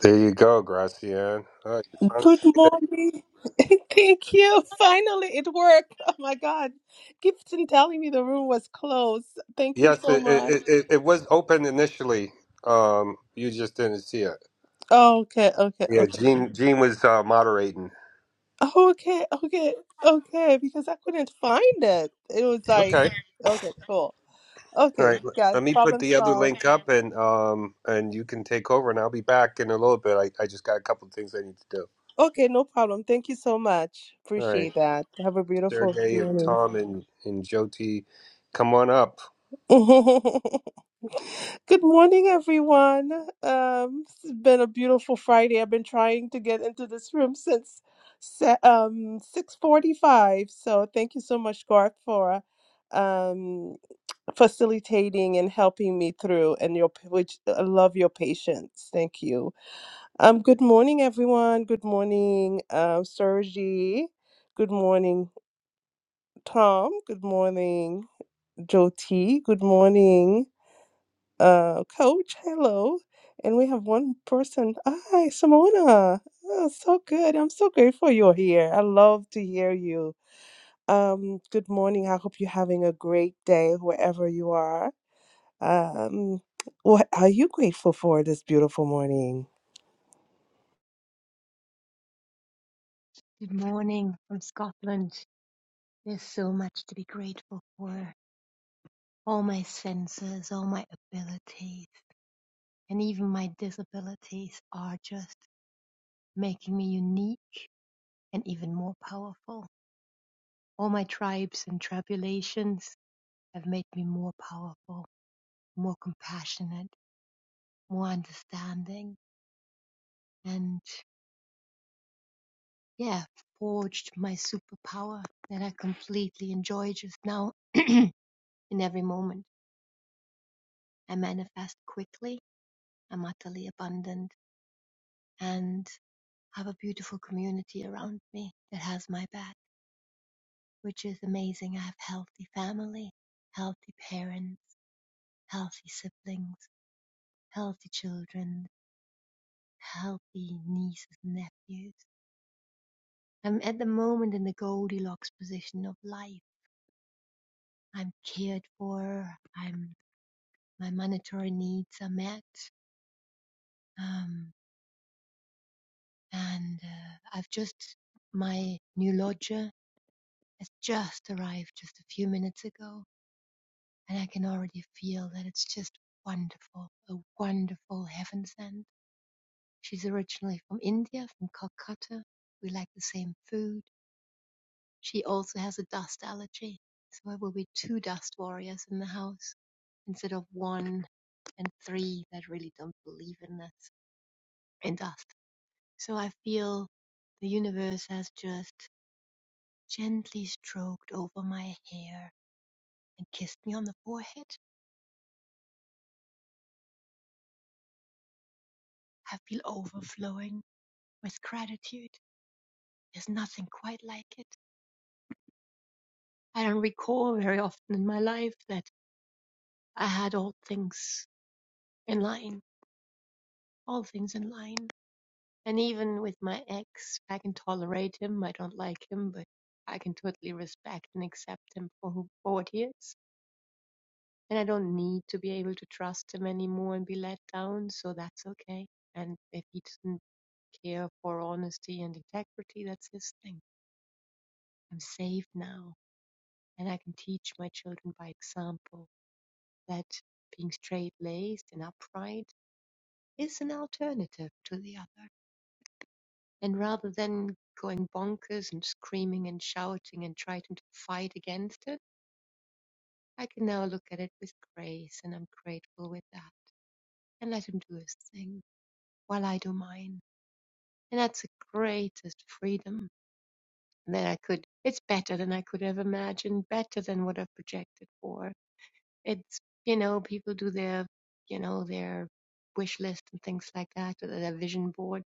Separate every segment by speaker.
Speaker 1: There you go, Gracian. Oh, you found it?
Speaker 2: Good morning. Thank you. Finally, it worked. Oh my God. Gibson telling me the room was closed. Thank you
Speaker 1: Yes,
Speaker 2: so
Speaker 1: it, it,
Speaker 2: much.
Speaker 1: it, it was open initially. Um, you just didn't see it.
Speaker 2: Oh, Okay, okay,
Speaker 1: Yeah,
Speaker 2: okay.
Speaker 1: Gene Gene was uh, moderating.
Speaker 2: Oh, Okay, okay, okay. Because I couldn't find it. It was like,
Speaker 1: Okay,
Speaker 2: okay, cool.
Speaker 1: all
Speaker 2: Okay,
Speaker 1: right. l-
Speaker 2: guys,
Speaker 1: Let me put
Speaker 2: problem
Speaker 1: the other
Speaker 2: solved.
Speaker 1: link up, and um, and you can take over, and I'll be back in a little bit. I, I just got a couple of things I need to do.
Speaker 2: Okay, no problem. Thank you so much.
Speaker 1: All right,
Speaker 2: Appreciate that. Have a beautiful
Speaker 1: Sergey and
Speaker 2: morning.
Speaker 1: Tom and and Jyoti, come on up.
Speaker 2: Good morning, everyone. Um, it's been a beautiful Friday. I've been trying to get into this room since se- um, 6:45. So thank you so much, Garth, for um, facilitating and helping me through. And your p- which I love your patience. Thank you. Um, good morning, everyone. Good morning, um, Sergi. Good morning, Tom. Good morning, Joti. Good morning uh, coach. Hello. And we have one person. Hi, Simona. Oh, so good. I'm so grateful you're here. I love to hear you. Um, good morning. I hope you're having a great day wherever you are. Um, what are you grateful for this beautiful morning?
Speaker 3: Good morning from Scotland. There's so much to be grateful for. All my senses, all my abilities, and even my disabilities are just making me unique and even more powerful. All my tribes and tribulations have made me more powerful, more compassionate, more understanding, and yeah, forged my superpower that I completely enjoy just now in every moment. I manifest quickly I'm utterly abundant and have a beautiful community around me that has my back, which is amazing. I have healthy family, healthy parents, healthy siblings, healthy children, healthy nieces and nephews. I'm at the moment in the Goldilocks position of life. I'm cared for. I'm my monetary needs are met, um, and uh, I've just my new lodger has just arrived just a few minutes ago, and I can already feel that it's just wonderful, a wonderful heaven sent. She's originally from India, from Calcutta. We like the same food. She also has a dust allergy, so there will be two dust warriors in the house instead of one and three that really don't believe in us in dust. So I feel the universe has just gently stroked over my hair and kissed me on the forehead Have been overflowing with gratitude. There's nothing quite like it. I don't recall very often in my life that I had all things in line, all things in line. And even with my ex, I can tolerate him. I don't like him, but I can totally respect and accept him for who for what he is. And I don't need to be able to trust him anymore and be let down, so that's okay. And if he doesn't care for honesty and integrity, that's his thing. I'm safe now. and I can teach my children by example that being straight laced and upright is an alternative to the other. And rather than going bonkers and screaming and shouting and trying to fight against it, I can now look at it with grace and I'm grateful with that and let him do his thing while I do mine. And that's the greatest freedom that I could, it's better than I could have imagined, better than what I've projected for. It's, you know, people do their, you know, their wish list and things like that, or their vision board.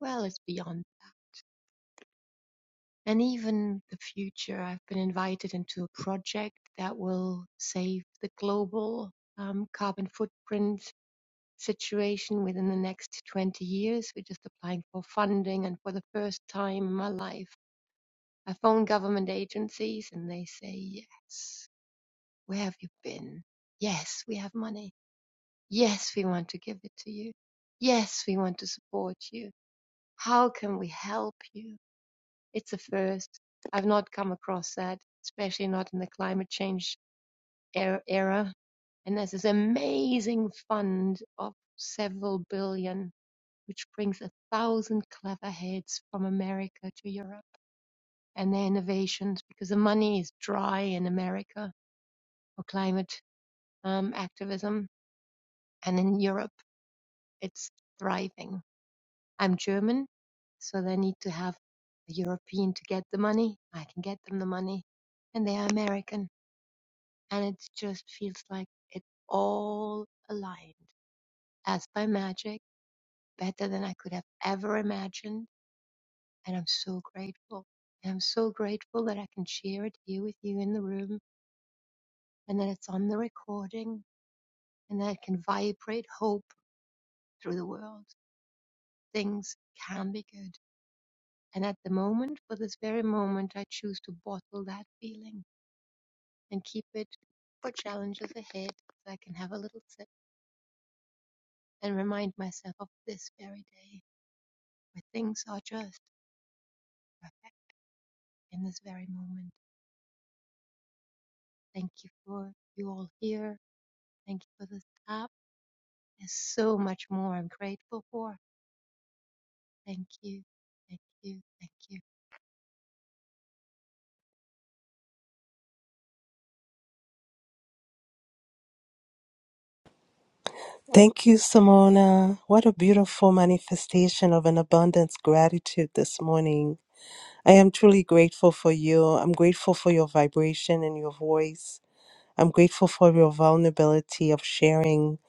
Speaker 3: Well, it's beyond that. And even the future, I've been invited into a project that will save the global um, carbon footprint situation within the next 20 years. We're just applying for funding, and for the first time in my life, I phone government agencies and they say, Yes, where have you been? Yes, we have money Yes, we want to give it to you. Yes, we want to support you. How can we help you? It's a first. I've not come across that, especially not in the climate change er- era. And there's this amazing fund of several billion, which brings a thousand clever heads from America to Europe and their innovations, because the money is dry in America for climate um, activism, and in Europe it's thriving I'm German, so they need to have a European to get the money. I can get them the money. And they are American. And it just feels like it all aligned as by magic, better than I could have ever imagined. And I'm so grateful. And I'm so grateful that I can share it here with you in the room and that it's on the recording and that it can vibrate hope through the world. Things can be good. And at the moment, for this very moment, I choose to bottle that feeling and keep it for challenges ahead so I can have a little sip and remind myself of this very day where things are just perfect in this very moment. Thank you for you all here. Thank you for this app. There's so much more I'm grateful for. Thank you. Thank you. Thank you.
Speaker 2: Thank you, Simona. What a beautiful manifestation of an abundance gratitude this morning. I am truly grateful for you. I'm grateful for your vibration and your voice. I'm grateful for your vulnerability of sharing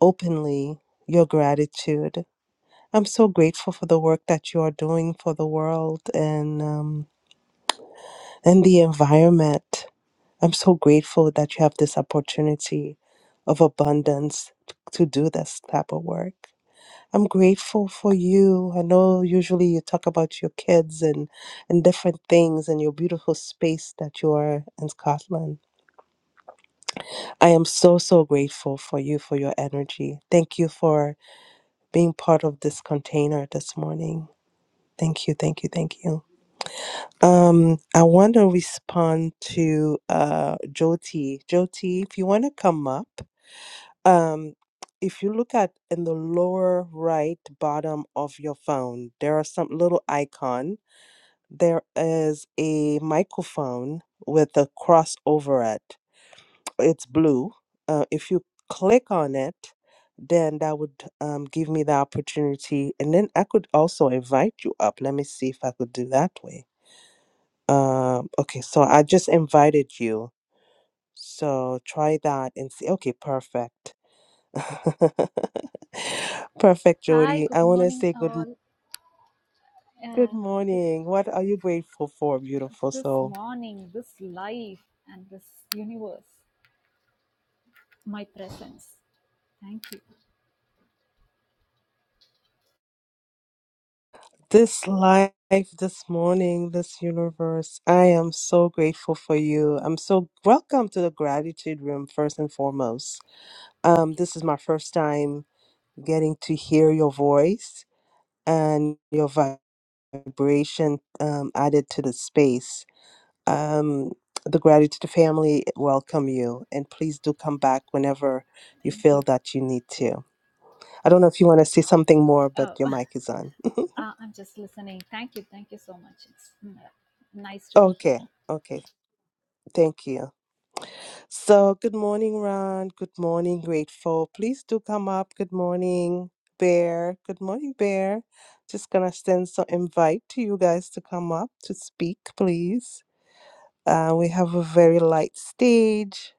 Speaker 2: openly your gratitude. I'm so grateful for the work that you are doing for the world and um, and the environment. I'm so grateful that you have this opportunity of abundance t- to do this type of work. I'm grateful for you. I know usually you talk about your kids and and different things and your beautiful space that you are in Scotland. I am so, so grateful for you, for your energy. Thank you for being part of this container this morning. Thank you, thank you, thank you. Um, I want to respond to uh, Jyoti. Jyoti, if you want to come up, um, if you look at in the lower right bottom of your phone, there are some little icon. There is a microphone with a cross over it. it's blue. Uh, if you click on it, then that would um, give me the opportunity. And then I could also invite you up. Let me see if I could do that way. Um, okay, so I just invited you. So try that and see. Okay, perfect. perfect,
Speaker 4: Hi,
Speaker 2: Jody.
Speaker 4: good
Speaker 2: I want to
Speaker 4: morning,
Speaker 2: say good
Speaker 4: all.
Speaker 2: good
Speaker 4: Uh, this,
Speaker 2: morning. What are you grateful for, beautiful
Speaker 4: this
Speaker 2: soul?
Speaker 4: morning, this life, and this universe, my presence. Thank you.
Speaker 2: This life, this morning, this universe, I am so grateful for you. I'm so welcome to the gratitude room, first and foremost. Um,
Speaker 4: Okay,
Speaker 2: this is my first time getting to hear your voice and your vibration um, added to the space. Um, the gratitude family welcome you, and please do come back whenever you
Speaker 4: thank you.
Speaker 2: feel that you need to. I don't know if you want to say something more, but
Speaker 4: Oh,
Speaker 2: your mic is on.
Speaker 4: uh, I'm just listening. Thank you. Thank you so much. It's mm, nice to be here.
Speaker 2: Okay, okay, thank you. So, good morning, Ron. Good morning, Grateful. Please do come up. Good morning, Bear. Good morning, Bear. Just gonna send some invite to you guys to come up to speak, please. Uh, we have a very light stage.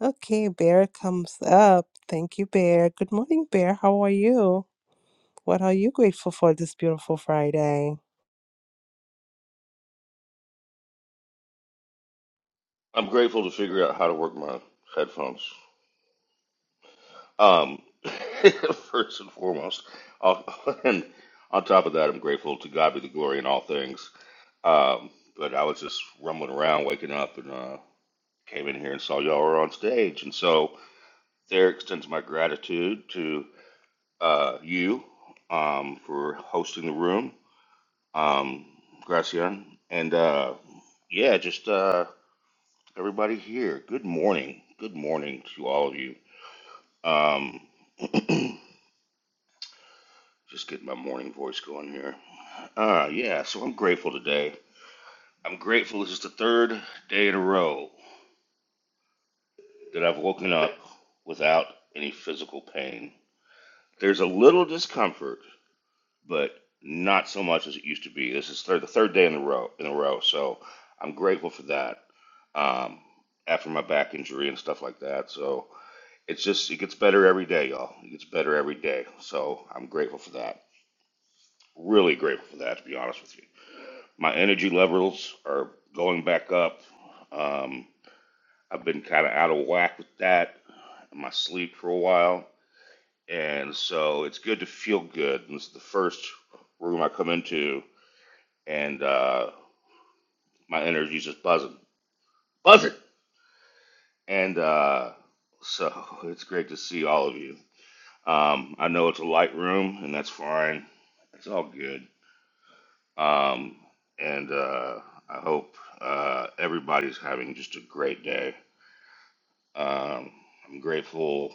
Speaker 2: Okay, Bear comes up. Thank you, Bear. Good morning, Bear. How are you? What are you grateful for this beautiful Friday?
Speaker 5: I'm grateful to figure out how to work my headphones. Um, first and foremost, I'll, and on top of that, I'm grateful to God be the glory in all things. Um, but I was just rumbling around, waking up, and uh, came in here and saw y'all were on stage, and so there extends my gratitude to uh, you um, for hosting the room, um, Gracian, and uh, yeah, just uh, everybody here. Good morning. Good morning to all of you. Um, just getting my morning voice going here. Uh, yeah, so I'm grateful today. I'm grateful this is the third day in a row that I've woken up without any physical pain. There's a little discomfort, but not so much as it used to be. This is third, the third day in a row in a row, so I'm grateful for that. Um, after my back injury and stuff like that, so it's just it gets better every day, y'all. It gets better every day, so I'm grateful for that. Really grateful for that, to be honest with you. My energy levels are going back up. Um, I've been kind of out of whack with that, in my sleep for a while. And so it's good to feel good. And this is the first room I come into, and uh, my energy's just buzzing. Buzzing! And uh, so it's great to see all of you. Um, I know it's a light room, and that's fine. It's all good. Um, and uh, I hope uh, everybody's having just a great day. Um, I'm grateful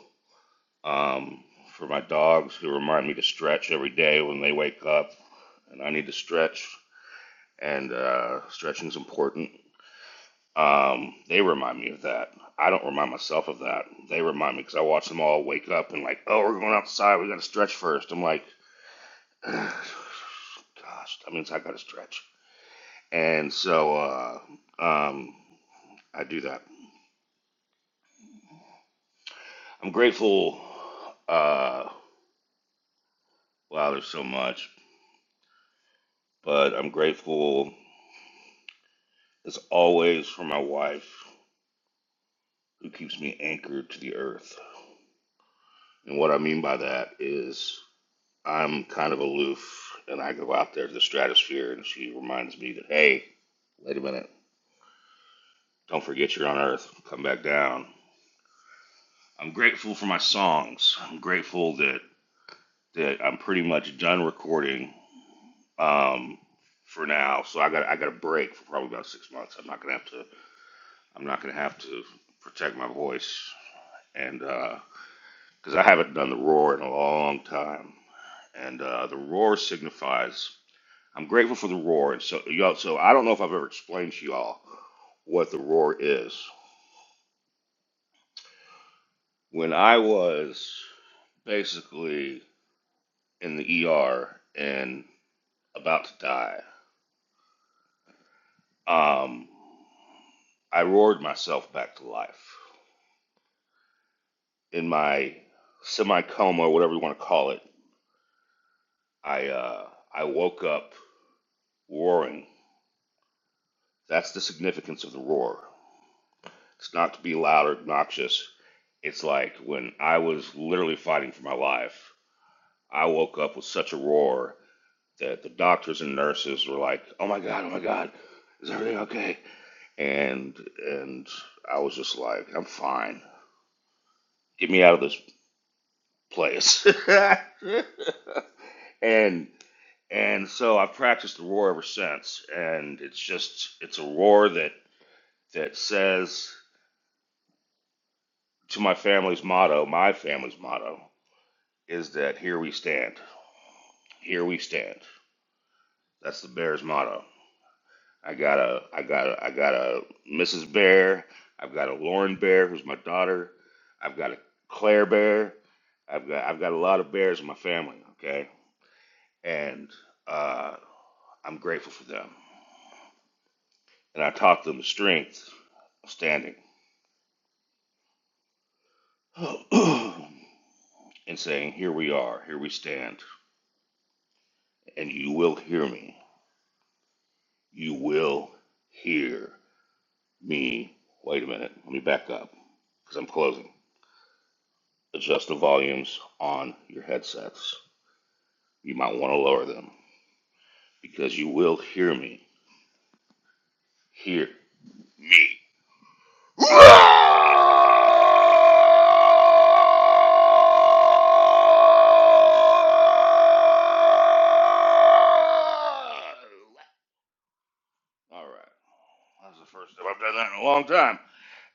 Speaker 5: um, for my dogs who remind me to stretch every day when they wake up, and I need to stretch, and uh, stretching's important. Um, they remind me of that. I don't remind myself of that. They remind me because I watch them all wake up and like, oh, we're going outside. We got to stretch first. I'm like, gosh, that means I got to stretch and so uh, um, I do that. I'm grateful. Uh, wow, there's so much, but I'm grateful as always for my wife who keeps me anchored to the earth. And what I mean by that is I'm kind of aloof and I go out there to the stratosphere and she reminds me that, hey, wait a minute, don't forget you're on earth, come back down. I'm grateful for my songs. I'm grateful that, that I'm pretty much done recording um, for now. So I got I got a break for probably about six months. I'm not gonna have to I'm not gonna have to protect my voice and because I haven't done the roar in a long time, and uh, the roar signifies I'm grateful for the roar. And so y'all, so I don't know if I've ever explained to y'all what the roar is. When I was basically in the ER and about to die, um, I roared myself back to life in my semi coma or whatever you want to call it, I uh, I woke up roaring. That's the significance of the roar. It's not to be loud or obnoxious. It's like when I was literally fighting for my life. I woke up with such a roar that the doctors and nurses were like, "Oh my god, oh my god, is everything okay?" And and I was just like, "I'm fine. Get me out of this place." and And so I've practiced the roar ever since, and it's just it's a roar that that says to my family's motto, my family's motto is that here we stand, here we stand. That's the Bears motto. I got a I got a I got a Mrs. Bear. I've got a Lauren Bear, who's my daughter. I've got a Claire Bear. I've got I've got a lot of bears in my family. Okay, and uh, I'm grateful for them. and I taught them the strength of standing and saying, Here we are, here we stand, and you will hear me. You will hear me. Wait a minute, let me back up because I'm closing. Adjust the volumes on your headsets. You might want to lower them because you will hear me. Hear me. All right. That's the first time I've done that in a long time.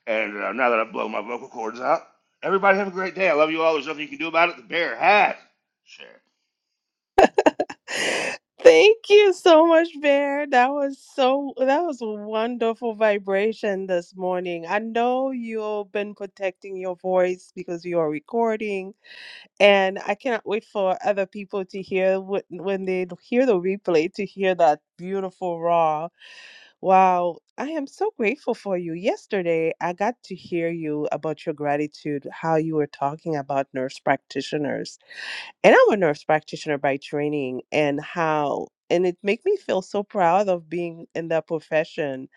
Speaker 5: And uh, now that I've blown my vocal cords out, everybody have a great day. I love you all. There's nothing you can do about it. The bear has. Sure.
Speaker 2: Thank you so much, Bear. That was so that was a wonderful vibration this morning. I know you've been protecting your voice because you are recording, and I cannot wait for other people to hear what, when they hear the replay to hear that beautiful raw. Wow, I am so grateful for you. Yesterday, I got to hear you about your gratitude, how you were talking about nurse practitioners and I'm a nurse practitioner by training and how and it make me feel so proud of being in that profession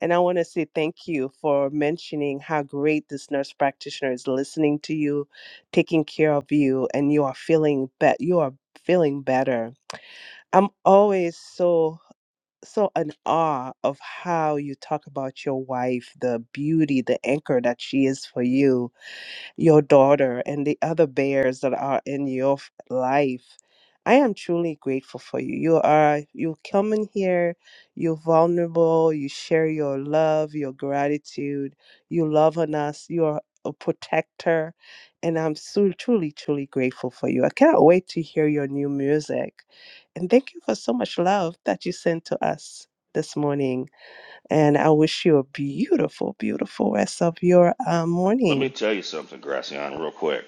Speaker 2: and I want to say thank you for mentioning how great this nurse practitioner is listening to you taking care of you and you are feeling bet you are feeling better I'm always so so in awe of how you talk about your wife the beauty the anchor that she is for you your daughter and the other bears that are in your f- life. I am truly grateful for you. You are you come in here, you're vulnerable, you share your love, your gratitude, you love on us, you are a protector, and I'm so truly, truly grateful for you. I cannot wait to hear your new music. And thank you for so much love that you sent to us this morning. And I wish you a beautiful, beautiful rest of your uh,
Speaker 5: Let me
Speaker 2: morning.
Speaker 5: tell you something, Gracian, real quick.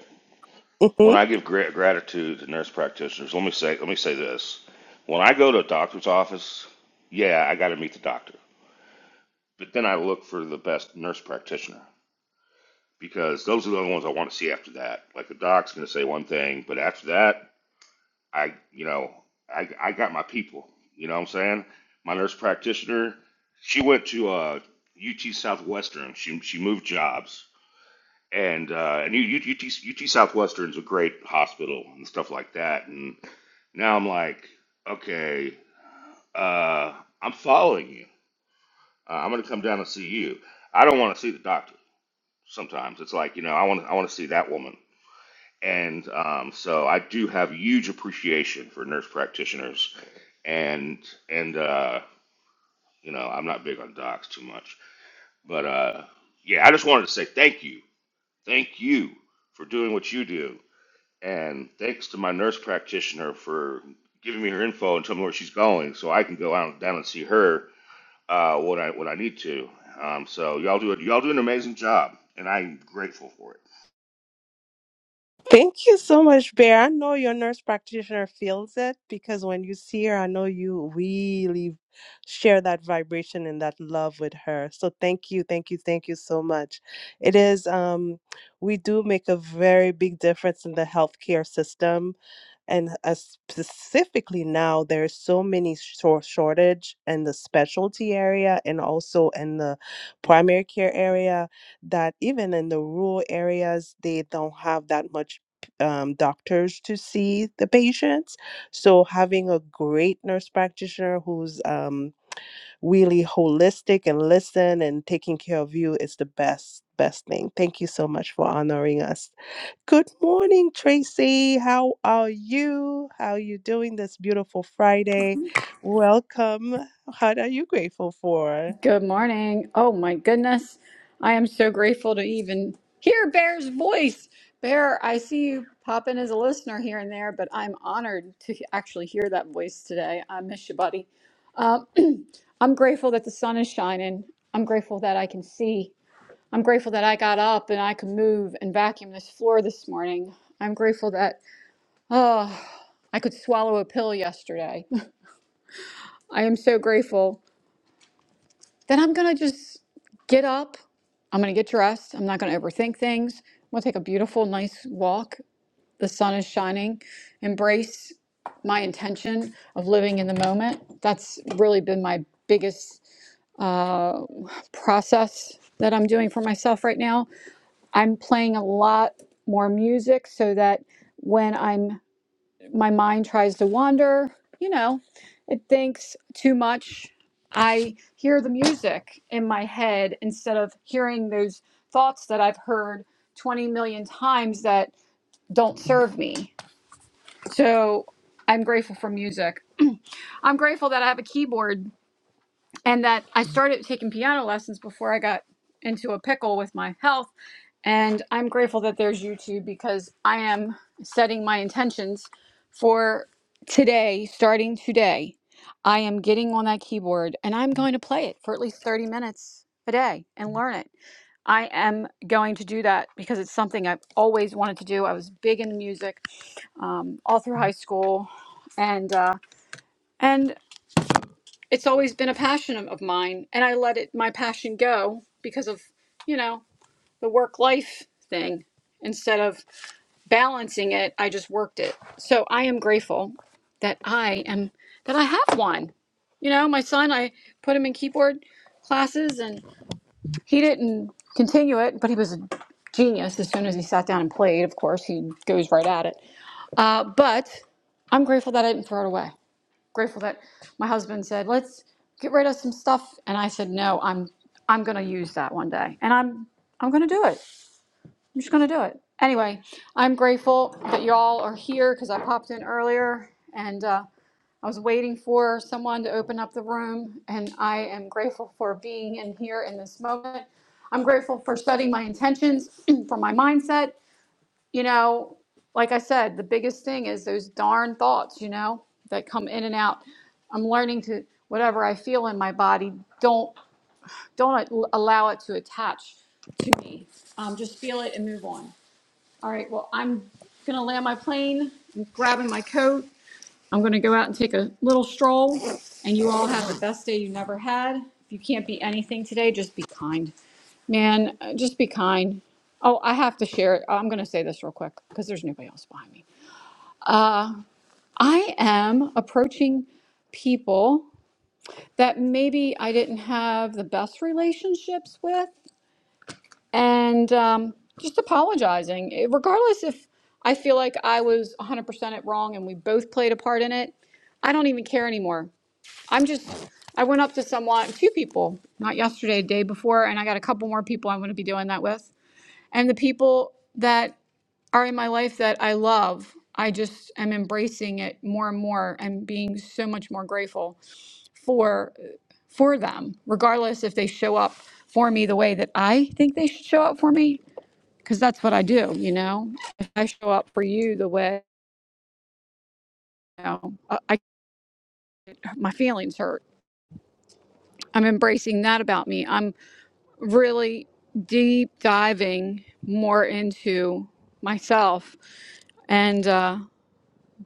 Speaker 5: When I give gra- gratitude to nurse practitioners, let me say let me say this. When I go to a doctor's office, yeah, I got to meet the doctor. But then I look for the best nurse practitioner because those are the ones I want to see after that. Like the doc's going to say one thing, but after that, I, you know, I, I got my people. You know what I'm saying? My nurse practitioner, she went to uh, UT Southwestern. She she moved jobs, and uh, and U- T U- UT UT Southwestern's a great hospital and stuff like that. And now I'm like, okay, uh, I'm following you. Uh, I'm going to come down and see you. I don't want to see the doctor. sometimes. It's like, you know, I want to I want to see that woman. And um, so I do have huge appreciation for nurse practitioners and and uh, you know, I'm not big on docs too much. But uh, yeah, I just wanted to say thank you. Thank you for doing what you do. And thanks to my nurse practitioner for giving me her info and telling me where she's going so I can go out down and see her uh, when I when I need to. Um, so y'all do it. Y'all do an amazing job, and I'm grateful for it.
Speaker 2: Thank you so much, Bear. I know your nurse practitioner feels it because when you see her, I know you really share that vibration and that love with her. So thank you, thank you, thank you so much. It is um we do make a very big difference in the healthcare system and uh, specifically now there's so many short shortage in the specialty area and also in the primary care area that even in the rural areas they don't have that much um, doctors to see the patients so having a great nurse practitioner who's um, really holistic and listen and taking care of you is the best best thing thank you so much for honoring us Good morning, Tracy. How are you? How are you doing this beautiful Friday? Welcome. What are you grateful for?
Speaker 6: Good morning. Oh my goodness. I am so grateful to even hear Bear's voice. Bear, I see you pop in as a listener here and there, but I'm honored to he- actually hear that voice today. I miss you, buddy. Um, I'm grateful that the sun is shining. I'm grateful that I can see. I'm grateful that I got up and I could move and vacuum this floor this morning. I'm grateful that oh, I could swallow a pill yesterday. I am so grateful then I'm going to just get up. I'm going to get dressed. I'm not going to overthink things. I'm going to take a beautiful, nice walk. The sun is shining. Embrace my intention of living in the moment. That's really been my biggest uh, process that I'm doing for myself right now. I'm playing a lot more music so that when I'm my mind tries to wander, you know, it thinks too much. I hear the music in my head instead of hearing those thoughts that I've heard 20 million times that don't serve me. So I'm grateful for music. I'm grateful that I have a keyboard and that I started taking piano lessons before I got into a pickle with my health and I'm grateful that there's YouTube because I am setting my intentions for today, starting today. I am getting on that keyboard and I'm going to play it for at least 30 minutes a day and learn it. I am going to do that because it's something I've always wanted to do. I was big into music um, all through high school, and uh, and it's always been a passion of of mine. And I let it my passion go because of you know the work life thing instead of balancing it, I just worked it. So I am grateful that I am that I have one. You know, my son, I put him in keyboard classes and he didn't continue it, but he was a genius as soon as he sat down and played. Of course, he goes right at it. Uh, but I'm grateful that I didn't throw it away. Grateful that my husband said, "Let's get rid of some stuff," and I said, "No, I'm I'm going to use that one day." And I'm I'm going to do it. I'm just gonna do it. Anyway, I'm grateful that y'all are here because I popped in earlier and uh, I was waiting for someone to open up the room, and I am grateful for being in here in this moment. I'm grateful for setting my intentions for my mindset. You know, like I said, the biggest thing is those darn thoughts, you know, that come in and out. I'm learning to whatever I feel in my body, don't don't allow it to attach to me. Um, just feel it and move on. All right, well, I'm gonna land my plane, I'm grabbing my coat. I'm gonna go out and take a little stroll, and you all have the best day you never had. If you can't be anything today, just be kind. Man, uh, just be kind. Oh, I have to share it. I'm gonna say this real quick because there's nobody else behind me. I am approaching people that maybe I didn't have the best relationships with. and um, just apologizing, It- regardless if I feel like I was 100% it wrong and we both played a part in it. I don't even care anymore. I'm just, I went up to someone, two people, not yesterday, the day before, and I got a couple more people I'm going to be doing that with. And the people that are in my life that I love, I just am embracing it more and more and being so much more grateful for for them, regardless if they show up for me the way that I think they should show up for me because that's what I do, you know. If I show up for you the way you know, I, I my feelings hurt. I'm embracing that about me. I'm really deep diving more into myself and uh,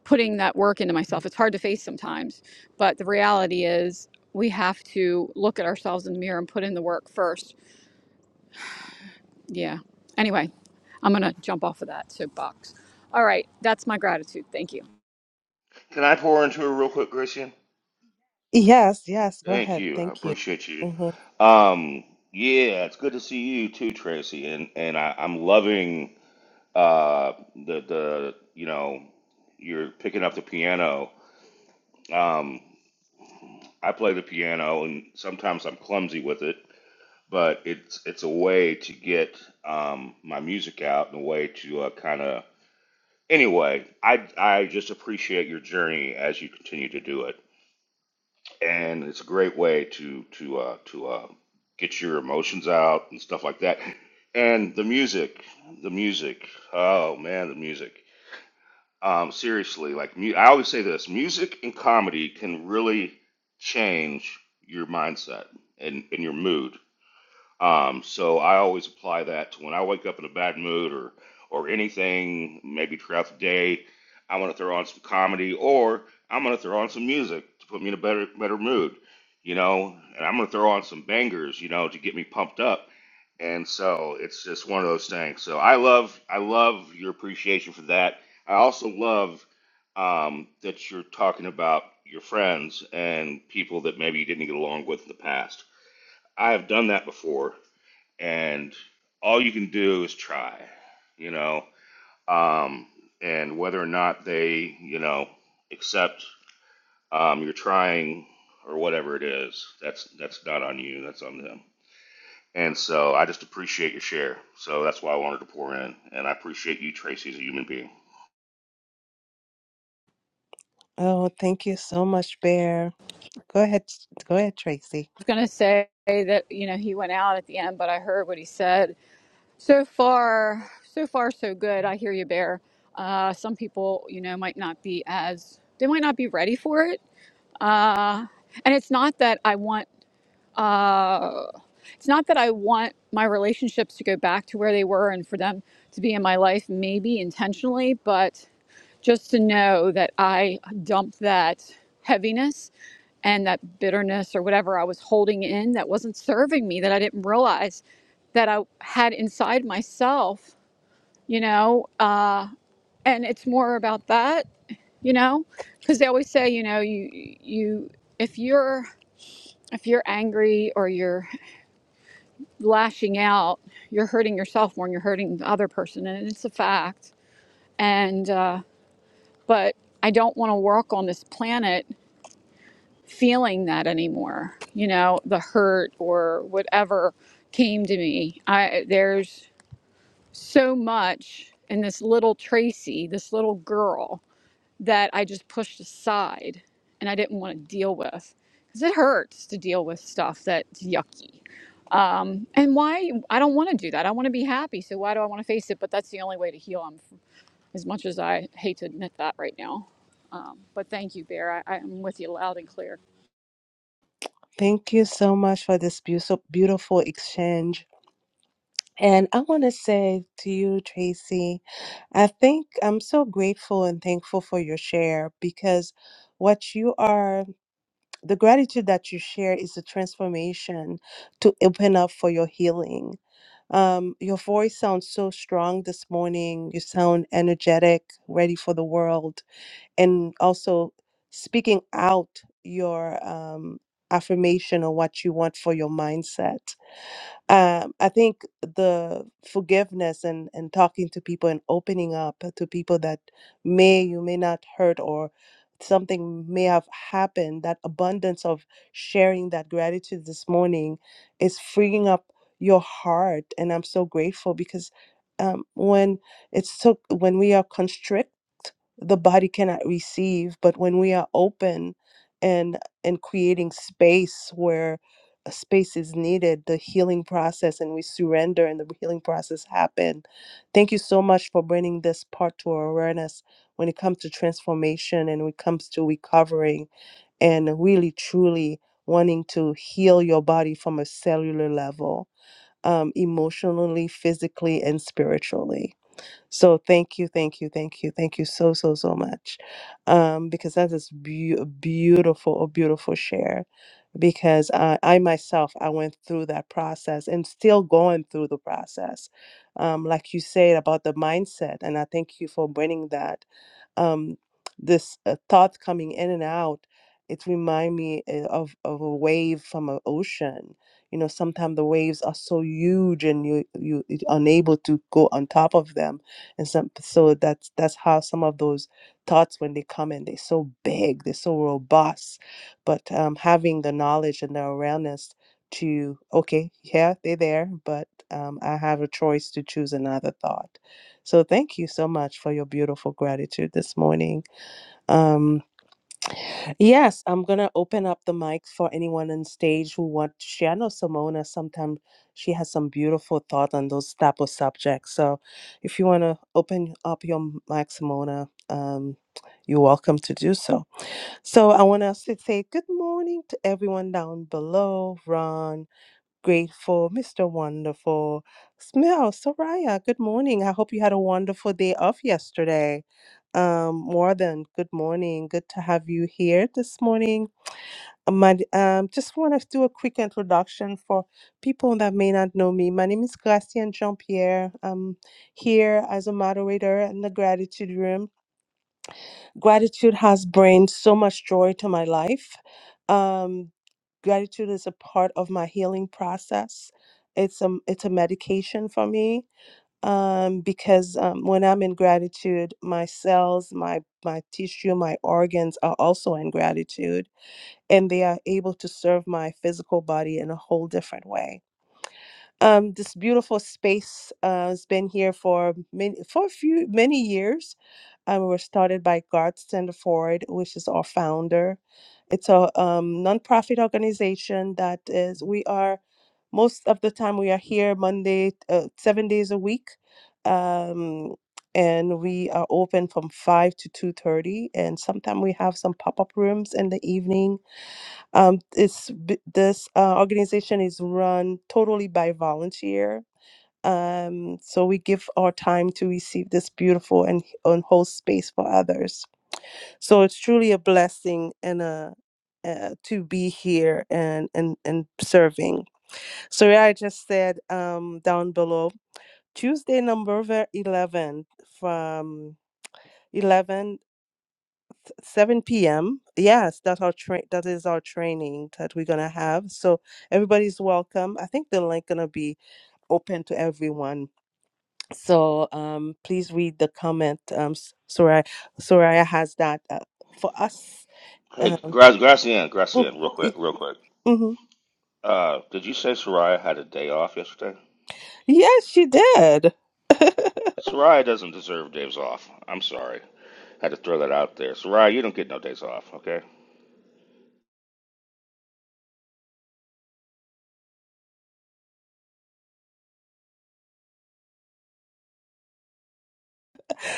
Speaker 6: putting that work into myself. It's hard to face sometimes, but the reality is we have to look at ourselves in the mirror and put in the work first. Yeah. Anyway, I'm gonna jump off of that soapbox. All right, that's my gratitude. Thank you.
Speaker 5: Can I pour into her real quick, Gracie?
Speaker 2: Yes, yes, go
Speaker 5: Thank
Speaker 2: ahead.
Speaker 5: you. I
Speaker 2: Thank you.
Speaker 5: appreciate you.
Speaker 2: Mhm.
Speaker 5: Um, yeah, it's good to see you too, Tracy. And and I, I'm loving uh the the you know you're picking up the piano. Um, I play the piano, and sometimes I'm clumsy with it, but it's it's a way to get um, my music out and a way to uh, kind of anyway. I I just appreciate your journey as you continue to do it. and it's a great way to to uh, to uh, get your emotions out and stuff like that. And the music, the music, oh man, the music. Um, seriously, like mu- I always say this: music and comedy can really change your mindset and, and your mood. Um, so I always apply that to when I wake up in a bad mood or or anything, maybe throughout the day, I want to throw on some comedy or I'm going to throw on some music to put me in a better better mood, you know, and I'm going to throw on some bangers, you know, to get me pumped up. And so it's just one of those things. So I love I love your appreciation for that. I also love um, that you're talking about your friends and people that maybe you didn't get along with in the past. I have done that before and all you can do is try, you know. Um, and whether or not they, you know, accept um, you're trying or whatever it is, that's that's not on you. That's on them. And so I just appreciate your share. So that's why I wanted to pour in, and I appreciate you, Tracy, as a human being.
Speaker 2: Oh, thank you so much, Bear. Go ahead. Go ahead, Tracy.
Speaker 6: was going to say that you know he went out at the end, but I heard what he said. So far, so far, so good. I hear you, Bear. Uh, some people, you know, might not be as they might not be ready for it. Uh, and it's not that I want. Uh, it's not that I want my relationships to go back to where they were and for them to be in my life, maybe intentionally, but just to know that I dumped that heaviness and that bitterness or whatever I was holding in that wasn't serving me, that I didn't realize that I had inside myself, you know. Uh, and it's more about that, you know, because they always say, you know, you you if you're if you're angry or you're lashing out, you're hurting yourself more than you're hurting the other person, and it's a fact. And uh, but I don't want to work on this planet feeling that anymore you know the hurt or whatever came to me i there's so much in this little tracy this little girl that i just pushed aside and i didn't want to deal with because it hurts to deal with stuff that's yucky um, and why i don't want to do that i want to be happy so why do i want to face it but that's the only way to heal i'm as much as i hate to admit that right now um, but thank you bear I, i'm with you loud and clear
Speaker 2: Thank you so much for this beautiful, beautiful exchange. And I want to say to you, Tracy, I think I'm so grateful and thankful for your share because what you are the gratitude that you share is a transformation to open up for your healing. Um, your voice sounds so strong this morning. You sound energetic, ready for the world, and also speaking out your um, affirmation on what you want for your mindset um, I think the forgiveness and, and talking to people and opening up to people that may you may not hurt or something may have happened, that abundance of sharing that gratitude this morning is freeing up your heart. And I'm so grateful because um, when it's so when we are constrict, the body cannot receive, but when we are open and and creating space where a space is needed, the healing process, and we surrender and the healing process happen. Thank you so much for bringing this part to our awareness when it comes to transformation and when it comes to recovering and really truly wanting to heal your body from a cellular level, um, emotionally, physically, and spiritually. So thank you, thank you, thank you, thank you so, so, so much. Um, because that is beau- beautiful, a beautiful share because I, I myself I went through that process and still going through the process. Um, like you said about the mindset, and I thank you for bringing that um, this uh, thought coming in and out, it remind me uh, of, of a wave from an ocean. You know, sometimes the waves are so huge and you you you're unable to go on top of them, and some so that's that's how some of those thoughts when they come in, they're so big, they're so robust. But um, having the knowledge and the awareness to okay, yeah, they're there, but um, I have a choice to choose another thought so thank you so much for your beautiful gratitude this morning. Um, yes, I'm gonna open up the mic for anyone on stage who want to share. I know Simona sometimes she has some beautiful thought on those type of subjects. So if you wanna open up your mic, Simona, um, you're welcome to do so. So I want us to say good morning to everyone down below. Ron. Grateful, Mr. Wonderful. Smell, Soraya, good morning. I hope you had a wonderful day off yesterday. Um, more than good morning. Good to have you here this morning. Uh, My, um, just want to do a quick introduction for people that may not know me. My name is Gracian Jean Pierre. I'm here as a moderator in the Gratitude Room Gratitude has brought so much joy to my life. Um, gratitude is a part of my healing process. It's a it's a medication for me um, because um, when I'm in gratitude, my cells, my my tissue, my organs are also in gratitude, and they are able to serve my physical body in a whole different way um, this beautiful space uh, has been here for many for a few many years. Um, we were started by Garth Standerford, which is our founder. It's a um, nonprofit organization that is we are most of the time we are here Monday uh, seven days a week, um, and we are open from five to two thirty, and sometimes we have some pop up rooms in the evening um, it's b- this uh, organization is run totally by volunteer. Um, so we give our time to receive this beautiful and, and whole space for others. So it's truly a blessing and a uh, to be here and and and serving. So yeah, I just said um, down below Tuesday, November 11th from 11. 7 p.m. Yes, that's our train. That is our training that we're gonna have. So everybody's welcome. I think the link gonna be open to everyone. So um, please read the comment. Um, S- Soraya, Soraya has that uh, for us.
Speaker 5: Hey,
Speaker 2: Um,
Speaker 5: Gra- Gracian,
Speaker 2: mm,
Speaker 5: Gracian, real quick,
Speaker 2: y-
Speaker 5: real quick.
Speaker 2: mhm.
Speaker 5: Uh, did you say Soraya had a day off yesterday?
Speaker 2: Yes, she did.
Speaker 5: Soraya doesn't deserve days off. I'm sorry. Had to throw that out there. Soraya, you don't get no days off, okay?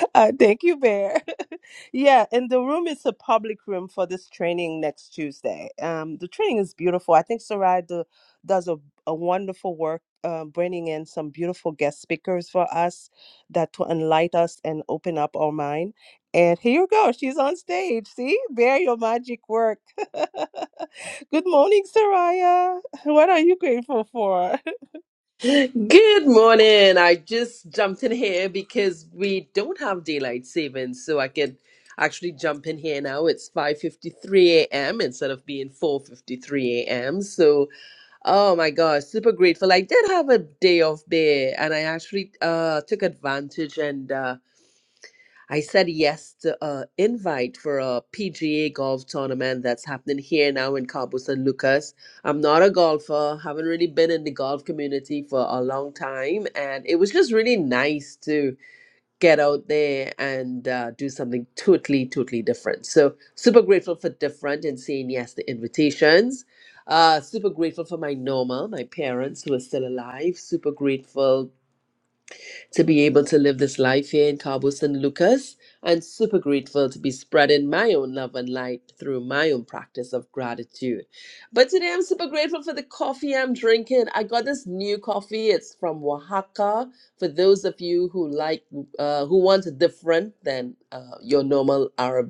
Speaker 2: Uh, thank you, Bear. yeah, and the room is a public room for this training next Tuesday. Um, the training is beautiful. I think Sarai do, does a, a wonderful work uh, bringing in some beautiful guest speakers for us that to enlighten us and open up our mind. And here you go. She's on stage. See, Bear, your magic work. Good morning, Saraya. What are you grateful for?
Speaker 7: Good morning. I just jumped in here because we don't have daylight savings, so I can actually jump in here now. It's 5:53 a.m. instead of being 4:53 a.m. So, oh my gosh, super grateful. I did have a day off there and I actually uh took advantage and uh I said yes to an invite for a PGA golf tournament that's happening here now in Cabo San Lucas. I'm not a golfer, haven't really been in the golf community for a long time, and it was just really nice to get out there and uh, do something totally, totally different. So, super grateful for different and saying yes to invitations. Uh, super grateful for my Norma, my parents who are still alive. Super grateful to be able to live this life here in Cabo San Lucas. I'm super grateful to be spreading my own love and light through my own practice of gratitude. But today I'm super grateful for the coffee I'm drinking. I got this new coffee. It's from Oaxaca. For those of you who like, uh, who want different than uh, your normal Arab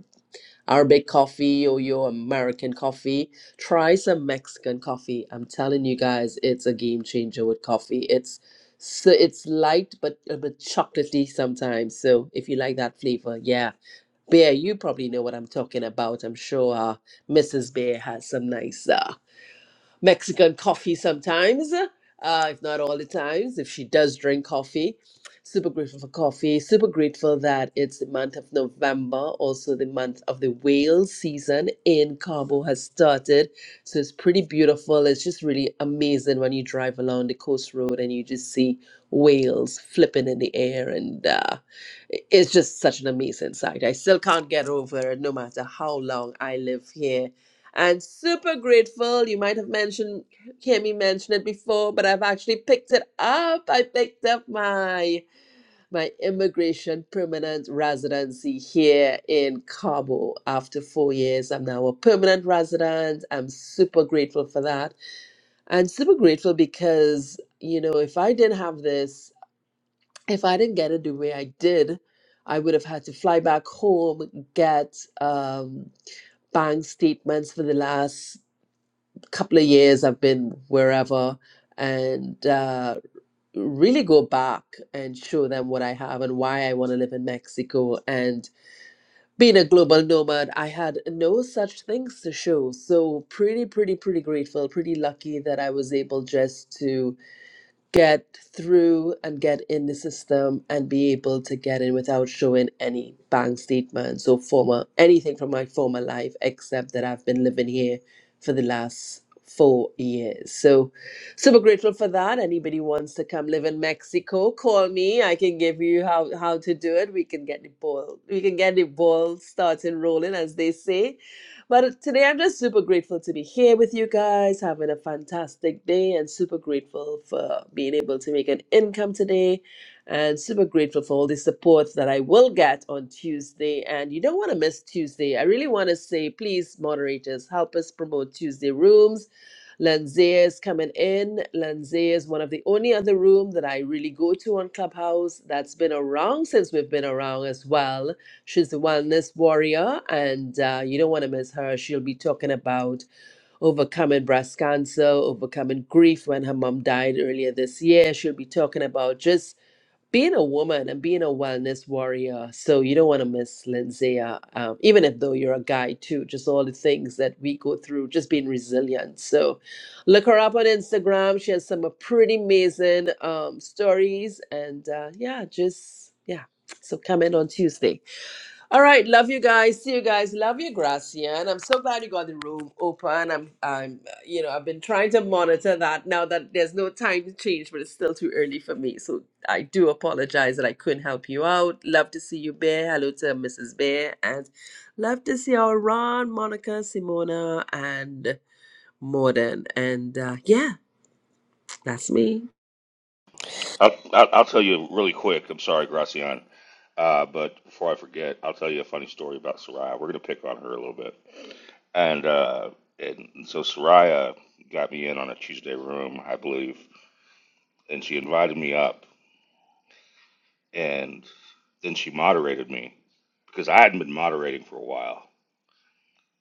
Speaker 7: Arabic coffee or your American coffee, try some Mexican coffee. I'm telling you guys, it's a game changer with coffee. It's so it's light but a bit chocolatey sometimes. So if you like that flavor, yeah. Bear, you probably know what I'm talking about. I'm sure uh, Mrs. Bear has some nice uh, Mexican coffee sometimes, uh, if not all the times, if she does drink coffee. Super grateful for coffee. Super grateful that it's the month of November, also the month of the whale season in Cabo has started. So it's pretty beautiful. It's just really amazing when you drive along the coast road and you just see whales flipping in the air. And uh, it- it's just such an amazing sight. I still can't get over it no matter how long I live here and super grateful. You might have mentioned, hear me mention it before, but I've actually picked it up. I picked up my my immigration permanent residency here in Cabo after four years. I'm now a permanent resident. I'm super grateful for that. And super grateful because, you know, if I didn't have this, if I didn't get it the way I did, I would have had to fly back home, get um, bank statements for the last couple of years I've been wherever and uh, really go back and show them what I have and why I want to live in Mexico. And being a global nomad, I had no such things to show. So, pretty, pretty, pretty grateful, pretty lucky that I was able just to get through and get in the system and be able to get in without showing any bank statements or former anything from my former life except that I've been living here for the last four years. So super grateful for that. Anybody wants to come live in Mexico, call me. I can give you how how to do it. We can get the ball we can get the ball starting rolling as they say but today I'm just super grateful to be here with you guys, having a fantastic day, and super grateful for being able to make an income today, and super grateful for all the support that I will get on Tuesday. And you don't want to miss Tuesday. I really want to say, please, moderators, help us promote Tuesday rooms. Lanzea is coming in. Lanzea is one of the only other room that I really go to on Clubhouse that's been around since we've been around as well She's the wellness warrior, and uh, you don't want to miss her. She'll be talking about overcoming breast cancer, overcoming grief when her mom died earlier this year. She'll be talking about just being a woman and being a wellness warrior. So you don't want to miss Lindsay, uh, um, even if though you're a guy too, just all the things that we go through, just being resilient. So look her up on Instagram. She has some uh, pretty amazing um, stories, and uh, yeah, just yeah. So come in on Tuesday. All right, love you guys. See you guys. Love you, Gracia. And I'm so glad you got the room open. I'm, I'm, uh, you know, I've been trying to monitor that now that there's no time change, but it's still too early for me. So I do apologize that I couldn't help you out. Love to see you, Bear. Hello to Mrs. Bear, and love to see our Ron, Monica, Simona, and Morden. And uh, yeah, that's me.
Speaker 5: I'll, I'll, I'll tell you really quick. I'm sorry, Gracian. Uh, but before I forget, I'll tell you a funny story about Soraya. We're going to pick on her a little bit. And, uh, and so Soraya got me in on a Tuesday room, I believe, and she invited me up. And then she moderated me because I hadn't been moderating for a while.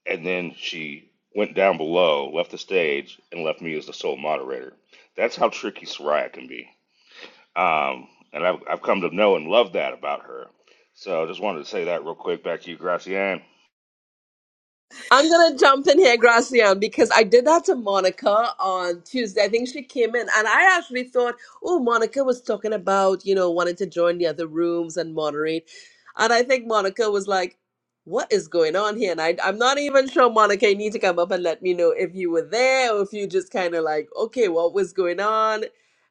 Speaker 5: And then she went down below, left the stage, and left me as the sole moderator. That's how tricky Soraya can be. Um, and I've, I've come to know and love that about her. So I just wanted to say that real quick back to you, Gracianne.
Speaker 7: I'm gonna jump in here, Gracian, because I did that to Monica on Tuesday. I think she came in, and I actually thought, oh, Monica was talking about you know wanting to join the other rooms and moderate, and I think Monica was like, "What is going on here?" And I, I'm not even sure, Monica. You need to come up and let me know if you were there or if you just kind of like, okay, what was going on?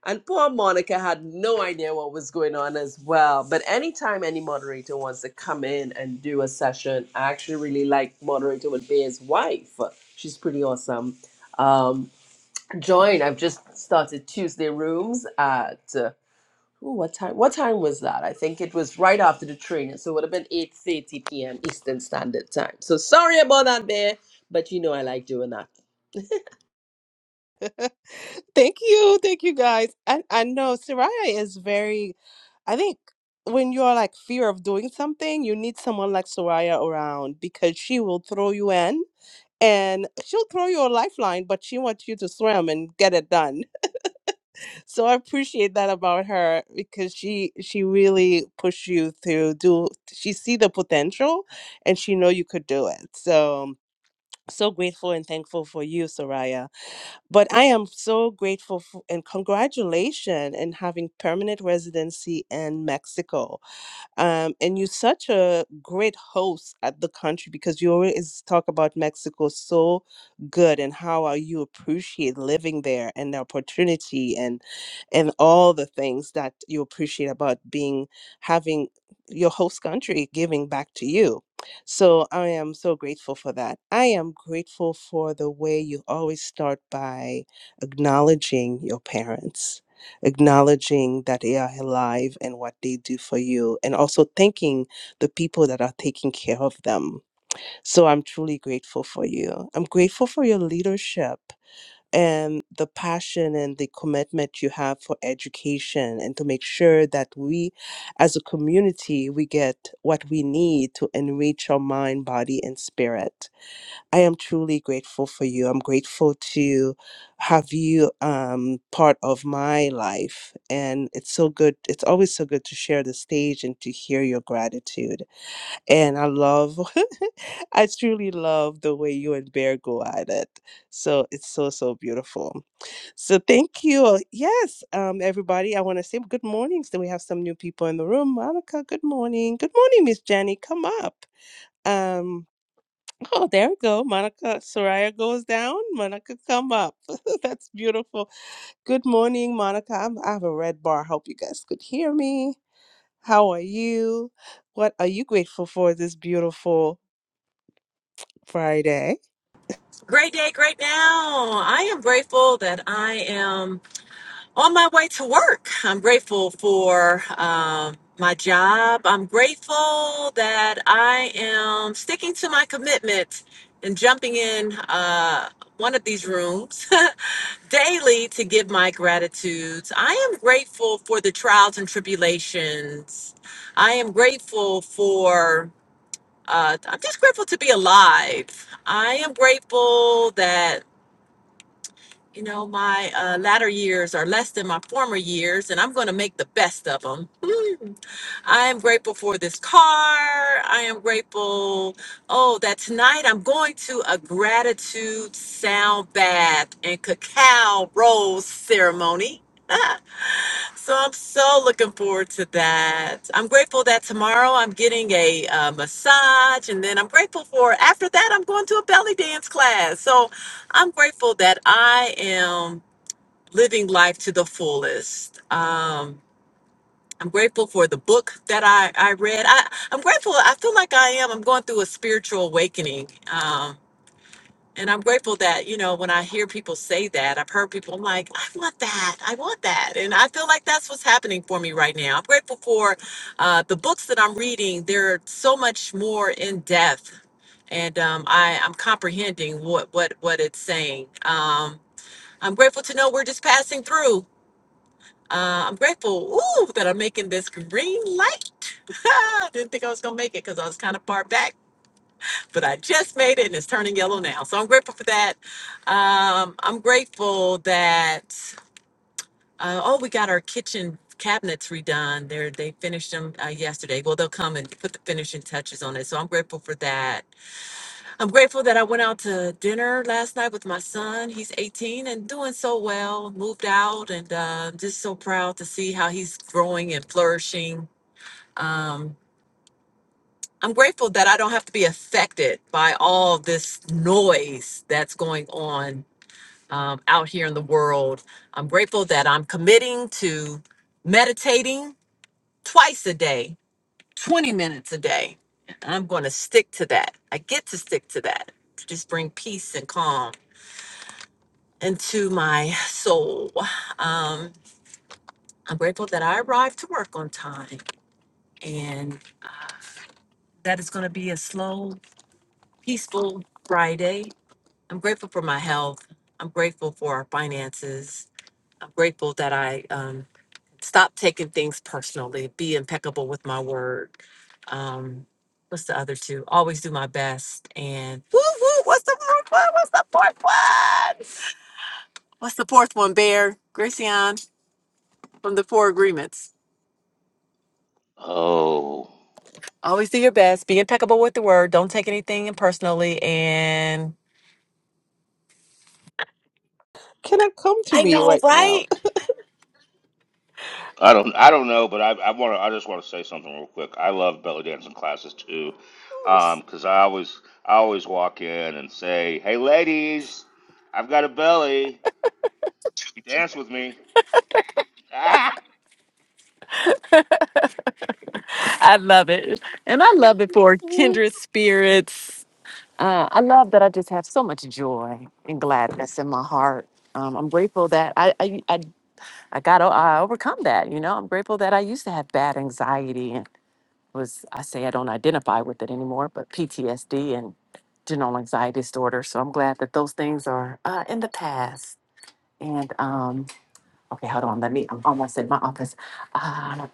Speaker 7: And poor Monica had no idea what was going on as well. But anytime any moderator wants to come in and do a session, I actually really like moderator would be his wife. She's pretty awesome. Um, join. I've just started Tuesday rooms at uh, ooh, what time? What time was that? I think it was right after the training, so it would have been eight thirty p.m. Eastern Standard Time. So sorry about that, Bear, but you know I like doing that.
Speaker 2: Thank you. Thank you guys. I, I know Soraya is very, I think when you're like fear of doing something, you need someone like Soraya around because she will throw you in and she'll throw you a lifeline, but she wants you to swim and get it done. So I appreciate that about her because she she really pushed you to do she see the potential and she know you could do it. So so grateful and thankful for you, Soraya. But I am so grateful for, and congratulations in having permanent residency in Mexico um, and you're such a great host at the country because you always talk about Mexico so good and how are you appreciate living there and the opportunity and and all the things that you appreciate about being having your host country giving back to you. So I am so grateful for that. I am grateful for the way you always start by acknowledging your parents acknowledging that they are alive and what they do for you, and also thanking the people that are taking care of them. So I'm truly grateful for you. I'm grateful for your leadership and the passion and the commitment you have for education and to make sure that we as a community we get what we need to enrich our mind body and spirit I am truly grateful for you. I'm grateful to have you um, part of my life. And it's so good. It's always so good to share the stage and to hear your gratitude. And I love, I truly love the way you and Bear go at it. So it's so, so beautiful. So thank you. Yes, um, everybody, I want to say good morning. So we have some new people in the room. Monica, good morning. Good morning, Miss Jenny. Come up. Um. Oh, there we go. Monica Soraya goes down. Monica, come up. That's beautiful. Good morning, Monica. I'm, I have a red bar. Hope you guys could hear me. How are you? What are you grateful for this beautiful Friday?
Speaker 8: Great day, great now. I am grateful that I am on my way to work. I'm grateful for um, my job. I'm grateful that I am sticking to my commitment and jumping in uh, one of these rooms daily to give my gratitudes. I am grateful for the trials and tribulations. I am grateful for, uh, I'm just grateful to be alive. I am grateful that you know, my uh, latter years are less than my former years, and I'm going to make the best of them. I am grateful for this car. I am grateful, oh, that tonight I'm going to a gratitude sound bath and cacao rose ceremony. so I'm so looking forward to that. I'm grateful that tomorrow I'm getting a uh, massage, and then I'm grateful for after that I'm going to a belly dance class. So I'm grateful that I am living life to the fullest. Um, I'm grateful for the book that I, I read. I, I'm grateful. I feel like I am. I'm going through a spiritual awakening. Um, and I'm grateful that, you know, when I hear people say that, I've heard people, I'm like, I want that. I want that. And I feel like that's what's happening for me right now. I'm grateful for uh, the books that I'm reading. They're so much more in depth. And um, I, I'm comprehending what, what, what it's saying. Um, I'm grateful to know we're just passing through uh, I'm grateful ooh, that I'm making this green light. Didn't think I was going to make it because I was kind of far back, but I just made it and it's turning yellow now. So I'm grateful for that. Um, I'm grateful that, uh, oh, we got our kitchen cabinets redone. They're, they finished them uh, yesterday. Well, they'll come and put the finishing touches on it. So I'm grateful for that. I'm grateful that I went out to dinner last night with my son. He's 18 and doing so well, moved out, and uh, just so proud to see how he's growing and flourishing. Um, I'm grateful that I don't have to be affected by all this noise that's going on um, out here in the world. I'm grateful that I'm committing to meditating twice a day, 20 minutes a day. I'm going to stick to that. I get to stick to that to just bring peace and calm and to my soul. Um, I'm grateful that I arrived to work on time and that it's going to be a slow, peaceful Friday. I'm grateful for my health. I'm grateful for our finances. I'm grateful that I um, stopped taking things personally, be impeccable with my word. Um, what's the other two? Always do my best. And woo woo, what's the fourth one? What's the fourth one? What's the fourth one, Bear? Gracian from the Four Agreements.
Speaker 5: Oh,
Speaker 8: Always do your best. Be impeccable with the word. Don't take anything personally. And
Speaker 2: Cannot come to
Speaker 8: I
Speaker 2: me
Speaker 8: know,
Speaker 2: right now.
Speaker 8: right?
Speaker 5: I don't, I don't know, but I, I want to, I just want to say something real quick. I love belly dancing classes too, Um, because I always, I always walk in and say, "Hey, ladies, I've got a belly. Dance with me."
Speaker 8: I love it. And I love it for
Speaker 2: Mm.
Speaker 8: kindred spirits. Uh, I love that I just have so much joy and gladness in my heart. Um, I'm grateful that I, I, I, I got o- I overcome that. You know, I'm grateful that I used to have bad anxiety and was I say I don't identify with it anymore, but PTSD and general anxiety disorder. So I'm glad that those things are uh, in the past. And um, Okay, hold on. Let me. I'm almost in my office. Uh,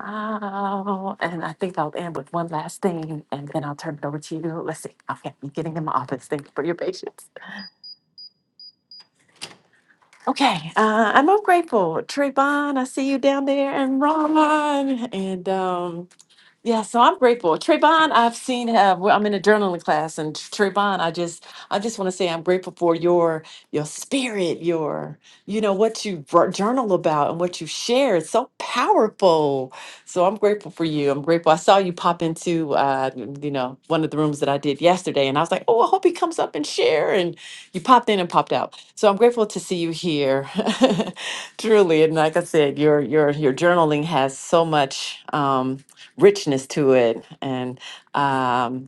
Speaker 8: oh, and I think I'll end with one last thing, and then I'll turn it over to you. Let's see. Okay, I'm getting in my office. Thank you for your patience. Okay, uh, I'm all grateful. Trayvon, I see you down there, and Ron, and um, Yeah, so I'm grateful. Trayvon, I've seen. Uh, well, I'm in a journaling class, and Trayvon, I just, I just want to say I'm grateful for your, your spirit, your, you know, what you br- journal about and what you share. It's so powerful. So I'm grateful for you. I'm grateful. I saw you pop into, uh, you know, one of the rooms that I did yesterday, and I was like, oh, I hope he comes up and share. And you popped in and popped out. So I'm grateful to see you here, truly. And like I said, your, your, your journaling has so much. Um, richness to it and um,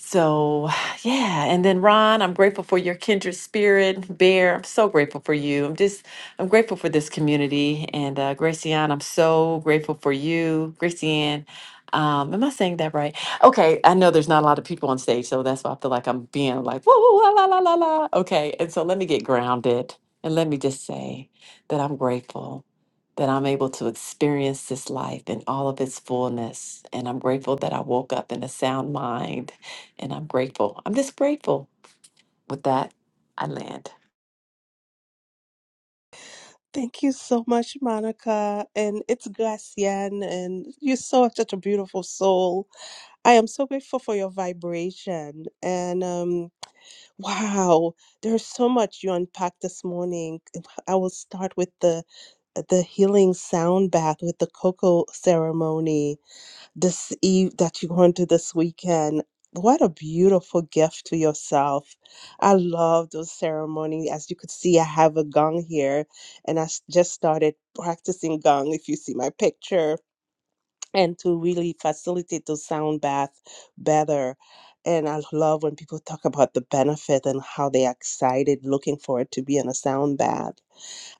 Speaker 8: so, yeah. And then, Ron, I'm grateful for your kindred spirit. Bear, I'm so grateful for you. I'm just, I'm grateful for this community. And uh, Gracianne, I'm so grateful for you. Gracianne, um, am I saying that right? Okay. I know there's not a lot of people on stage. So that's why I feel like I'm being like, woo, woo, la, la, la, la, la. Okay. And so let me get grounded. And let me just say that I'm grateful that I'm able to experience this life in all of its fullness. And I'm grateful that I woke up in a sound mind and I'm grateful. I'm just grateful. With that, I land.
Speaker 2: Thank you so much, Monica. And it's Gracian, and you're so such a beautiful soul. I am so grateful for your vibration. And um Wow, there's so much you unpacked this morning. I will start with the the healing sound bath with the cocoa ceremony this eve that you're going to this weekend. What a beautiful gift to yourself. I love those ceremonies. As you could see, I have a gong here and I s- just started practicing gong if you see my picture and to really facilitate those sound bath better. And I love when people talk about the benefit and how they are excited looking forward to be in a sound bath.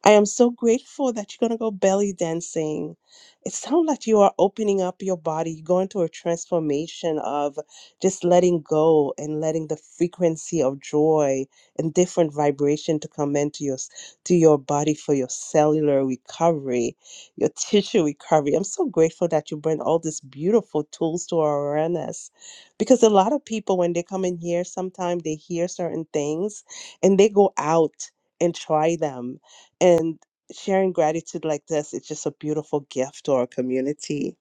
Speaker 2: I am so grateful that you're going to go belly dancing. It sounds like you are opening up your body, You're going through a transformation of just letting go and letting the frequency of joy and different vibration to come into your s- to your body for your cellular recovery, your tissue recovery. I'm so grateful that you bring all these beautiful tools to our awareness, because a lot of people when they come in here, sometimes they hear certain things and they go out and try them and sharing gratitude like this is just a beautiful gift to our community.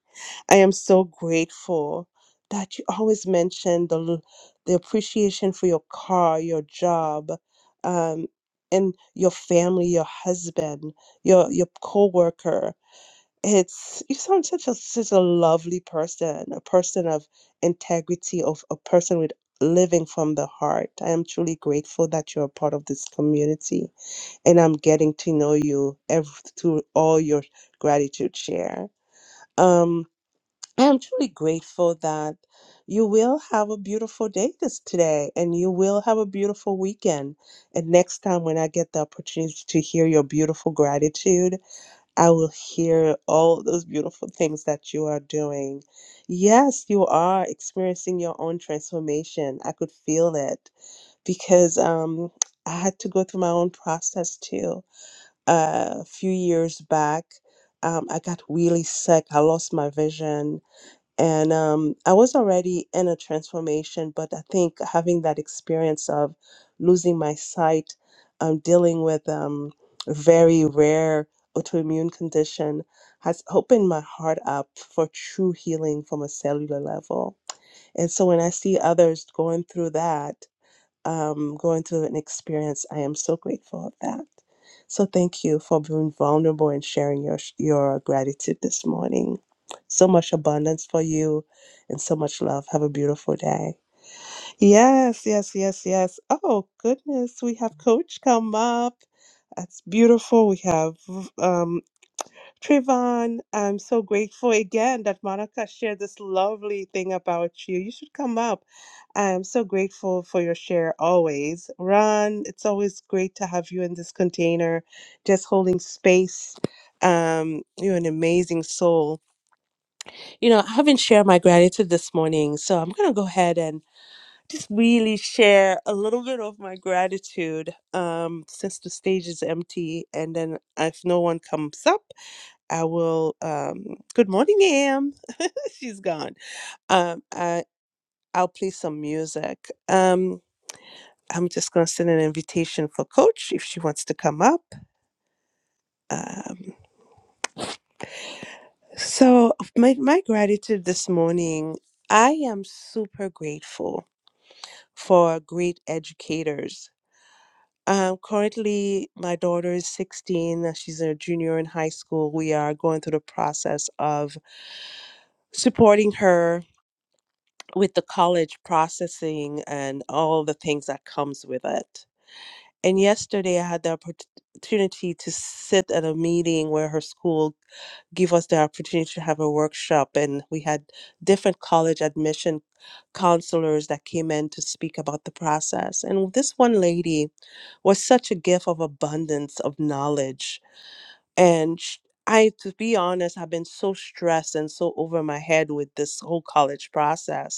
Speaker 2: I am so grateful that you always mention the l- the appreciation for your car, your job, um, and your family, your husband, your your coworker. It's you sound such a such a lovely person, a person of integrity, of a person with living from the heart. I am truly grateful that you're a part of this community and I'm getting to know you ev- through all your gratitude share. Um, I am truly grateful that you will have a beautiful day this today, and you will have a beautiful weekend. And next time, when I get the opportunity to hear your beautiful gratitude, I will hear all those beautiful things that you are doing. Yes, you are experiencing your own transformation. I could feel it because um, I had to go through my own process too a few years back. Um, I got really sick. I lost my vision. And um, I was already in a transformation, but I think having that experience of losing my sight, um, dealing with um, a very rare autoimmune condition, has opened my heart up for true healing from a cellular level. And so when I see others going through that, um, going through an experience, I am so grateful of that. So thank you for being vulnerable and sharing your your gratitude this morning. So much abundance for you, and so much love. Have a beautiful day. Yes, yes, yes, yes. Oh goodness, we have Coach come up. That's beautiful. We have um, Trayvon, I'm so grateful again that Monica shared this lovely thing about you. You should come up. I'm so grateful for your share always. Ron, it's always great to have you in this container, just holding space. Um, you're an amazing soul. You know, I haven't shared my gratitude this morning, so I'm gonna go ahead and just really share a little bit of my gratitude um, since the stage is empty, and then if no one comes up. I will. Um, good morning, Am. She's gone. Um, I I'll play some music. Um, I'm just gonna send an invitation for Coach if she wants to come up. Um, so my my gratitude this morning. I am super grateful for great educators. Um, currently, my daughter is 16. uh, She's a junior in high school. We are going through the process of supporting her with the college processing and all the things that comes with it. And yesterday I had the opportunity to sit at a meeting where her school gave us the opportunity to have a workshop and we had different college admission counselors that came in to speak about the process. And this one lady was such a gift of abundance of knowledge and sh- I, to be honest, have been so stressed and so over my head with this whole college process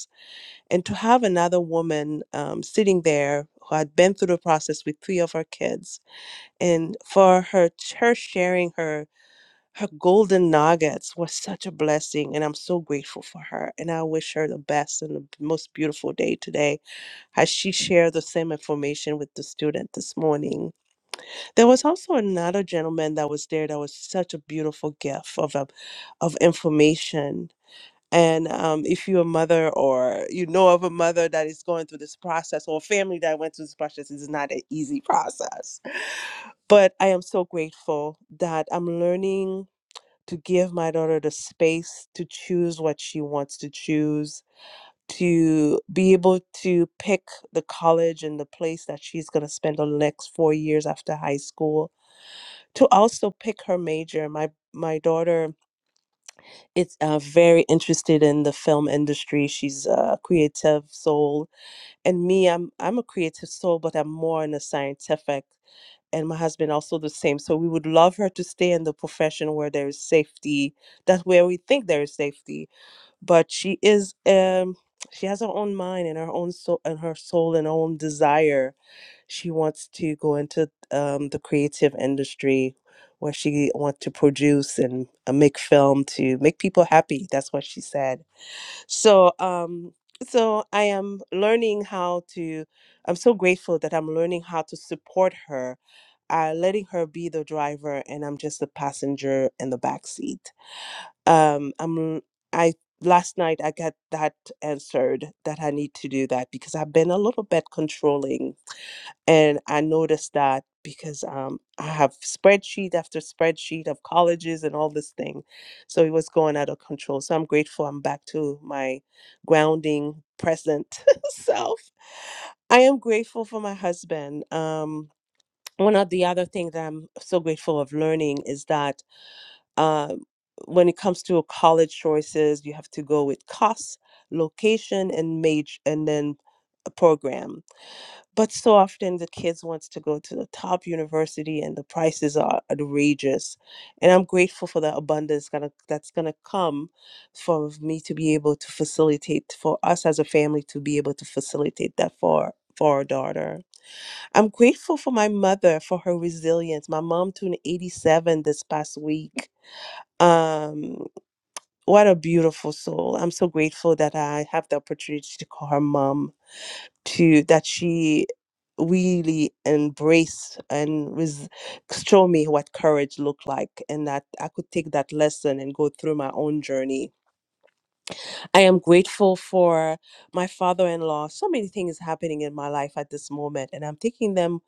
Speaker 2: and to have another woman um, sitting there who had been through the process with three of her kids, and for her, her sharing her her golden nuggets was such a blessing, and I'm so grateful for her. And I wish her the best and the most beautiful day today, as she shared the same information with the student this morning. There was also another gentleman that was there that was such a beautiful gift of a, of information and um, if you're a mother or you know of a mother that is going through this process or a family that went through this process, is not an easy process. But I am so grateful that I'm learning to give my daughter the space to choose what she wants to choose, to be able to pick the college and the place that she's going to spend the next four years after high school, to also pick her major. My my daughter it's uh, very interested in the film industry. She's a creative soul, and me, I'm I'm a creative soul, but I'm more in the scientific. And my husband also the same. So we would love her to stay in the profession where there is safety. That's where we think there is safety. But she is um she has her own mind and her own soul and her soul and her own desire she wants to go into um, the creative industry where she wants to produce and uh, make film to make people happy. That's what she said. So, um, so I am learning how to. I'm so grateful that I'm learning how to support her, uh, letting her be the driver, and I'm just the passenger in the back seat. Um, I'm. I last night I got that answered that I need to do that because I've been a little bit controlling and I noticed that because um, I have spreadsheet after spreadsheet of colleges and all this thing. So it was going out of control. So I'm grateful I'm back to my grounding present self. I am grateful for my husband. Um, one of the other things that I'm so grateful of learning is that um, when it comes to college choices, you have to go with cost, location, and major, and then a program but so often the kids wants to go to the top university and the prices are outrageous. And I'm grateful for the abundance gonna, that's going to come for me to be able to facilitate, for us as a family to be able to facilitate that for, for our daughter. I'm grateful for my mother for her resilience. My mom turned 87 this past week. Um, what a beautiful soul. I'm so grateful that I have the opportunity to call her mom to that she really embraced and res- show me what courage looked like and that i could take that lesson and go through my own journey i am grateful for my father-in-law so many things happening in my life at this moment and i'm taking them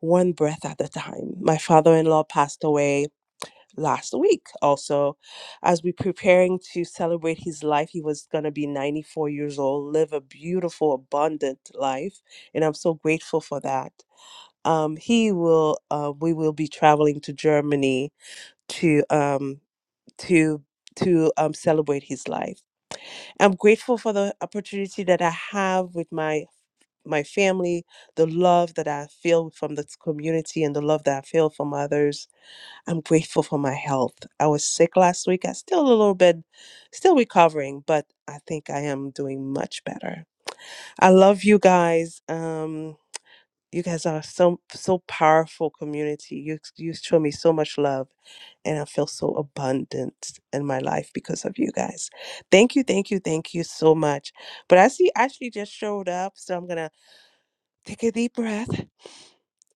Speaker 2: one breath at a time my father-in-law passed away last week also as we preparing to celebrate his life he was going to be 94 years old live a beautiful abundant life and i'm so grateful for that um he will uh, we will be traveling to germany to um to to um celebrate his life i'm grateful for the opportunity that i have with my my family the love that i feel from this community and the love that i feel from others I'm grateful for my health. I was sick last week. I still a little bit, still recovering, but I think I am doing much better. I love you guys. Um, you guys are so so powerful community. You you show me so much love, and I feel so abundant in my life because of you guys. Thank you, thank you, thank you so much. But I see Ashley just showed up, so I'm gonna take a deep breath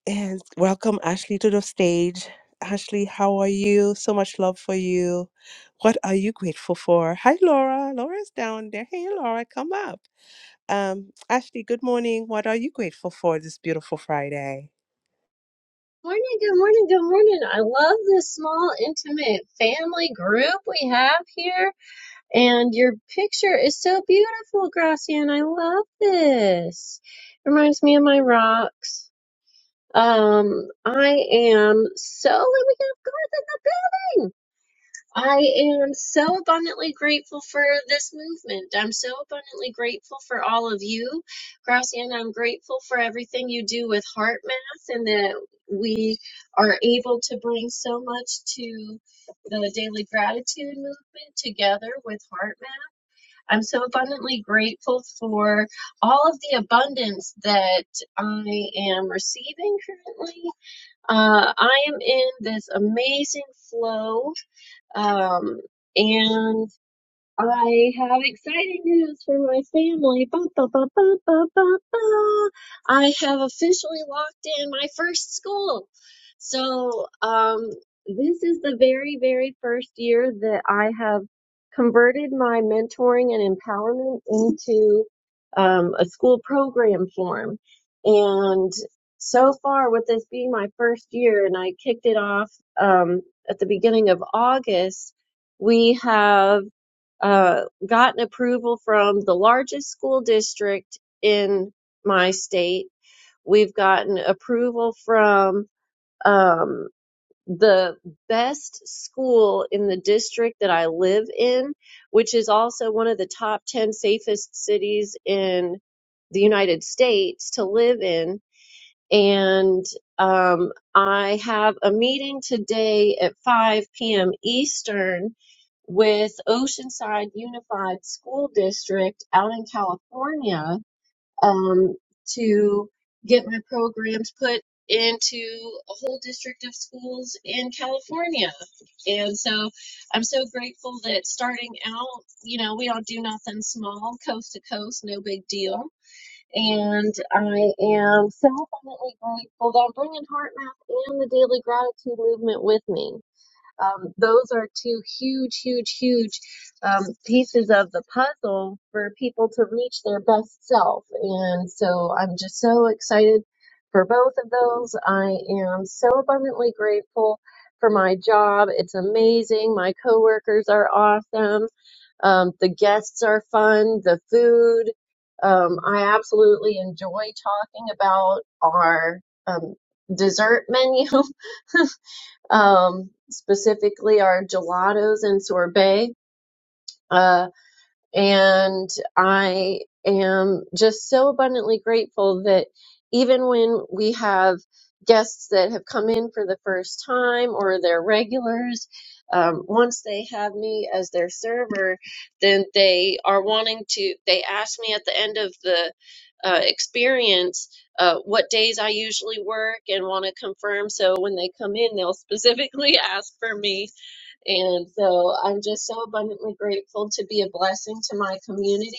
Speaker 2: and welcome Ashley to the stage. Ashley, how are you? So much love for you. What are you grateful for? Hi, Laura. Laura's down there. Hey, Laura, come up. Um, Ashley, good morning. What are you grateful for this beautiful Friday?
Speaker 9: Morning, good morning, good morning. I love this small, intimate family group we have here. And your picture is so beautiful, Gracian. I love this. Reminds me of my rocks. Um, I am so, Let me get going. I am so abundantly grateful for this movement. I'm so abundantly grateful for all of you. Graciana, I'm grateful for everything you do with heart math and that we are able to bring so much to the daily gratitude movement together with heart math. I'm so abundantly grateful for all of the abundance that I am receiving currently. Uh, I am in this amazing flow um, and I have exciting news for my family. Ba, ba, ba, ba, ba, ba, ba. I have officially locked in my first school. So, um, this is the very, very first year that I have converted my mentoring and empowerment into um, a school program form. And so far, with this being my first year, and I kicked it off um, at the beginning of August, we have uh, gotten approval from the largest school district in my state. We've gotten approval from um, the best school in the district that I live in, which is also one of the top 10 safest cities in the United States to live in and um, I have a meeting today at 5 p.m. Eastern with Oceanside Unified School District out in California um, to get my programs put into a whole district of schools in California. And so I'm so grateful that starting out, you know, we all do nothing small, coast to coast, no big deal and I am so abundantly grateful that I'm bringing Heart Math and the Daily Gratitude Movement with me. Um, those are two huge, huge, huge um, pieces of the puzzle for people to reach their best self. And so I'm just so excited for both of those. I am so abundantly grateful for my job. It's amazing. My coworkers are awesome. Um, the guests are fun. The food. Um, I absolutely enjoy talking about our um, dessert menu um, specifically our gelatos and sorbet. Uh, and I am just so abundantly grateful that even when we have guests that have come in for the first time or they're regulars, um, once they have me as their server, then they are wanting to, they ask me at the end of the uh, experience uh, what days I usually work and want to confirm. So when they come in, they'll specifically ask for me and so I'm just so abundantly grateful to be a blessing to my community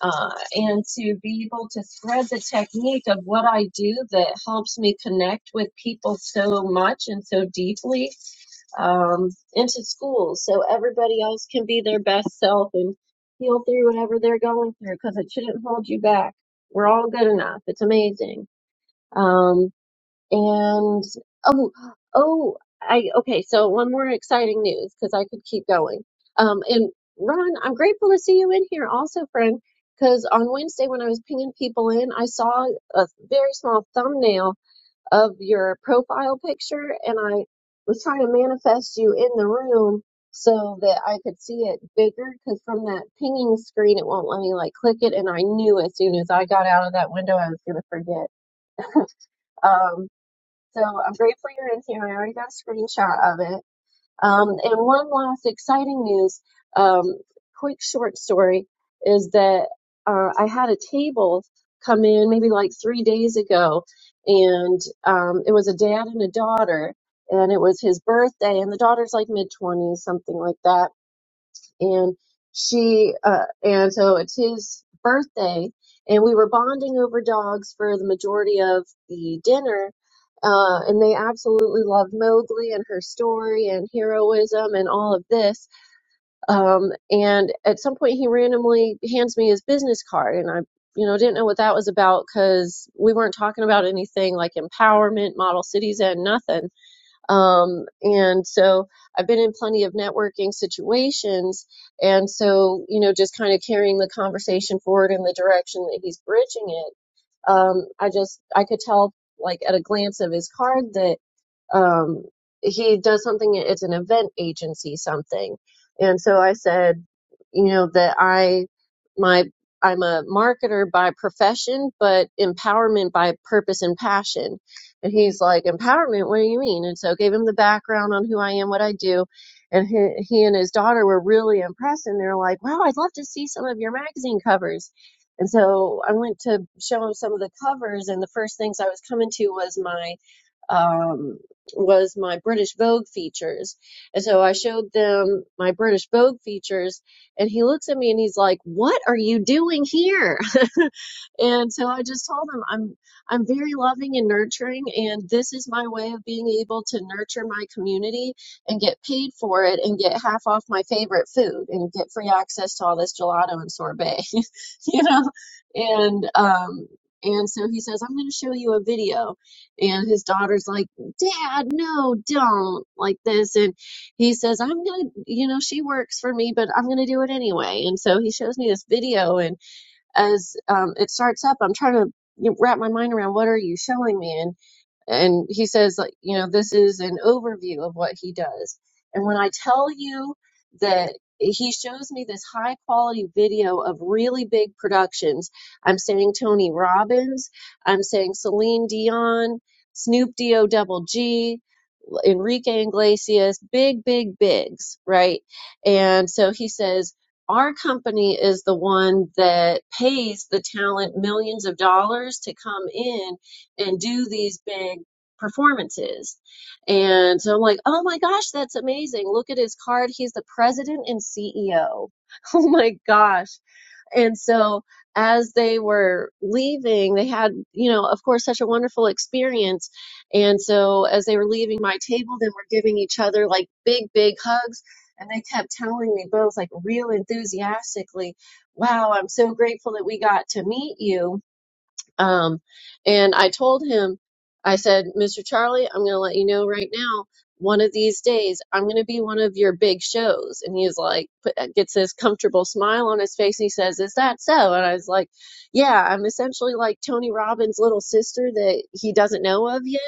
Speaker 9: uh, and to be able to thread the technique of what I do that helps me connect with people so much and so deeply um, into schools so everybody else can be their best self and heal through whatever they're going through because it shouldn't hold you back. We're all good enough. It's amazing. Um, and oh, oh, I okay. So one more exciting news because I could keep going. Um, and Ron, I'm grateful to see you in here also, friend. Because on Wednesday when I was pinging people in, I saw a very small thumbnail of your profile picture, and I was trying to manifest you in the room so that I could see it bigger. Because from that pinging screen, it won't let me like click it, and I knew as soon as I got out of that window I was gonna forget. Um, so I'm grateful you're in here. I already got a screenshot of it. Um, and one last exciting news, um, quick short story is that uh, I had a table come in maybe like three days ago, and um, it was a dad and a daughter, and it was his birthday, and the daughter's like mid 20s, something like that and she uh, and so it's his birthday and we were bonding over dogs for the majority of the dinner uh, and they absolutely loved Mowgli and her story and heroism and all of this. Um, and at some point, he randomly hands me his business card, and I, you know, didn't know what that was about because we weren't talking about anything like empowerment, model cities, and nothing um, and so I've been in plenty of networking situations. And so, you know, just kind of carrying the conversation forward in the direction that he's bridging it. Um, I just, I could tell like at a glance of his card that um, he does something, it's an event agency something. And so I said, you know, that I, my, I'm a marketer by profession, but empowerment by purpose and passion. And he's like, empowerment, what do you mean? And so I gave him the background on who I am, what I do. And he, he and his daughter were really impressed and they're like, wow, I'd love to see some of your magazine covers. And so I went to show him some of the covers and the first things I was coming to was my um, was my British Vogue features. And so I showed them my British Vogue features, and he looks at me and he's like, What are you doing here? And so I just told him I'm I'm very loving and nurturing and this is my way of being able to nurture my community and get paid for it and get half off my favorite food and get free access to all this gelato and sorbet, you know? And um and so he says, I'm going to show you a video. And his daughter's like, Dad, no, don't like this. And he says, I'm going to, you know, she works for me, but I'm going to do it anyway. And so he shows me this video. and as um, it starts up, I'm trying to wrap my mind around what are you showing me? And and he says like you know this is an overview of what he does and when i tell you that he shows me this high quality video of really big productions i'm saying tony robbins i'm saying celine dion snoop do double g enrique iglesias big big bigs right and so he says our company is the one that pays the talent millions of dollars to come in and do these big performances. And so I'm like, oh my gosh, that's amazing. Look at his card. He's the president and CEO. Oh my gosh. And so as they were leaving, they had, you know, of course, such a wonderful experience. And so as they were leaving my table, they were giving each other like big, big hugs. And they kept telling me both like real enthusiastically, wow, I'm so grateful that we got to meet you um, and I told him, I said, Mr. Charlie, I'm going to let you know right now, one of these days, I'm going to be one of your big shows. And he's like, put, uh, gets this comfortable smile on his face. And he says, Is that so? And I was like, Yeah, I'm essentially like Tony Robbins' little sister that he doesn't know of yet.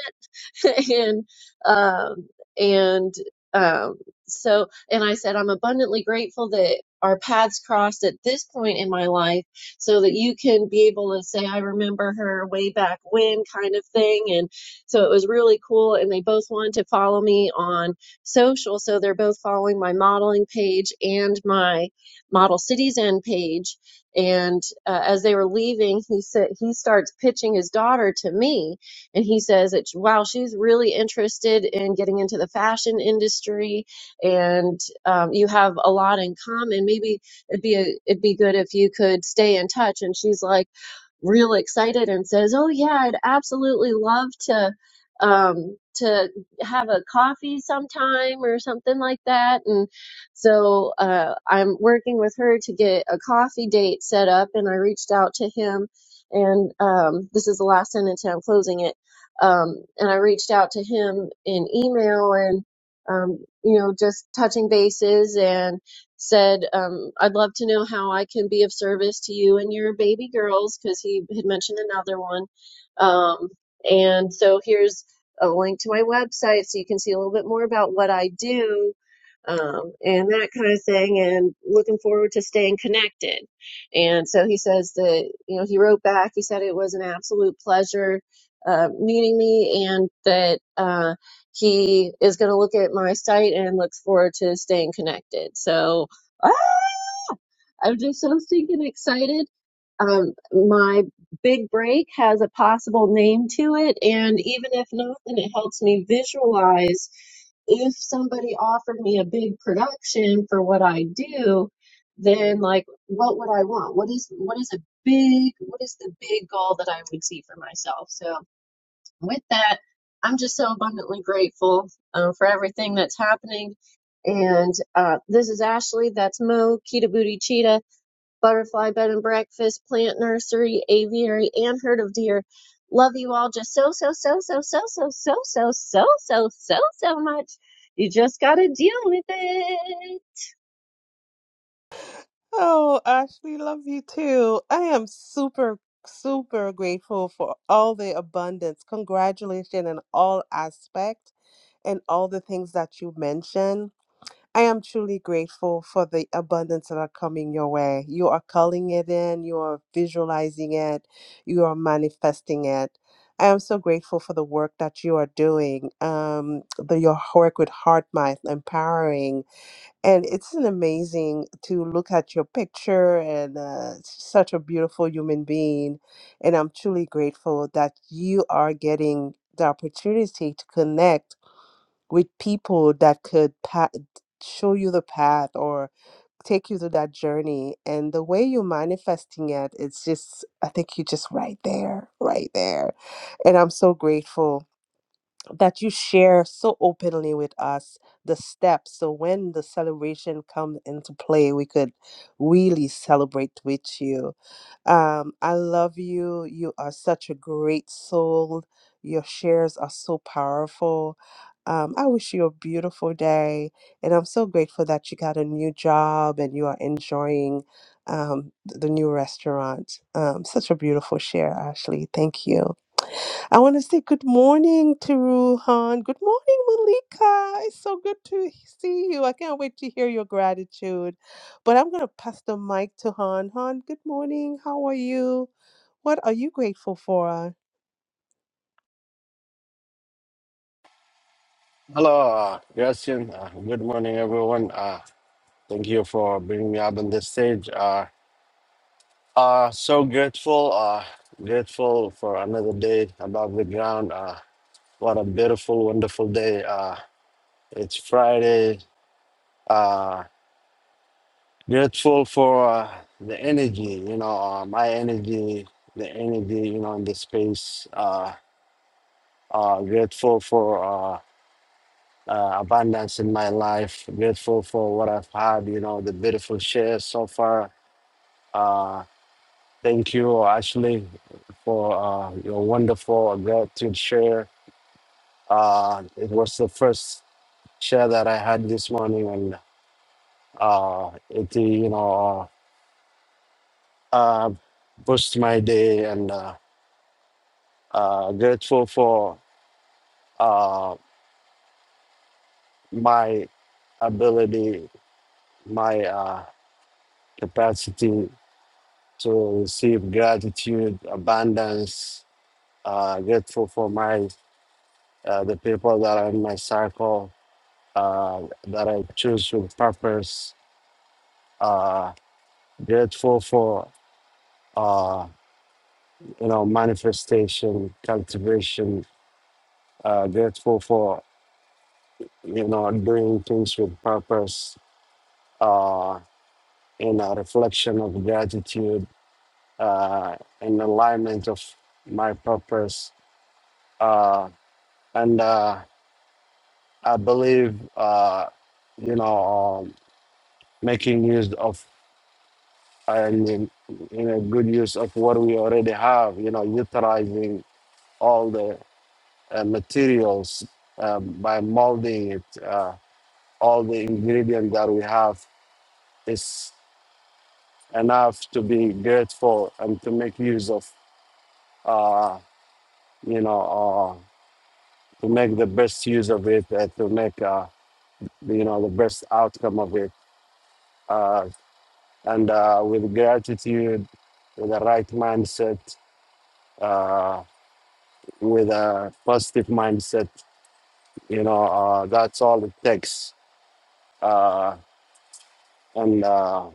Speaker 9: and um, and um, so and I said I'm abundantly grateful that our paths crossed at this point in my life, so that you can be able to say I remember her way back when kind of thing. And so it was really cool. And they both wanted to follow me on social, so they're both following my modeling page and my Model Cities End page. And uh, as they were leaving, he said he starts pitching his daughter to me and he says that, wow, she's really interested in getting into the fashion industry and um, you have a lot in common. Maybe it'd be, a, it'd be good if you could stay in touch. And she's like, real excited and says, "Oh yeah, I'd absolutely love to um to have a coffee sometime or something like that." And so uh I'm working with her to get a coffee date set up and I reached out to him and um this is the last sentence and I'm closing it um, and I reached out to him in email and, um, you know, just touching bases and said, um, I'd love to know how I can be of service to you and your baby girls, because he had mentioned another one. Um, and so here's a link to my website so you can see a little bit more about what I do um, and that kind of thing, and looking forward to staying connected. And so he says that, you know, he wrote back, he said it was an absolute pleasure uh, meeting me and that uh, he is going to look at my site and looks forward to staying connected. So ah, I'm just so stinking excited. Um, my big break has a possible name to it, and even if not, then it helps me visualize if somebody offered me a big production for what I do, then like what would I want? What is what is a big what is the big goal that I would see for myself? So with that, I'm just so abundantly grateful um, for everything that's happening. And uh, this is Ashley. That's Mo, Kita Booty Cheetah, Butterfly Bed and Breakfast, Plant Nursery, Aviary, and Herd of Deer. Love you all just so, so, so, so, so, so, so, so, so, so, so, so much. You just got to deal with it.
Speaker 2: Oh, Ashley, love you too. I am super, super grateful for all the abundance. Congratulations in all aspect and all the things that you mentioned. I am truly grateful for the abundance that are coming your way. You are calling it in, you are visualizing it, you are manifesting it. I am so grateful for the work that you are doing, um, the, your work with HeartMath, empowering. And it's an amazing to look at your picture and uh, such a beautiful human being. And I'm truly grateful that you are getting the opportunity to connect with people that could pa- show you the path or take you through that journey and the way you're manifesting it it's just i think you're just right there right there and i'm so grateful that you share so openly with us the steps so when the celebration comes into play we could really celebrate with you um i love you you are such a great soul your shares are so powerful um, I wish you a beautiful day, and I'm so grateful that you got a new job and you are enjoying um, th- the new restaurant. Um, such a beautiful share, Ashley. Thank you. I want to say good morning to Ruhan. Good morning, Malika. It's so good to see you. I can't wait to hear your gratitude. But I'm going to pass the mic to Han. Han, good morning. How are you? What are you grateful for?
Speaker 10: Hello, uh, Gracian. Uh, good morning, everyone. Uh, thank you for bringing me up on this stage. Uh, uh, so grateful, uh, grateful for another day above the ground. Uh, what a beautiful, wonderful day. Uh, it's Friday. Uh, grateful for uh, the energy, you know, uh, my energy, the energy, you know, in this space. Uh, uh, grateful for. uh, uh, abundance in my life. Grateful for what I've had, you know, the beautiful shares so far. Uh, thank you, Ashley, for uh, your wonderful gratitude share. Uh, it was the first share that I had this morning, and uh, it, you know, uh, pushed my day. And uh, uh, grateful for uh, my ability, my uh, capacity to receive gratitude, abundance, uh, grateful for my uh, the people that are in my circle uh, that I choose with purpose, uh, grateful for uh, you know manifestation, cultivation, uh, grateful for you know doing things with purpose, uh, in a reflection of gratitude, uh, in alignment of my purpose, uh, and. Uh, I believe, uh, you know, um, making use of and in, in a good use of what we already have, you know, utilizing all the uh, materials uh, by molding it, uh, all the ingredients that we have is enough to be grateful and to make use of, uh, you know, uh, to make the best use of it and to make, uh, you know, the best outcome of it. Uh, and uh, with gratitude, with a right mindset, uh, with a positive mindset. You know, uh, that's all it takes. Uh, and uh,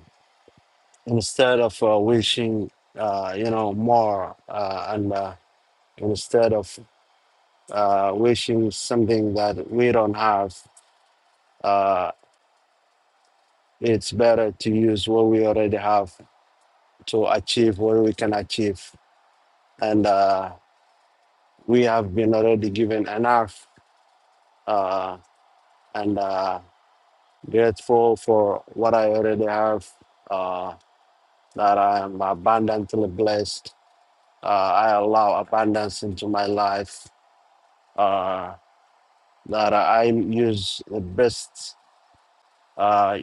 Speaker 10: instead of uh, wishing, uh, you know, more, uh, and uh, instead of uh, wishing something that we don't have, uh, it's better to use what we already have to achieve what we can achieve. And uh, we have been already given enough. Uh, and uh, grateful for what I already have, uh, that I am abundantly blessed. Uh, I allow abundance into my life, uh, that I use the best, uh,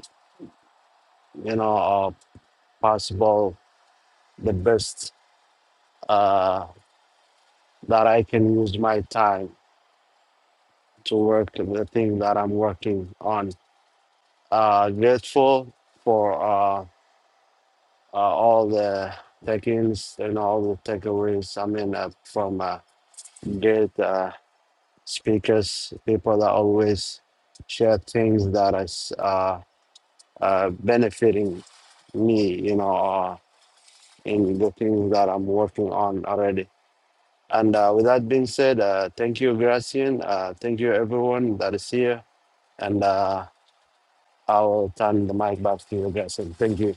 Speaker 10: you know, uh, possible, the best uh, that I can use my time to work the thing that I'm working on. Uh, grateful for. uh, uh, all the take-ins and all the takeaways. I mean, uh, from uh, great uh, speakers, people that always share things that is uh, uh, benefiting me, you know, uh, in the things that I'm working on already. And uh, with that being said, uh, thank you, Gracian. Uh, thank you, everyone that is here. And uh, I will turn the mic back to you, Gracian. Thank you.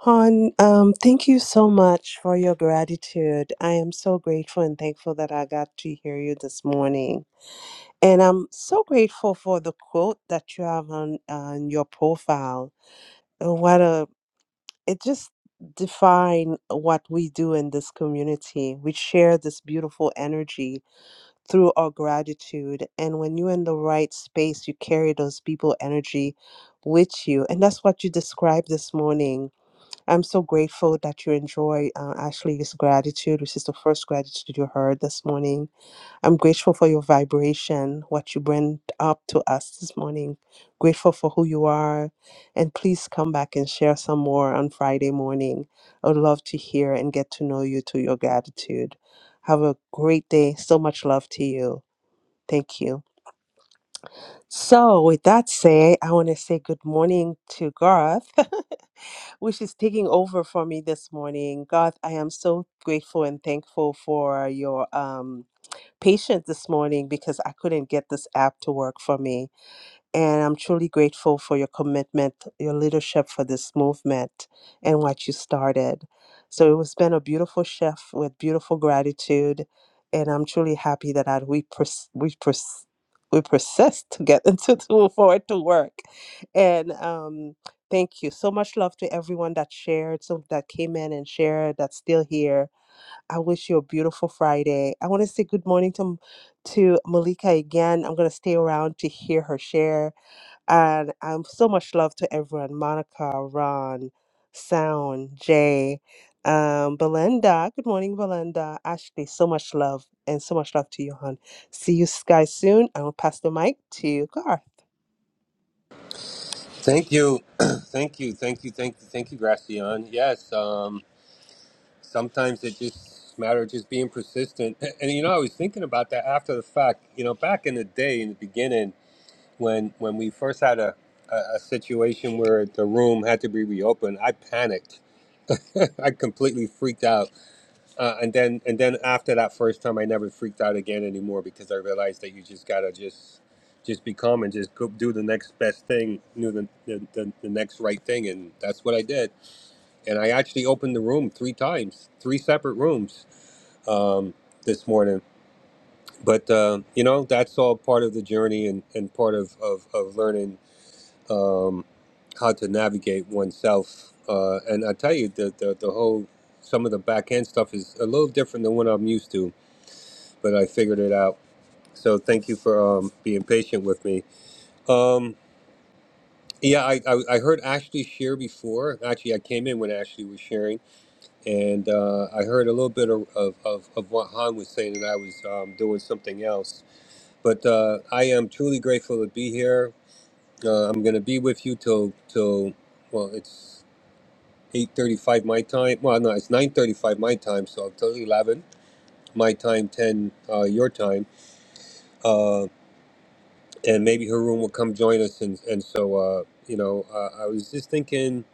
Speaker 2: Han, um, thank you so much for your gratitude. I am so grateful and thankful that I got to hear you this morning. And I'm so grateful for the quote that you have on, on your profile. Oh, What a it just define what we do in this community we share this beautiful energy through our gratitude and when you're in the right space you carry those people energy with you and that's what you described this morning i'm so grateful that you enjoy uh, ashley's gratitude which is the first gratitude you heard this morning I'm grateful for your vibration, what you bring up to us this morning. Grateful for who you are. And please come back and share some more on Friday morning. I would love to hear and get to know you through your gratitude. Have a great day. So much love to you. Thank you. So, with that say, I want to say good morning to Garth, which is taking over for me this morning. Garth, I am so grateful and thankful for your um, patient this morning because I couldn't get this app to work for me. And I'm truly grateful for your commitment, your leadership for this movement, and what you started. So it's been a beautiful shift with beautiful gratitude. And I'm truly happy that I, we, pers- we, pers- we persist to get into to move forward to work. And um, thank you. So much love to everyone that shared, so that came in and shared, that's still here I wish you a beautiful Friday. I want to say good morning to to Malika again. I'm going to stay around to hear her share. And um, so much love to everyone Monica, Ron, Sound, Jay, um, Belinda. Good morning, Belinda. Ashley, so much love and so much love to you, hon. See you guys soon. I will pass the mic to Garth.
Speaker 1: Thank you, thank you, thank you, thank you, thank you, Gracian. Yes, um. sometimes it just matter of just being persistent. And, and, you know, I was thinking about that after the fact. You know, back in the day, in the beginning, when when we first had a a, a situation where the room had to be reopened, I panicked. I completely freaked out, uh, and then and then after that first time, I never freaked out again anymore because I realized that you just gotta just just be calm and just go do the next best thing, do the, the, the, the next right thing, and that's what I did. And I actually opened the room three times, three separate rooms um, this morning. But uh, you know, that's all part of the journey and, and part of of, of learning um, how to navigate oneself. Uh, and I tell you, the, the the whole some of the back end stuff is a little different than what I'm used to, but I figured it out. So thank you for um, being patient with me. Um, yeah, I, I, I heard Ashley share before. Actually, I came in when Ashley was sharing, and uh, I heard a little bit of, of, of, of what Han was saying, and I was um, doing something else But uh, I am truly grateful to be here. Uh, I'm going to be with you till till well, it's 8:35 my time. Well, no, it's 9:35 my time, so till 11 my time, 10 uh, your time, uh, and maybe Haroon will come join us. And and so uh, you know, uh, I was just thinking,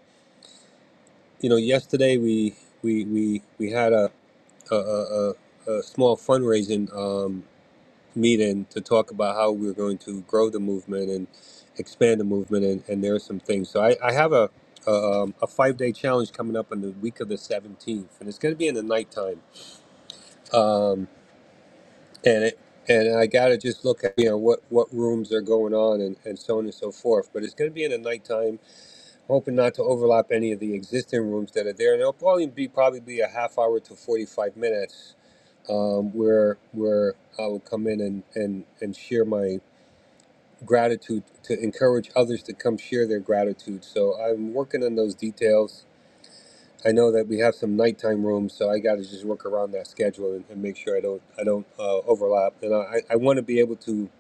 Speaker 1: you know, yesterday we we we we had a a, a, a a small fundraising. Um, meeting to talk about how we're going to grow the movement and expand the movement, and, and there are some things. So I, I have a a, um, a five day challenge coming up on the week of the seventeenth, and it's going to be in the nighttime. Um, and it and I got to just look at you know what what rooms are going on and, and so on and so forth. But it's going to be in the nighttime. Hoping not to overlap any of the existing rooms that are there, and it'll probably be probably be a half hour to forty five minutes um, where where I will come in and and and share my gratitude to encourage others to come share their gratitude. So I'm working on those details. I know that we have some nighttime rooms, so I got to just work around that schedule and, and make sure I don't I don't uh, overlap. And I, I want to be able to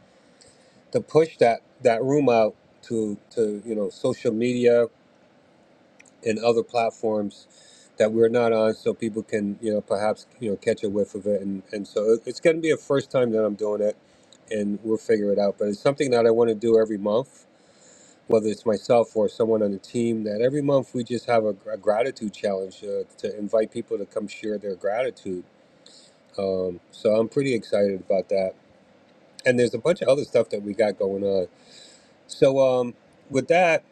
Speaker 1: to push that that room out to to you know social media and other platforms that we're not on, so people can you know perhaps you know catch a whiff of it. And and so it- it's going to be a first time that I'm doing it, and we'll figure it out. But it's something that I want to do every month whether it's myself or someone on the team, that every month we just have a, gr- a gratitude challenge uh, to invite people to come share their gratitude. Um, so I'm pretty excited about that. And there's a bunch of other stuff that we got going on. So um, with that,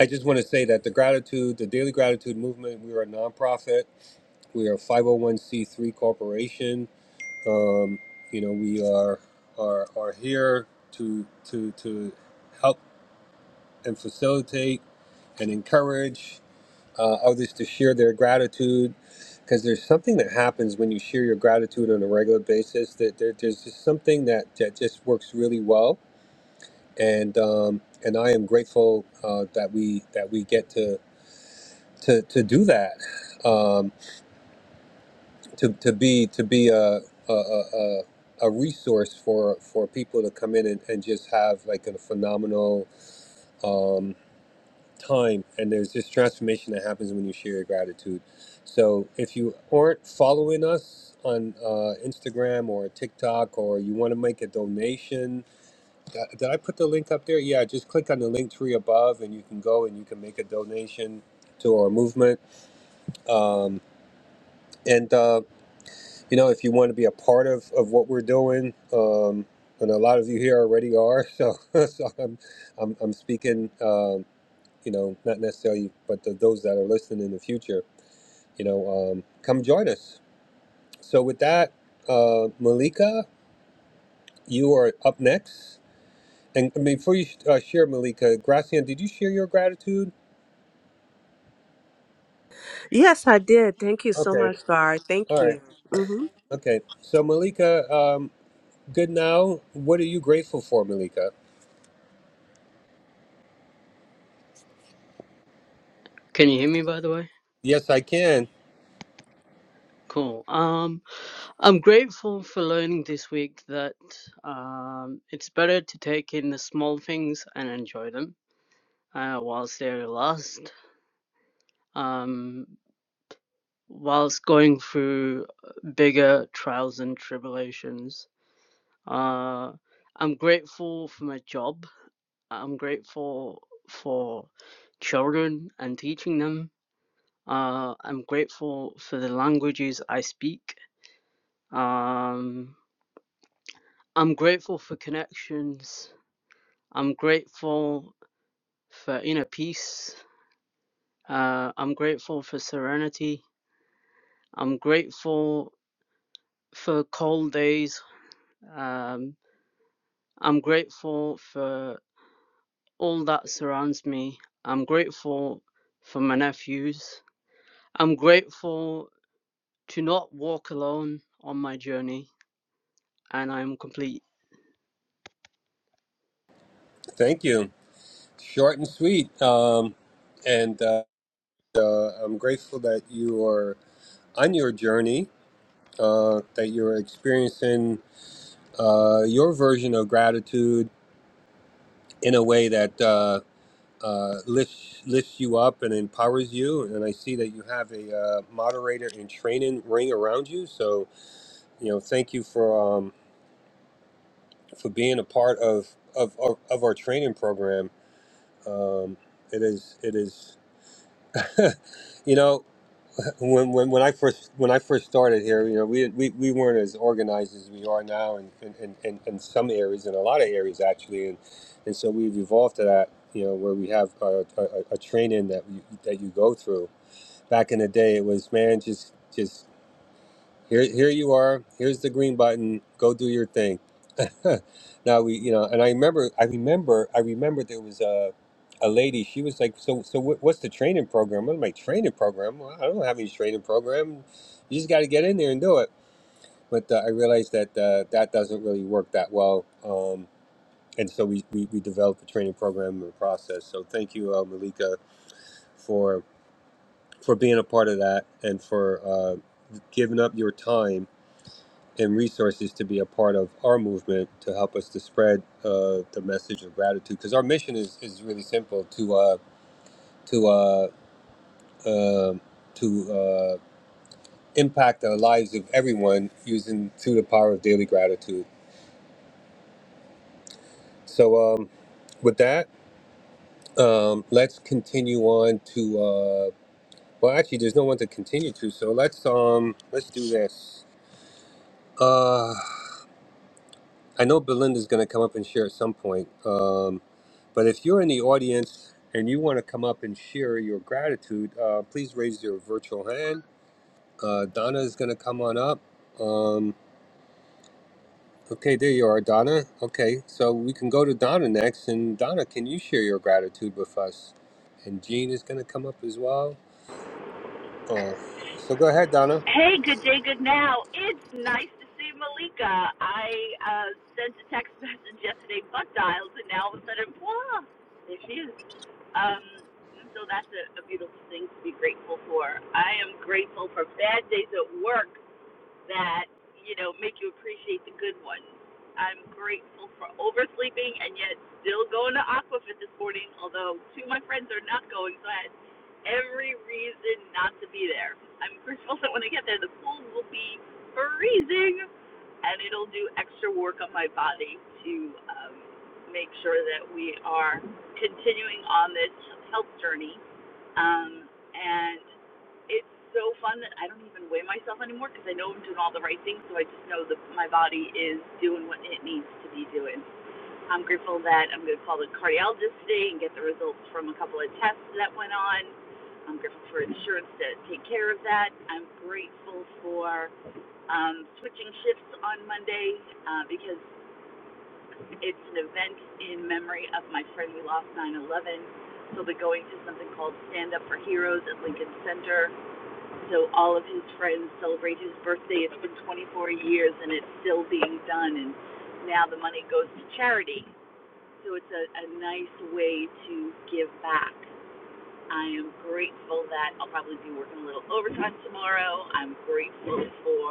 Speaker 1: I just want to say that the gratitude, the Daily Gratitude Movement, we are a nonprofit. We are a 501c3 corporation. Um, you know, we are are, are here to to to help and facilitate and encourage uh, others to share their gratitude because there's something that happens when you share your gratitude on a regular basis that there, there's just something that, that just works really well and um, and I am grateful uh, that we that we get to to, to do that um, to, to be to be a, a, a, a a resource for for people to come in and, and just have like a phenomenal um, time and there's this transformation that happens when you share your gratitude so if you aren't following us on uh, instagram or tiktok or you want to make a donation uh, did i put the link up there yeah just click on the link tree above and you can go and you can make a donation to our movement um, and uh, you know if you want to be a part of, of what we're doing um, and a lot of you here already are so, so i'm, I'm, I'm speaking Um, you know, not necessarily, but the, those that are listening in the future, you know, um, come join us. So with that, uh, Malika, you are up next. And before you uh, share, Malika, Gracian, did you share your gratitude?
Speaker 2: Yes, I did. Thank you so
Speaker 1: Okay.
Speaker 2: much, Garth. Thank
Speaker 1: All right.
Speaker 2: you. hmm
Speaker 1: Okay. So Malika, um, good now. What are you grateful for, Malika?
Speaker 11: Can you hear me by the way?
Speaker 1: Yes, I can.
Speaker 11: Cool. Um, I'm grateful for learning this week that um, it's better to take in the small things and enjoy them uh, whilst they last, um, whilst going through bigger trials and tribulations. Uh, I'm grateful for my job. I'm grateful for children and teaching them. Uh, I'm grateful for the languages I speak. Um, I'm grateful for connections. I'm grateful for inner peace. Uh, I'm grateful for serenity. I'm grateful for cold days. Um, I'm grateful for all that surrounds me. I'm grateful for my nephews. I'm grateful to not walk alone on my journey. And I'm complete.
Speaker 1: Thank you. Short and sweet. Um, and uh, I'm grateful that you are on your journey, uh, that you're experiencing uh, your version of gratitude in a way that uh, uh, lifts lifts you up and empowers you. And I see that you have a uh, moderator and training ring around you. So you know, thank you for um, for being a part of of, of, of our training program. Um, it is it is, you know. when, when when I first when I first started here, you know, we we, we weren't as organized as we are now, in, in, in, in in some areas, in a lot of areas actually, and and so we've evolved to that, you know, where we have a, a, a training that you, that you go through. Back in the day, it was man, just just here here you are, here's the green button, go do your thing Huh. now we you know and i remember i remember i remember there was a a lady she was like so so what, what's the training program what my training program well, i don't have any training program you just got to get in there and do it but uh, i realized that uh, that doesn't really work that well um, and so we, we we developed a training program and process so thank you uh, malika for for being a part of that and for uh, giving up your time and resources to be a part of our movement to help us to spread uh, the message of gratitude. Because our mission is, is really simple to uh, to uh, um to uh, impact the lives of everyone using through the power of daily gratitude. So um, with that, um, let's continue on to. Uh, well, actually, there's no one to continue to, so let's um let's do this. Uh, I know Belinda's gonna come up and share at some point. Um, But if you're in the audience and you want to come up and share your gratitude, uh, please raise your virtual hand. Uh, Donna is going to come on up. Um, okay, there you are, Donna. Okay, so we can go to Donna next. And Donna, can you share your gratitude with us? And Jean is going to come up as well. Uh, so go ahead, Donna.
Speaker 12: Hey, good day, good now. It's nice to see Malika. I uh, sent a text message yesterday, butt dialed, and now all of a sudden, voila, there she is. Um, so that's a, a beautiful thing to be grateful for. I am grateful for bad days at work that you know make you appreciate the good ones. I'm grateful for oversleeping and yet still going to Aquafit this morning, although two of my friends are not going, so I had every reason not to be there. I'm grateful that when I get there, the pool will be freezing and it'll do extra work on my body to um, make sure that we are continuing on this health journey um, and it's so fun that I don't even weigh myself anymore because I know I'm doing all the right things. So I just know that my body is doing what it needs to be doing. I'm grateful that I'm going to call the cardiologist today and get the results from a couple of tests that went on. I'm grateful for insurance to take care of that. I'm grateful for um, switching shifts on Monday uh, because it's an event in memory of my friend we lost 9 11. He'll be going to something called Stand Up for Heroes at Lincoln Center. So all of his friends celebrate his birthday. It's been 24 years and it's still being done. And now the money goes to charity. So it's a, a nice way to give back. I am grateful that I'll probably be working a little overtime tomorrow. I'm grateful for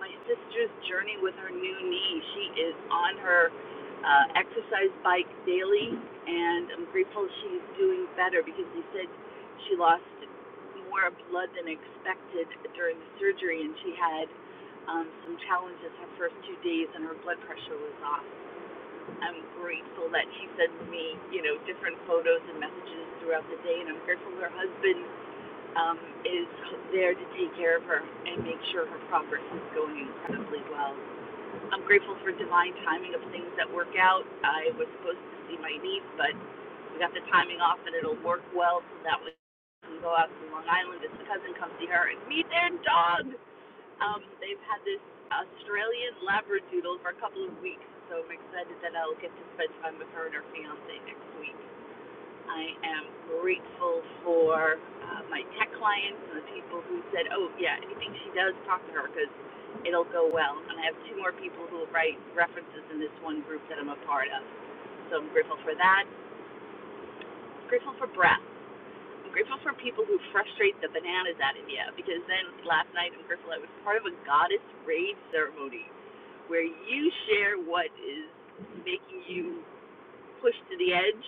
Speaker 12: my sister's journey with her new knee. She is on her uh, exercise bike daily, and I'm grateful she's doing better because they said she lost more blood than expected during the surgery, and she had um, some challenges her first two days, and her blood pressure was off. I'm grateful that she sends me, you know, different photos and messages throughout the day, and I'm grateful her husband um, is there to take care of her and make sure her progress is going incredibly well. I'm grateful for divine timing of things that work out. I was supposed to see my niece, but we got the timing off, and it'll work well so that we can go out to Long Island as the cousin come see her and meet their dog. Um, they've had this Australian Labradoodle for a couple of weeks, so I'm excited that I'll get to spend time with her and her fiance next week. I am grateful for uh, my tech clients and the people who said, "Oh yeah, anything she does, talk to her because it'll go well." And I have two more people who will write references in this one group that I'm a part of, so I'm grateful for that. I'm Grateful for breath. I'm grateful for people who frustrate the bananas out of you because then last night I'm grateful I was part of a goddess rave ceremony where you share what is making you pushed to the edge,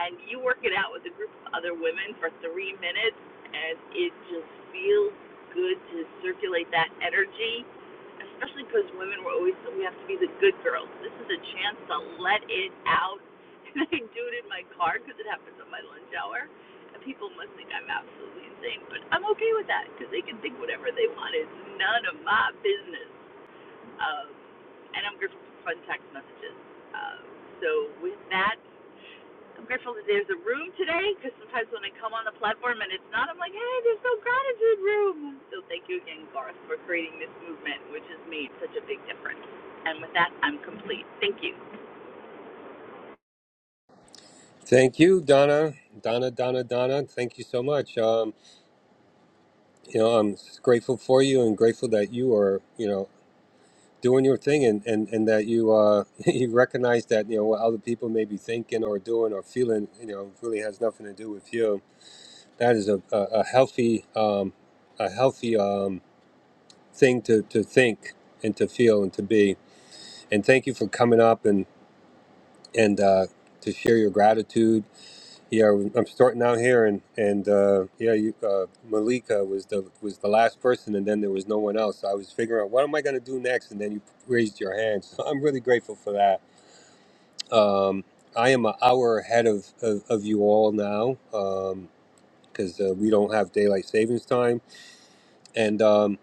Speaker 12: and you work it out with a group of other women for three minutes, and it just feels good to circulate that energy, especially because women were always we have to be the good girls. This is a chance to let it out, and I do it in my car because it happens on my lunch hour. And people must think I'm absolutely insane, but I'm okay with that because they can think whatever they want. It's none of my business. Um, and I'm grateful for fun text messages. Um, so with that, I'm grateful that there's a room today because sometimes when I come on the platform and it's not, I'm like, hey, there's no gratitude room. So thank you again, Garth, for creating this movement, which has made such a big difference. And with that, I'm complete. Thank you.
Speaker 1: Thank you, Donna. Donna, Donna, Donna. Thank you so much. Um, you know, I'm grateful for you and grateful that you are, you know, doing your thing and, and, and that you uh, you recognize that you know what other people may be thinking or doing or feeling you know really has nothing to do with you that is a, a, a healthy um, a healthy um, thing to, to think and to feel and to be and thank you for coming up and and uh, to share your gratitude yeah I'm starting out here and and uh, yeah you, uh, Malika was the was the last person and then there was no one else so I was figuring out what am I gonna do next and then you raised your hand so I'm really grateful for that Um, I am an hour ahead of, of, of you all now because uh, we don't have daylight savings time. And, um,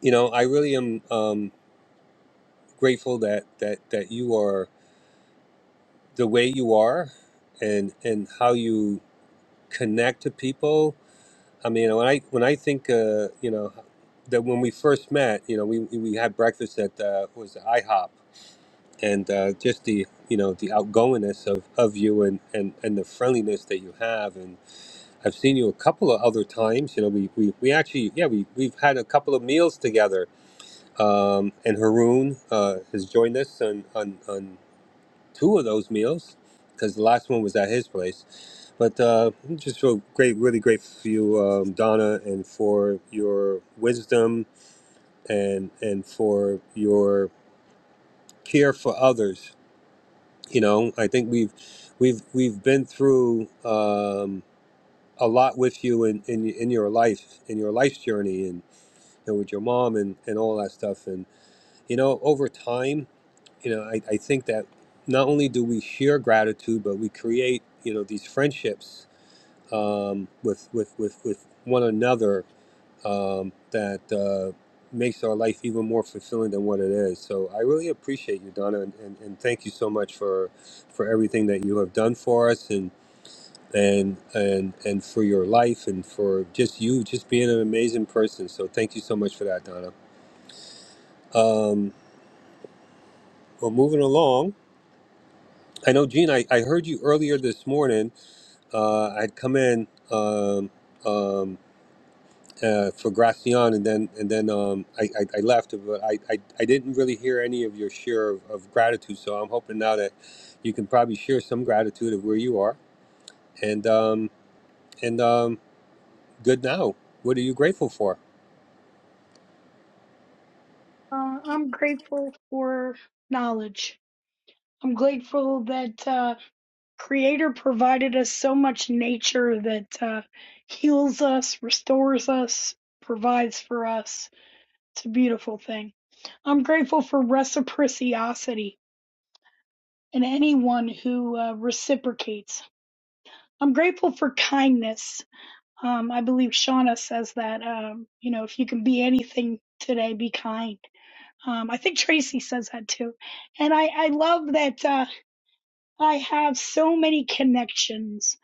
Speaker 1: you know, I really am um, grateful that, that, that you are the way you are and, and how you connect to people. I mean, when I, when I think, uh, you know, that when we first met, you know, we, we had breakfast at uh, was it IHOP and uh, just the, you know, the outgoingness of, of you and, and, and the friendliness that you have. I've seen you a couple of other times. You know, we, we, we actually, yeah, we, we've had a couple of meals together. Um, and Haroon uh, has joined us on, on, on two of those meals because the last one was at his place. But uh, I'm just so great, really grateful for you, um, Donna, and for your wisdom and, and for your care for others. You know, I think we've we've we've been through. Um, a lot with you in, in in your life, in your life's journey, and you know, with your mom and and all that stuff. And you know, over time, you know, I, I think that not only do we share gratitude, but we create you know these friendships um, with with with with one another um, that. Uh, makes our life even more fulfilling than what it is so i really appreciate you donna and, and, and thank you so much for for everything that you have done for us and and and and for your life and for just you just being an amazing person so thank you so much for that donna um well moving along i know gene i, I heard you earlier this morning uh i'd come in um um uh, for Gracian, and then and then um, I, I, I left, but I, I, I didn't really hear any of your share of, of gratitude. So I'm hoping now that you can probably share some gratitude of where you are, and um, and um, good now. What are you grateful for?
Speaker 13: Uh, I'm grateful for knowledge. I'm grateful that uh, Creator provided us so much nature that uh, heals us, restores us, provides for us. It's a beautiful thing. I'm grateful for reciprocity and anyone who uh, reciprocates. I'm grateful for kindness. Um, I believe Shauna says that, um, you know, if you can be anything today, be kind. Um, I think Tracy says that too. And I, I love that uh, I have so many connections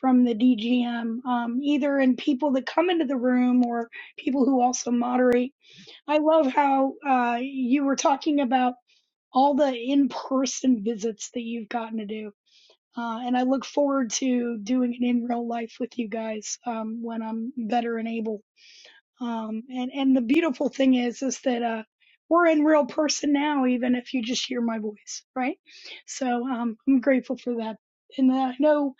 Speaker 13: from the DGM, um, either in people that come into the room or people who also moderate. I love how uh, you were talking about all the in person visits that you've gotten to do. Uh, and I look forward to doing it in real life with you guys um, when I'm better and able. Um, and and the beautiful thing is is that uh, we're in real person now, even if you just hear my voice, right? So um, I'm grateful for that, and that I know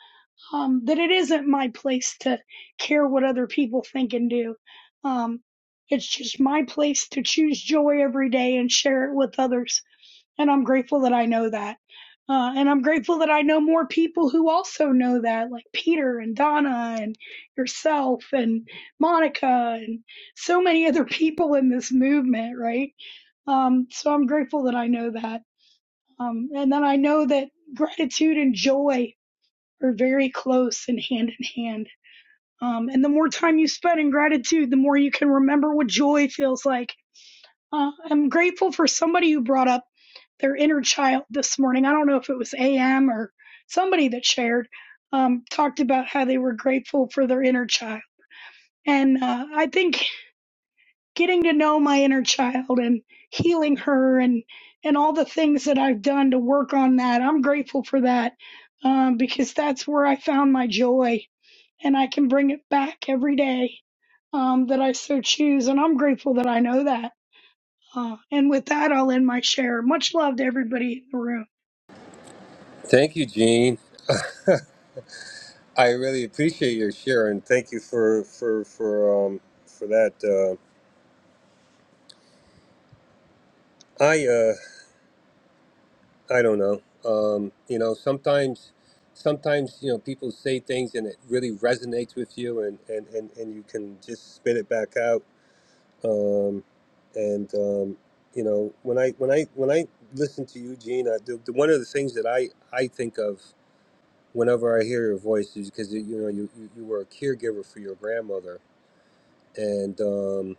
Speaker 13: um, that it isn't my place to care what other people think and do. Um, it's just my place to choose joy every day and share it with others and I'm grateful that I know that. Uh, and I'm grateful that I know more people who also know that, like Peter and Donna and yourself and Monica and so many other people in this movement, right? Um, so I'm grateful that I know that. Um, and then I know that gratitude and joy are very close and hand in hand. Um, and the more time you spend in gratitude, the more you can remember what joy feels like uh, I'm grateful for somebody who brought up their inner child this morning. I don't know if it was AM or somebody that shared, um, talked about how they were grateful for their inner child. And uh, I think getting to know my inner child and healing her and, and all the things that I've done to work on that, I'm grateful for that um, because that's where I found my joy and I can bring it back every day um, that I so choose. And I'm grateful that I know that. Uh, and with that, I'll end my share. Much love to everybody in the room.
Speaker 1: Thank you, Gene. I really appreciate your share and thank you for for for um for that. Uh, I uh I don't know. Um, you know, sometimes sometimes you know people say things and it really resonates with you and and and, and you can just spit it back out. Um, and um, you know when I when I when I listen to you, Gene, I, the, the one of the things that I I think of whenever I hear your voice is because you know you you you were a caregiver for your grandmother and. um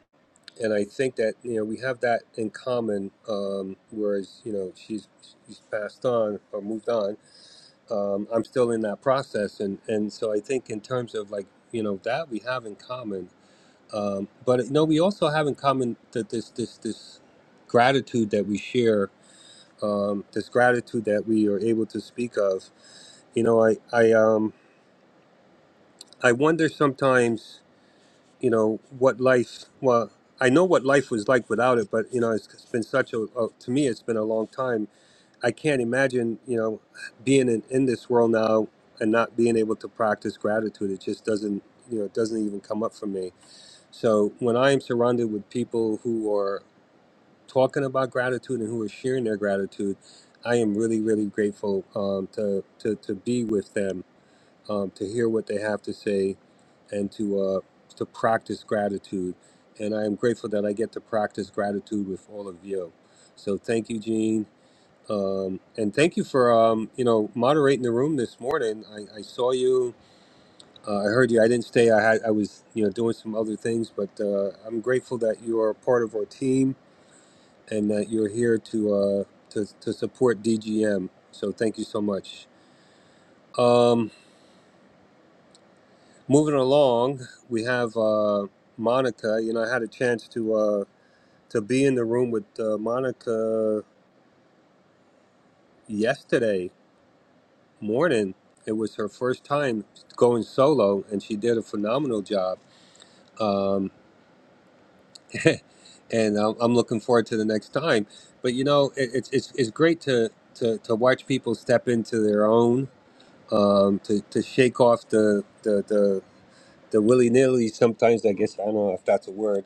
Speaker 1: and I think that you know we have that in common. Um, whereas you know she's she's passed on or moved on. Um, I'm still in that process, and and so I think in terms of like you know that we have in common. Um, but you know we also have in common that this this this gratitude that we share, um, this gratitude that we are able to speak of. You know I I um I wonder sometimes. you know what life well i know what life was like without it but you know it's, it's been such a, a to me it's been a long time i can't imagine you know being in, in this world now and not being able to practice gratitude it just doesn't you know it doesn't even come up for me so when i am surrounded with people who are talking about gratitude and who are sharing their gratitude i am really really grateful um, to, to to be with them um, to hear what they have to say and to uh, to practice gratitude. And I am grateful that I get to practice gratitude with all of you. So thank you, Gene, um, and thank you for um, you know moderating the room this morning. I, I saw you, uh, I heard you. I didn't stay. I had I was you know doing some other things, but uh, I'm grateful that you are a part of our team and that you're here to uh, to to support DGM. So thank you so much. Um, Moving along, we have uh, Monica. You know, I had a chance to uh, to be in the room with uh, Monica yesterday morning. It was her first time going solo, and she did a phenomenal job. Um, and I'm, I'm looking forward to the next time. But you know, it, it's it's it's great to, to to watch people step into their own, um, to to shake off the the the, the willy nilly. Sometimes I guess I don't know if that's a word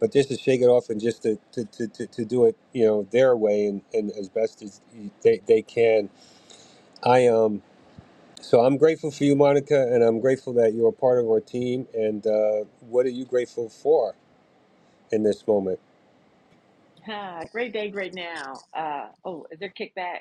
Speaker 1: but just to shake it off and just to, to, to, to, to do it you know their way and, and as best as they, they can i um so i'm grateful for you monica and i'm grateful that you're a part of our team and uh, what are you grateful for in this moment
Speaker 8: Ah, great day, great now. Uh, oh, is there kickback?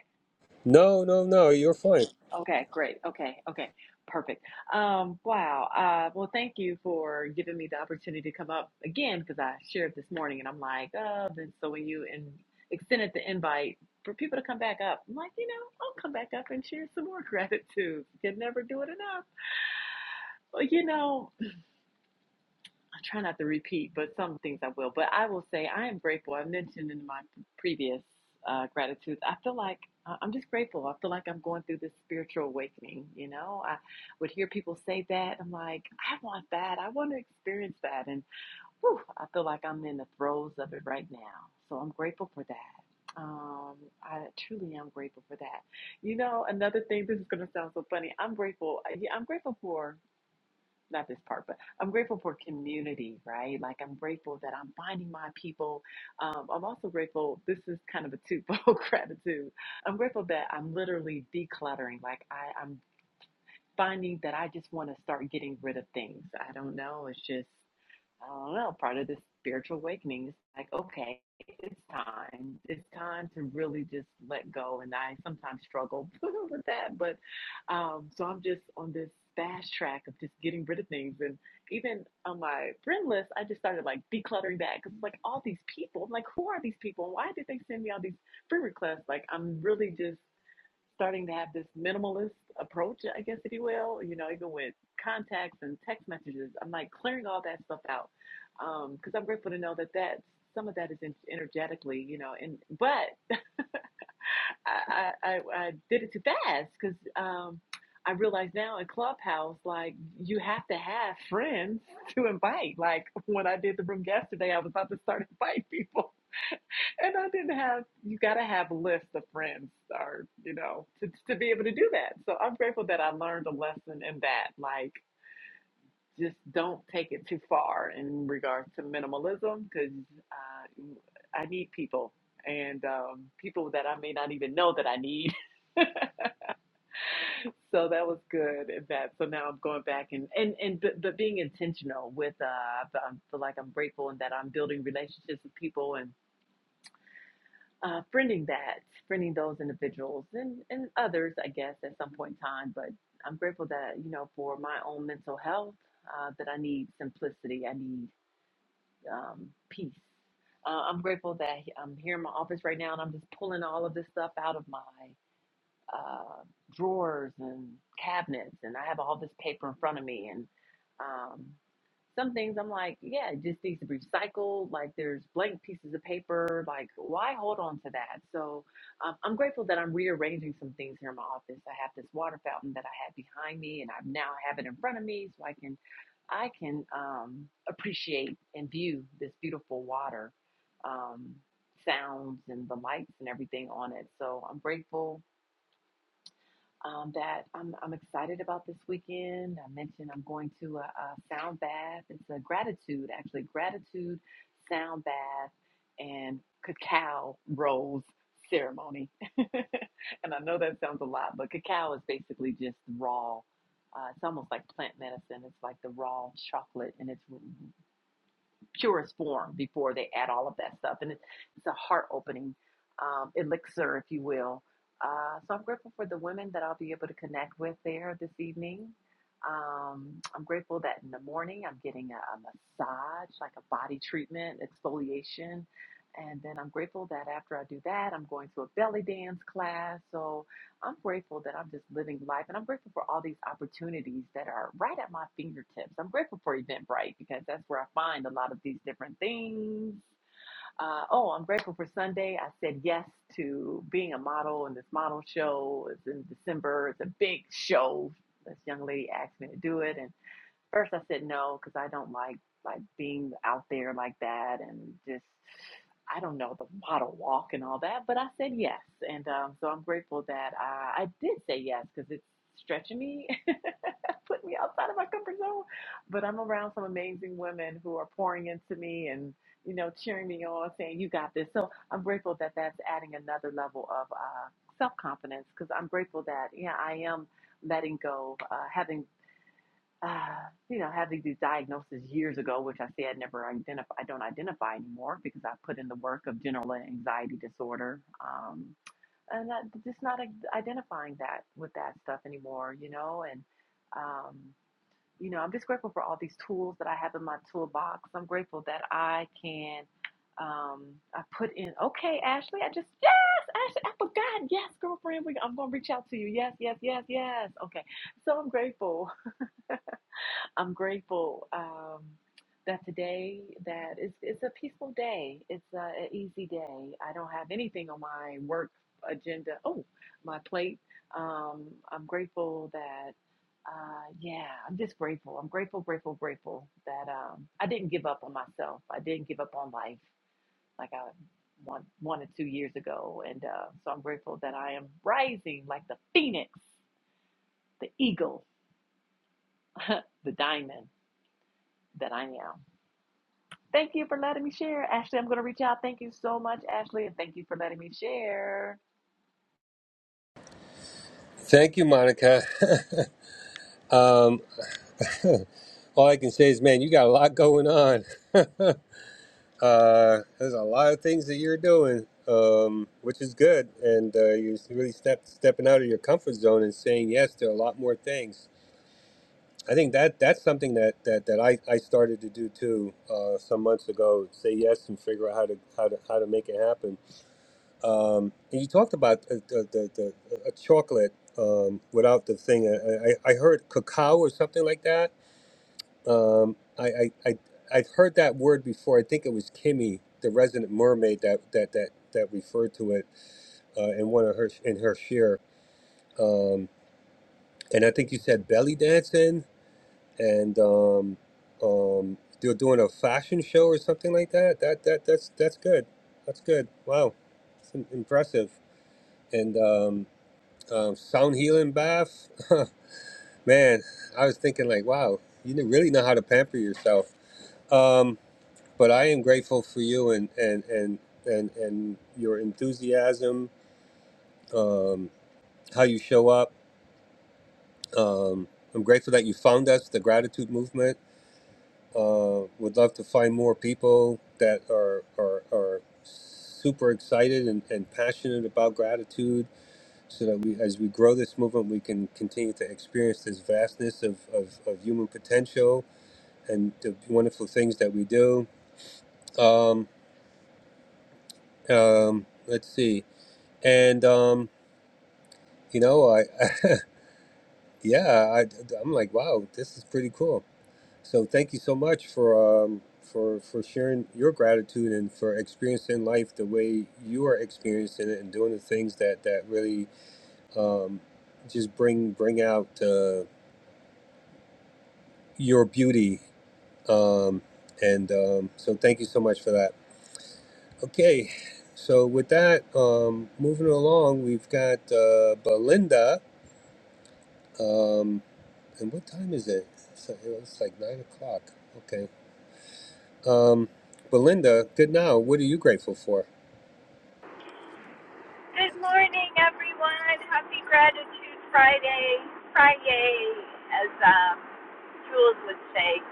Speaker 1: no no no you're fine
Speaker 8: Okay, great. Okay, okay, perfect. Um, wow. Uh, well, thank you for giving me the opportunity to come up again because I shared this morning and I'm like, oh, then so when you and extended the invite for people to come back up, I'm like, you know, I'll come back up and share some more gratitude. Can never do it enough. Well, you know. I try not to repeat, but some things I will. But I will say I am grateful. I mentioned in my previous uh, gratitudes, I feel like uh, I'm just grateful. I feel like I'm going through this spiritual awakening. You know, I would hear people say that. I'm like, I want that. I want to experience that. And whew, I feel like I'm in the throes of it right now. So I'm grateful for that. Um, I truly am grateful for that. You know, another thing, this is going to sound so funny. I'm grateful. Yeah, I'm grateful for not this part, but I'm grateful for community, right? Like I'm grateful that I'm finding my people. Um, I'm also grateful. This is kind of a twofold gratitude. I'm grateful that I'm literally decluttering. Like I, I'm finding that I just want to start getting rid of things. I don't know. It's just I don't know, part of this spiritual awakening. It's like, okay, it's time. It's time to really just let go. And I sometimes struggle with that. But um, so I'm just on this fast track of just getting rid of things. And even on my friend list, I just started like decluttering that because like all these people, I'm like, who are these people? Why did they send me all these friend requests? Like, I'm really just starting to have this minimalist approach, I guess, if you will, you know, even with contacts and text messages, I'm like clearing all that stuff out. Um, cause I'm grateful to know that that's, some of that is in, energetically, you know, and, but I, I, I I did it too fast cause, um, I realize now in Clubhouse, like you have to have friends to invite. Like when I did the room yesterday, I was about to start inviting people and I didn't have. You got to have a list of friends, or you know, to to be able to do that. So I'm grateful that I learned a lesson in that. Like, just don't take it too far in regards to minimalism, because uh, I need people and um, people that I may not even know that I need. so that was good. At that. So now I'm going back and and and but, but being intentional with. Uh, I feel like I'm grateful in that I'm building relationships with people and. uh, friending that, friending those individuals and, and others, I guess, at some point in time. But I'm grateful that, you know, for my own mental health, uh, that I need simplicity, I need um, peace. Uh, I'm grateful that I'm here in my office right now and I'm just pulling all of this stuff out of my uh, drawers and cabinets, and I have all this paper in front of me. And um, some things I'm like, yeah, it just needs to be recycled. Like there's blank pieces of paper. Like why hold on to that? So um, I'm grateful that I'm rearranging some things here in my office. I have this water fountain that I had behind me, and I now have it in front of me, so I can I can um, appreciate and view this beautiful water. Um, sounds and the lights and everything on it. So I'm grateful um, that I'm, I'm excited about this weekend. I mentioned I'm going to a, a sound bath. It's a gratitude, actually, gratitude sound bath and cacao rose ceremony. and I know that sounds a lot, but cacao is basically just raw. Uh, it's almost like plant medicine. It's like the raw chocolate, and it's purest form before they add all of that stuff. And it, it's a heart opening um, elixir, if you will. Uh, so I'm grateful for the women that I'll be able to connect with there this evening. Um, I'm grateful that in the morning I'm getting a, a massage, like a body treatment, exfoliation. And then I'm grateful that after I do that, I'm going to a belly dance class. So I'm grateful that I'm just living life and I'm grateful for all these opportunities that are right at my fingertips. I'm grateful for Eventbrite because that's where I find a lot of these different things. Uh, oh, I'm grateful for Sunday. I said yes to being a model and this model show is in December. It's a big show. This young lady asked me to do it. and first I said no because I don't like like being out there like that and just I don't know the model walk and all that. But I said yes, and um, so I'm grateful that I, I did say yes because it's stretching me, putting me outside of my comfort zone. But I'm around some amazing women who are pouring into me and you know cheering me on, saying you got this. So I'm grateful that that's adding another level of uh, self confidence because I'm grateful that yeah I am letting go, uh, having uh, you know, having these diagnoses years ago, which I say I never identify, I don't identify anymore because I put in the work of general anxiety disorder. Um, and that, just not identifying that with that stuff anymore, you know, and, um, you know, I'm just grateful for all these tools that I have in my toolbox. I'm grateful that I can, um, I put in, okay, Ashley, I just, yes, Ashley, I forgot. Yes, girlfriend, we, I'm going to reach out to you. Yes, yes, yes, yes. Okay. So I'm grateful. I'm grateful um, that today that it's, it's a peaceful day. It's a, an easy day. I don't have anything on my work agenda. Oh, my plate. Um, I'm grateful that. Uh, yeah, I'm just grateful. I'm grateful, grateful, grateful that um, I didn't give up on myself. I didn't give up on life like I one one or two years ago, and uh, so I'm grateful that I am rising like the phoenix, the eagle, the diamond that I am. Thank you for letting me share. Ashley, I'm going to reach out. Thank you so much, Ashley, and thank you for letting me share.
Speaker 1: thank you monica um, all i can say is man you got a lot going on Uh, there's a lot of things that you're doing, um, which is good, and uh, you're really step stepping out of your comfort zone and saying yes to a lot more things. I think that that's something that that, that I, I started to do too uh, some months ago. Say yes and figure out how to how to how to make it happen. Um, and you talked about uh, the the, the a chocolate um, without the thing. I, I I heard cacao or something like that um, I, I, I, I've heard that word before. I think it was Kimmy, the resident mermaid, that that that that referred to it uh, in one of her in her share. Um, and I think you said belly dancing, and um, um, they're doing a fashion show or something like that. That that that's that's good. That's good. Wow, it's im- impressive. And um, um, sound healing bath, man. I was thinking like, wow, you really know how to pamper yourself. Um, But I am grateful for you and and and and and your enthusiasm, um, how you show up. Um, I'm grateful that you found us, the gratitude movement. Uh, would love to find more people that are are, are super excited and, and passionate about gratitude so that we as we grow this movement we can continue to experience this vastness of, of, of human potential and the wonderful things that we do um, um, let's see and um, You know, I, yeah, I, I'm like, wow, this is pretty cool. So thank you so much for um, for for sharing your gratitude and for experiencing life the way you are experiencing it and doing the things that that really um, just bring bring out uh, your beauty. Um, and um, so thank you so much for that. Okay, so with that, um, moving along, we've got uh, Belinda. Um, And what time is it? So it's like nine o'clock. Okay. Um, Belinda, good now. What are you grateful for?
Speaker 14: Good morning, everyone. Happy Gratitude Friday. Friday, as um, Jules would say.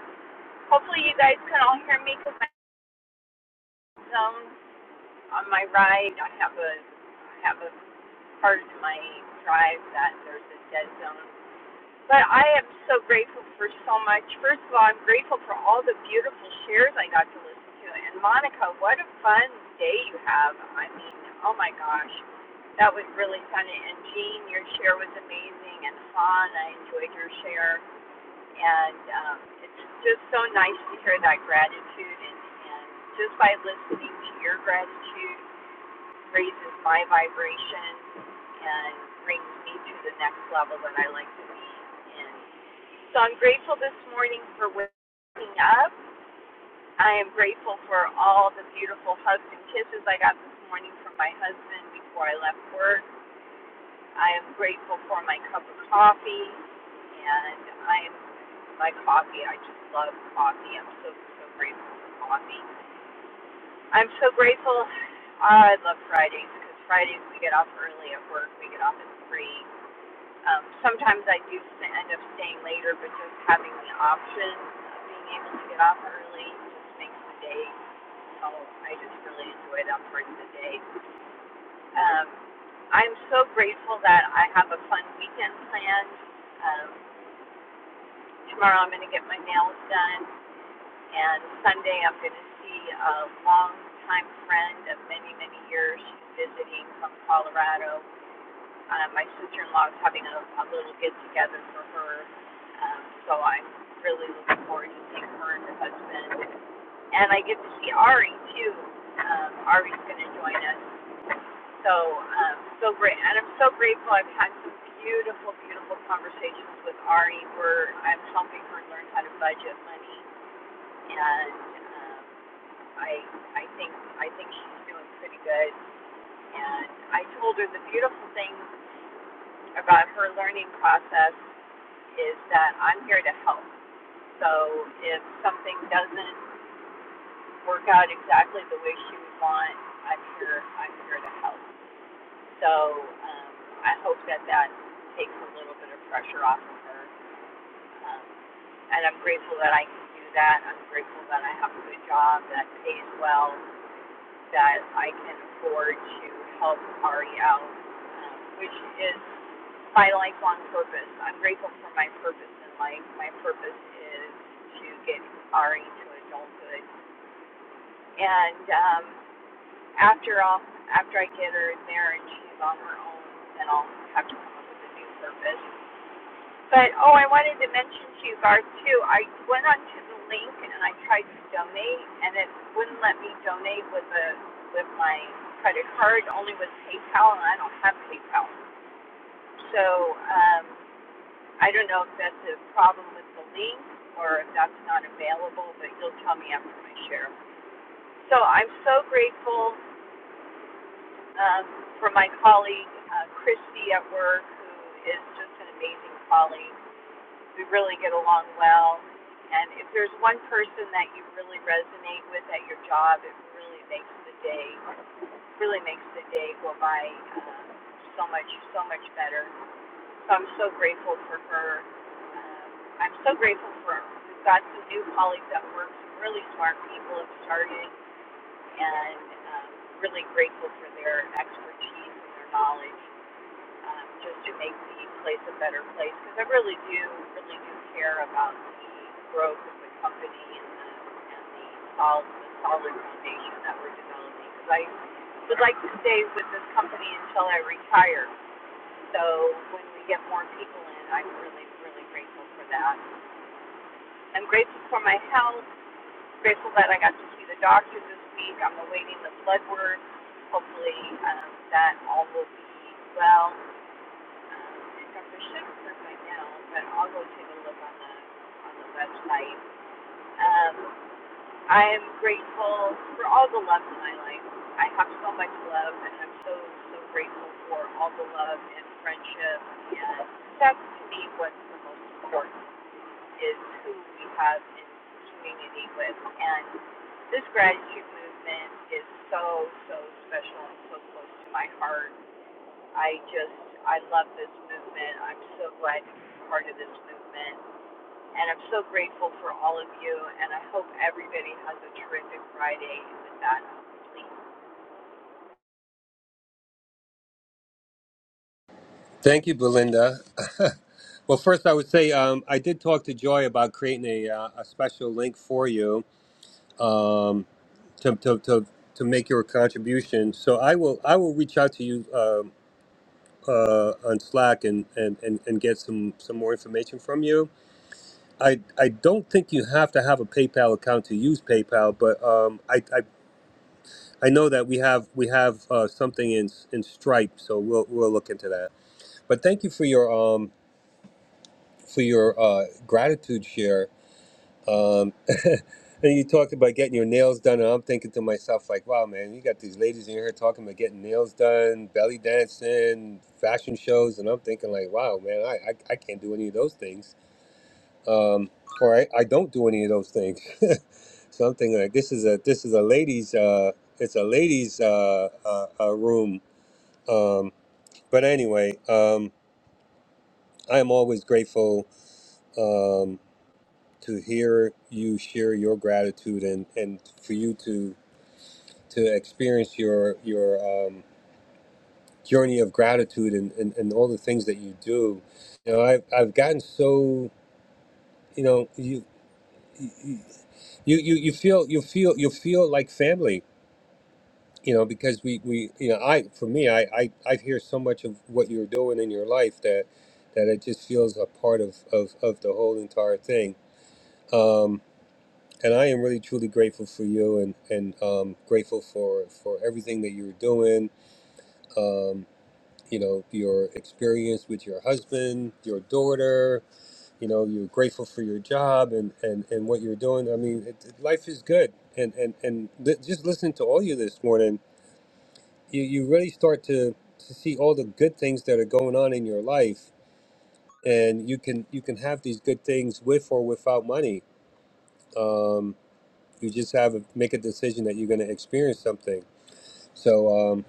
Speaker 14: Hopefully, you guys can all hear me because my zone on my ride. I have a I have a part of my drive that there's a dead zone But I am so grateful for so much. First of all, I'm grateful for all the beautiful shares I got to listen to. And Monica, what a fun day you have. I mean, oh my gosh, that was really fun. And Jean, your share was amazing. And Han, I enjoyed your share. And um, it's just so nice to hear that gratitude. And, and just by listening to your gratitude raises my vibration and brings me to the next level that I like to be in. So I'm grateful this morning for waking up. I am grateful for all the beautiful hugs and kisses I got this morning from my husband before I left work. I am grateful for my cup of coffee, and I am my coffee. I just love coffee. I'm so so grateful for coffee. I'm so grateful. ah, I love Fridays because Fridays we get off early at work. We get off at three. Um, sometimes I do end up staying later, but just having the option of being able to get off early just makes the day. Oh, I just really enjoy that part of the day. Um, I'm so grateful that I have a fun weekend planned. Um, tomorrow I'm going to get my nails done, and Sunday I'm going to see a long-time friend of many, many years. She's visiting from Colorado, uh, my sister-in-law is having a, a little get-together for her, um, so I'm really looking forward to seeing her and her husband. And I get to see Ari too. Um, Ari's going to join us, so um, so great. And I'm so grateful. I've had some beautiful, beautiful conversations with Ari where I'm helping her learn how to budget money, and um, I I think I think she's doing pretty good. And I told her the beautiful thing about her learning process is that I'm here to help. So if something doesn't work out exactly the way she would want, I'm here. I'm here to help. So um, I hope that that takes a little bit of pressure off of her. Um, and I'm grateful that I can do that. I'm grateful that I have a good job that pays well, that I can afford to help Ari out, um, which is my lifelong purpose. I'm grateful for my purpose in life. My purpose is to get Ari to adulthood. And um, after all, after I get her in marriage, she's on her own, then I'll have to come up with a new purpose. But oh, I wanted to mention to you, Garth, too. I went onto the link and I tried to donate, and it wouldn't let me donate with a with my credit card, only with PayPal, and I don't have PayPal. So um, I don't know if that's a problem with the link or if that's not available, but you'll tell me after my share. So I'm so grateful um, for my colleague, uh, Christy at work, who is just an amazing colleague. We really get along well. And if there's one person that you really resonate with at your job, it really makes the day, really makes the day go by uh, so much, so much better. So I'm so grateful for her. Um, I'm so grateful for her. we've got some new colleagues that work, some really smart people have started, and um, really grateful for their expertise and their knowledge, um, just to make the place a better place. Because I really do, really do care about the growth of the company and the, and the solid, the solid foundation that we're developing. Because I would like to stay with this company until I retire. So when we get more people in, I'm really, really grateful for that. I'm grateful for my health, grateful that I got to see the doctor this week. I'm awaiting the blood work. Hopefully um, that all will be well. Um, Dr. Shook says right now, but I'll go take a look on the on the website. Um, I am grateful for all the love in my life. I have so much love, and I'm so, so grateful for all the love and friendship. And that's to me what's the most important is who we have in community with. And this gratitude movement is so, so special and so close to my heart. I just, I love this movement. I'm so glad to be part of this movement. And I'm so grateful for all of you, and I hope everybody has a terrific Friday. And with that, I'm complete.
Speaker 1: Thank you, Belinda. well, first, I would say um, I did talk to Joy about creating a, uh, a special link for you um, to, to, to, to make your contribution. So I will I will reach out to you um uh, on Slack and, and, and, and get some, some more information from you. I, I don't think you have to have a PayPal account to use PayPal, but um, I, I I know that we have we have uh, something in in Stripe, so we'll we'll look into that. But thank you for your um for your uh, gratitude share. Um, and you talked about getting your nails done, and I'm thinking to myself like, wow, man, you got these ladies in here talking about getting nails done, belly dancing, fashion shows, and I'm thinking like, wow, man, I I, I can't do any of those things, um, or I, I don't do any of those things. so I'm thinking like, this is a this is a ladies uh it's a ladies uh, uh, uh room Um, but anyway, um, I am always grateful um, to hear you share your gratitude and, and for you to to experience your your um, journey of gratitude and, and, and all the things that you do. You know, I've, I've gotten so you know you. you you, you you feel you feel you feel like family you know because we we you know i for me I, I i hear so much of what you're doing in your life that that it just feels a part of of, of the whole entire thing um and i am really truly grateful for you and and um grateful for for everything that you're doing um you know your experience with your husband your daughter you know you're grateful for your job and and and what you're doing i mean it, it- life is good and and and li- just listening to all you this morning you, you really start to, to see all the good things that are going on in your life and you can you can have these good things with or without money um, you just have to make a decision that you're going to experience something so um,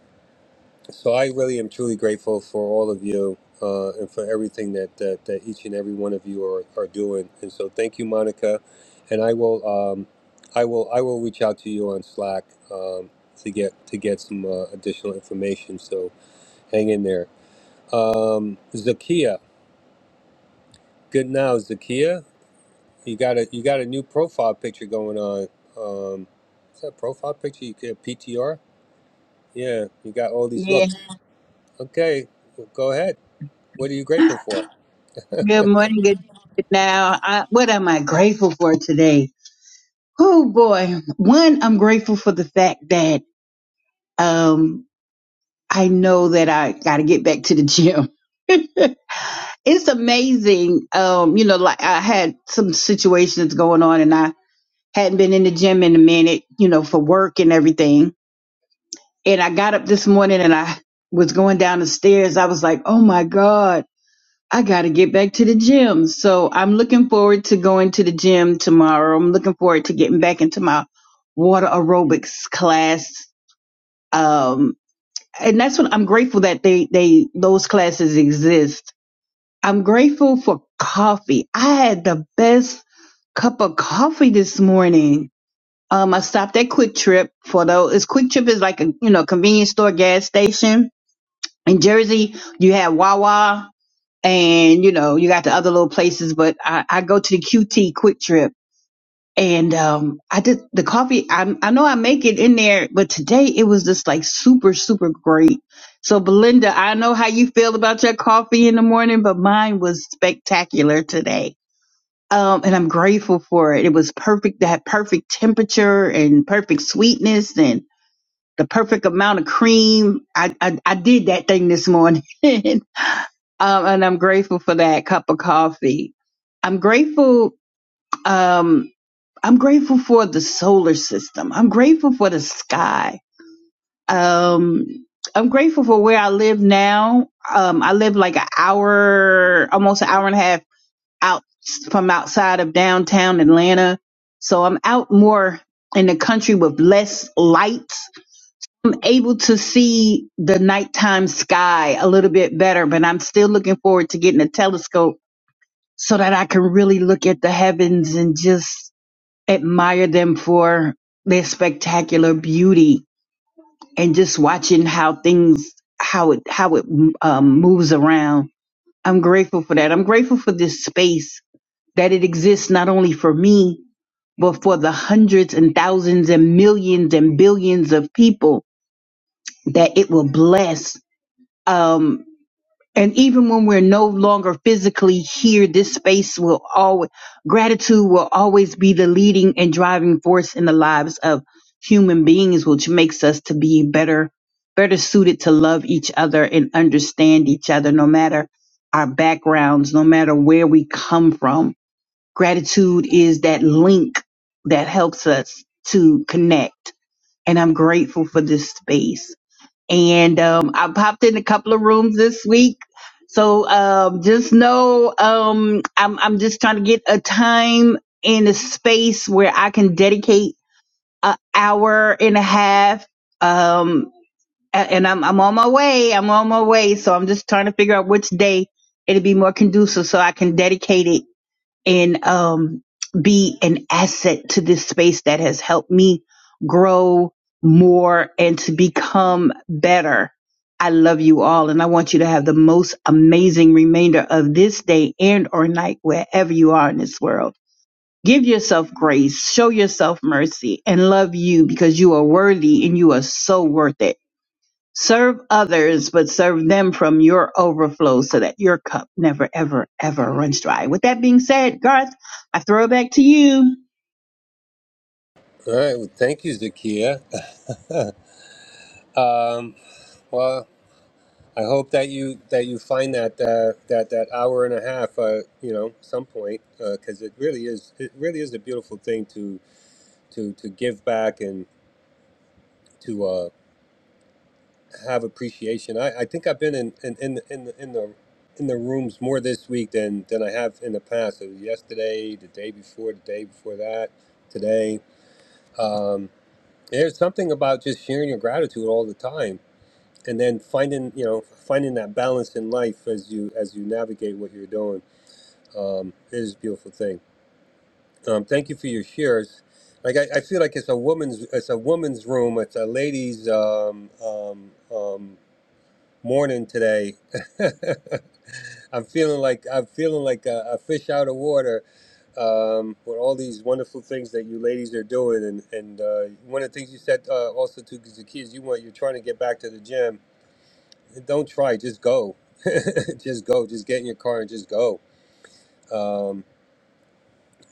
Speaker 1: so i really am truly grateful for all of you uh, and for everything that, that that each and every one of you are, are doing and so thank you monica and i will um, i will i will reach out to you on slack um, to get to get some uh, additional information so hang in there Um, Zakia, good now, Zakia. You got a you got a new profile picture going on. Um, is that a profile picture? You get PTR? Yeah, you got all these
Speaker 15: Yeah,
Speaker 1: looks. Yeah. Okay, well, go ahead. What are you grateful for?
Speaker 15: good morning. Good now. I, what am I grateful for today? Oh boy. One, I'm grateful for the fact that um I know that I gotta get back to the gym. it's amazing. Um, you know, like I had some situations going on and I hadn't been in the gym in a minute, you know, for work and everything. And I got up this morning and I was going down the stairs. I was like, oh my God. I got to get back to the gym. So I'm looking forward to going to the gym tomorrow. I'm looking forward to getting back into my water aerobics class. Um, and that's what I'm grateful that they, they, those classes exist. I'm grateful for coffee. I had the best cup of coffee this morning. Um, I stopped at Quick Trip for those. Quick Trip is like a, you know, convenience store gas station. In Jersey, you have Wawa and you know you got the other little places but i, I go to the qt quick trip and um i did the coffee I, I know i make it in there but today it was just like super super great so belinda i know how you feel about your coffee in the morning but mine was spectacular today um and i'm grateful for it it was perfect that perfect temperature and perfect sweetness and the perfect amount of cream i i, I did that thing this morning um, and I'm grateful for that cup of coffee. I'm grateful. Um, I'm grateful for the solar system. I'm grateful for the sky. Um, I'm grateful for where I live now. Um, I live like an hour, almost an hour and a half out from outside of downtown Atlanta. So I'm out more in the country with less lights. I'm able to see the nighttime sky a little bit better, but I'm still looking forward to getting a telescope so that I can really look at the heavens and just admire them for their spectacular beauty and just watching how things how it how it um, moves around. I'm grateful for that. I'm grateful for this space that it exists not only for me but for the hundreds and thousands and millions and billions of people that it will bless. Um, And even when we're no longer physically here, this space will always, gratitude will always be the leading and driving force in the lives of human beings, which makes us to be better, better suited to love each other and understand each other, no matter our backgrounds, no matter where we come from. Gratitude is that link that helps us to connect. And I'm grateful for this space and um, I popped in a couple of rooms this week. So um, just know um, I'm I'm just trying to get a time and a space where I can dedicate an hour and a half. Um, a- and I'm I'm on my way. I'm on my way. So I'm just trying to figure out which day it'll be more conducive so I can dedicate it and um, be an asset to this space that has helped me grow more and to become better. I love you all and I want you to have the most amazing remainder of this day and or night wherever you are in this world. Give yourself grace, show yourself mercy and love you because you are worthy and you are so worth it. Serve others, but serve them from your overflow so that your cup never, ever, ever runs dry. With that being said, Garth, I throw it back to you.
Speaker 1: All right, well, thank you, Zakia. um, well, I hope that you that you find that uh, that that hour and a half, uh, you know, some point, because it really is it really is a beautiful thing to to to give back and to. uh, have appreciation. I, I think I've been in in in the, in the in the in the rooms more this week than than I have in the past. It was yesterday, the day before, the day before that, today. Um, there's something about just sharing your gratitude all the time, and then finding you know finding that balance in life as you as you navigate what you're doing um, it is a beautiful thing. Um, thank you for your shares. Like I, I feel like it's a woman's it's a woman's room. It's a ladies' um, um, um, morning today. I'm feeling like I'm feeling like a, a fish out of water um, with all these wonderful things that you ladies are doing. And and uh, one of the things you said uh, also to Zacchaeus, you want you're trying to get back to the gym. Don't try, just go, just go, just get in your car and just go. Um,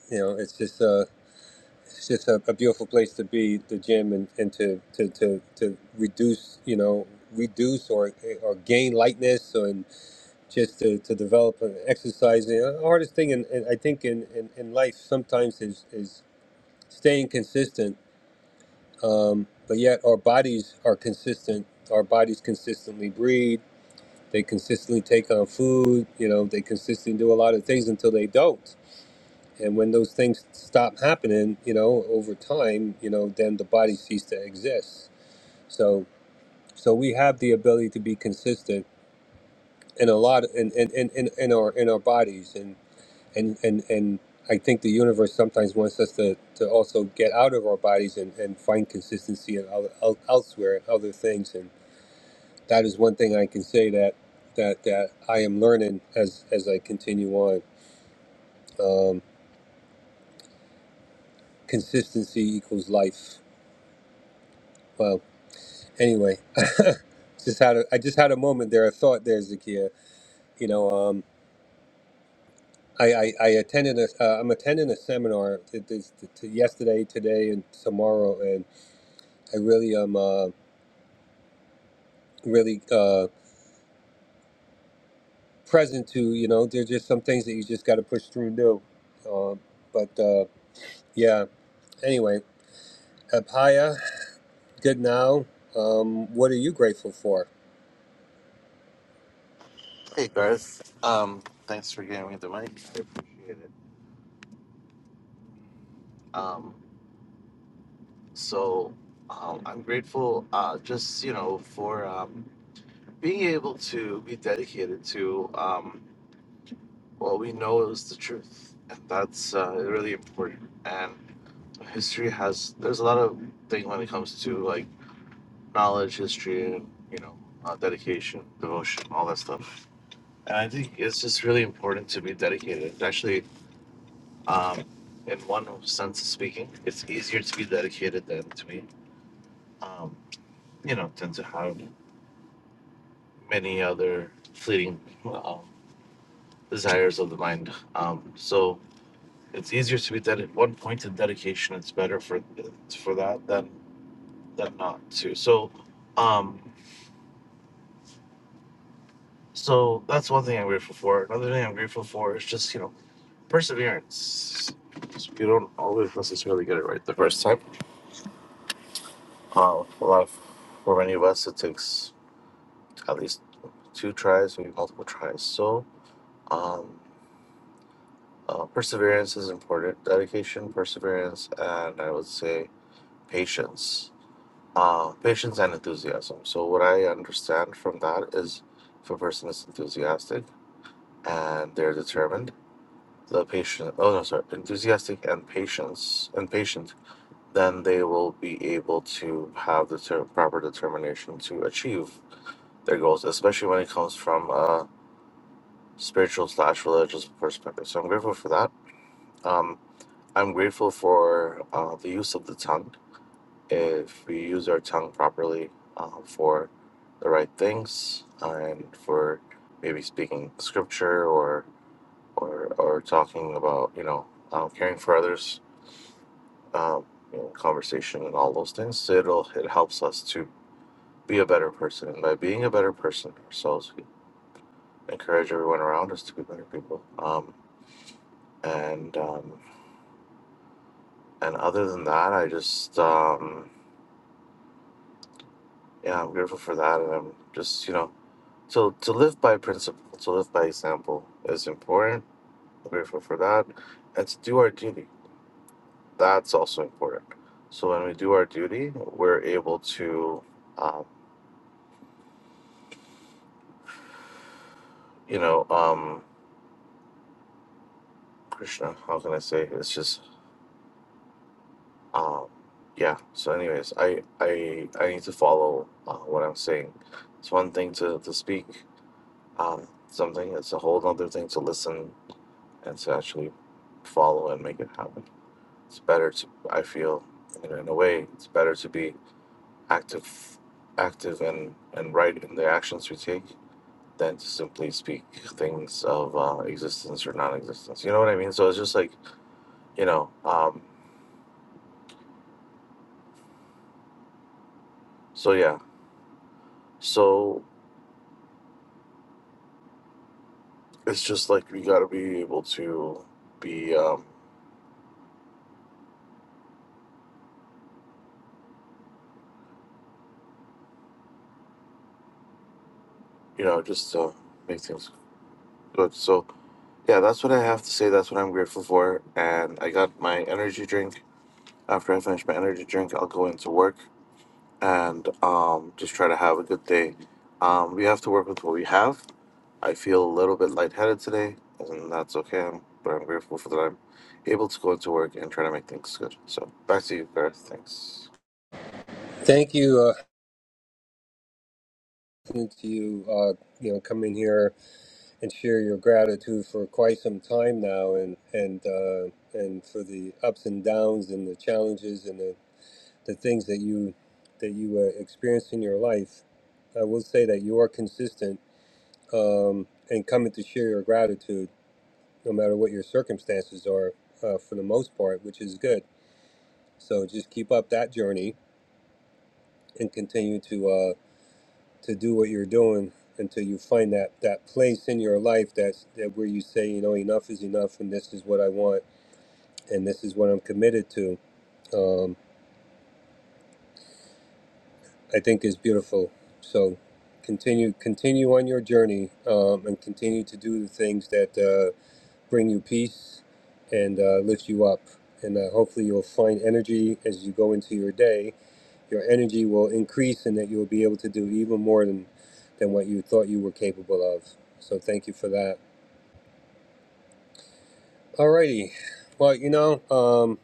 Speaker 1: you know, it's just a it's just a, a beautiful place to be, the gym, and, and to, to, to to reduce you know reduce or or gain lightness or just to, to develop an exercise. The hardest thing, in, in, I think, in, in, in life sometimes is, is staying consistent, um, but yet our bodies are consistent. Our bodies consistently breathe. They consistently take on food. You know, they consistently do a lot of things until they don't. And when those things stop happening, you know, over time, you know, then the body ceases to exist. So, so we have the ability to be consistent in a lot in, in, in, in our in our bodies and and and I think the universe sometimes wants us to, to also get out of our bodies and, and find consistency in el- el- elsewhere and other things. And that is one thing I can say that that that I am learning as as I continue on. Um, consistency equals life. Well, anyway, just had a, I just had a moment there. A thought there, Zakia. You know, um, I, I I attended a uh, I'm attending a seminar t- this- t- t- yesterday, today, and tomorrow, and I really am. Um, really uh, present to. You know, there's just some things that you just got to push through and do. Uh, but uh, yeah, anyway, Abhaya, good now. Um, what are you grateful for?
Speaker 16: Hey Garth, um, thanks for giving me the mic. I appreciate it. Um, so um, I'm grateful, uh, just you know, for um, being able to be dedicated to um, what we know is the truth, and that's uh, really important. And history has there's a lot of thing when it comes to like knowledge, history, and you know, uh, dedication, devotion, all that stuff. And I think it's just really important to be dedicated. It's actually Um, in one sense of speaking, it's easier to be dedicated than to be, um, you know, tend to have many other fleeting um, desires of the mind. Um, so it's easier to be dedicated. One point in dedication, it's better for for that than than not to. So, um, so that's one thing I'm grateful for. Another thing I'm grateful for is just you know perseverance. You don't always necessarily get it right the first time. Uh, a lot of, for many of us, it takes at least two tries, maybe multiple tries. So, um, uh, perseverance is important. Dedication, perseverance, and I would say patience. Uh, patience and enthusiasm. So, what I understand from that is if a person is enthusiastic and they're determined, the patient, oh no, sorry, enthusiastic and patience, and patient, then they will be able to have the ter- proper determination to achieve their goals, especially when it comes from a spiritual slash religious perspective. So I'm grateful for that. Um, I'm grateful for uh, the use of the tongue. If we use our tongue properly uh, for the right things and for maybe speaking scripture or or, or talking about you know uh, caring for others, um, you know, conversation and all those things, So it'll it helps us to be a better person. And by being a better person ourselves, we encourage everyone around us to be better people. Um, and um, and other than that, I just um, yeah, I'm grateful for that, and I'm just you know to to live by principle, to live by example is important. I'm grateful for that, and to do our duty. That's also important. So when we do our duty, we're able to, um, you know, um, Krishna. How can I say? It's just, um, yeah. So, anyways, I I I need to follow uh, what I'm saying. It's one thing to to speak um, something. It's a whole other thing to listen and to actually follow and make it happen. It's better to, I feel, you know, in a way, it's better to be active, active and and right in the actions we take than to simply speak things of uh, existence or non-existence. You know what I mean? So it's just like you know. Um, so yeah. So it's just like we gotta be able to be, um, you know, just uh, make things good. So yeah, that's what I have to say. That's what I'm grateful for. And I got my energy drink After I finish my energy drink, I'll go into work and um, just try to have a good day. Um, we have to work with what we have. I feel a little bit lightheaded today, and that's okay. But I'm grateful for that I'm able to go into work and try to make things good. So back to you, Garth. Thanks.
Speaker 1: Thank you uh, listening to you. Uh, you know, come in here and share your gratitude for quite some time now, and and uh, and for the ups and downs and the challenges and the, the things that you that you uh, experience in your life. I will say that you are consistent um, and coming to share your gratitude, no matter what your circumstances are, uh, for the most part, which is good. So just keep up that journey and continue to uh, to do what you're doing until you find that that place in your life that's that where you say, you know, enough is enough, and this is what I want, and this is what I'm committed to. Um, I think is beautiful. So continue continue on your journey um, and continue to do the things that. Uh, bring you peace and uh, lift you up. And uh, hopefully, you'll find energy as you go into your day. Your energy will increase, and that you'll be able to do even more than than what you thought you were capable of. So, thank you for that. Alrighty. Well, you know, um,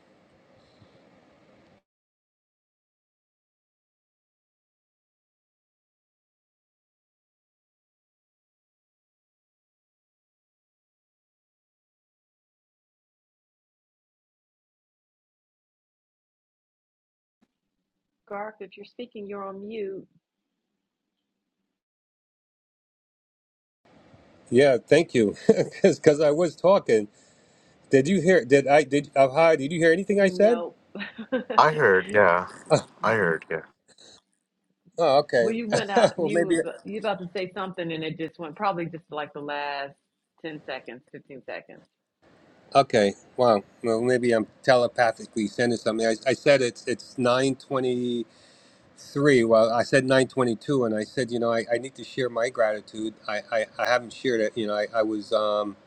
Speaker 1: yeah, thank you, because I was talking. Did you hear? Did I? Did uh, hi? Did you hear anything I said?
Speaker 8: Nope. well,
Speaker 16: I heard, yeah. I heard, yeah.
Speaker 1: Oh, oh, okay.
Speaker 8: you went out.
Speaker 1: well, maybe.
Speaker 8: You you about to say something, and it just went probably just like the last 10 seconds, 15 seconds.
Speaker 1: Okay. Wow. Well, maybe I'm telepathically sending something. I, I said it's it's 9:20. Three. Well, I said 922, and I said, you know, I, I need to share my gratitude. I, I, I haven't shared it. You know, I, I was um,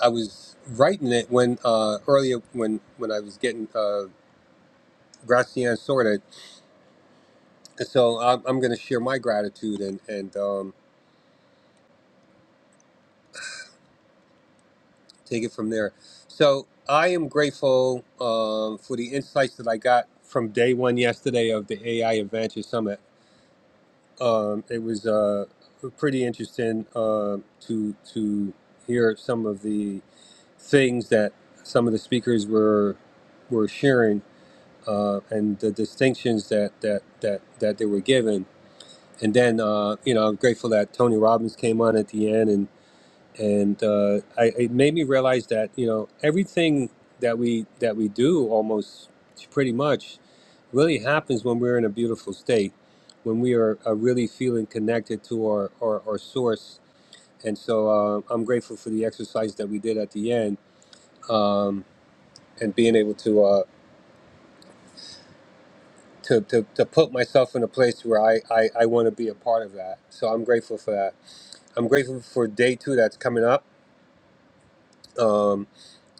Speaker 1: I was writing it when uh, earlier when when I was getting uh, Gracian sorted. So I'm, I'm going to share my gratitude and and um, take it from there. So I am grateful um, for the insights that I got from day one yesterday of the AI Adventure Summit. Um, it was uh, pretty interesting uh, to to hear some of the things that some of the speakers were were sharing uh, and the distinctions that that that that they were given. And then uh, you know I'm grateful that Tony Robbins came on at the end and and uh, I, it made me realize that you know everything that we that we do almost pretty much really happens when we're in a beautiful state when we are, are really feeling connected to our, our, our source and so uh, i'm grateful for the exercise that we did at the end Um, and being able to uh to, to, to put myself in a place where I, I, I want to be a part of that. So I'm grateful for that. I'm grateful for day two that's coming up. Um,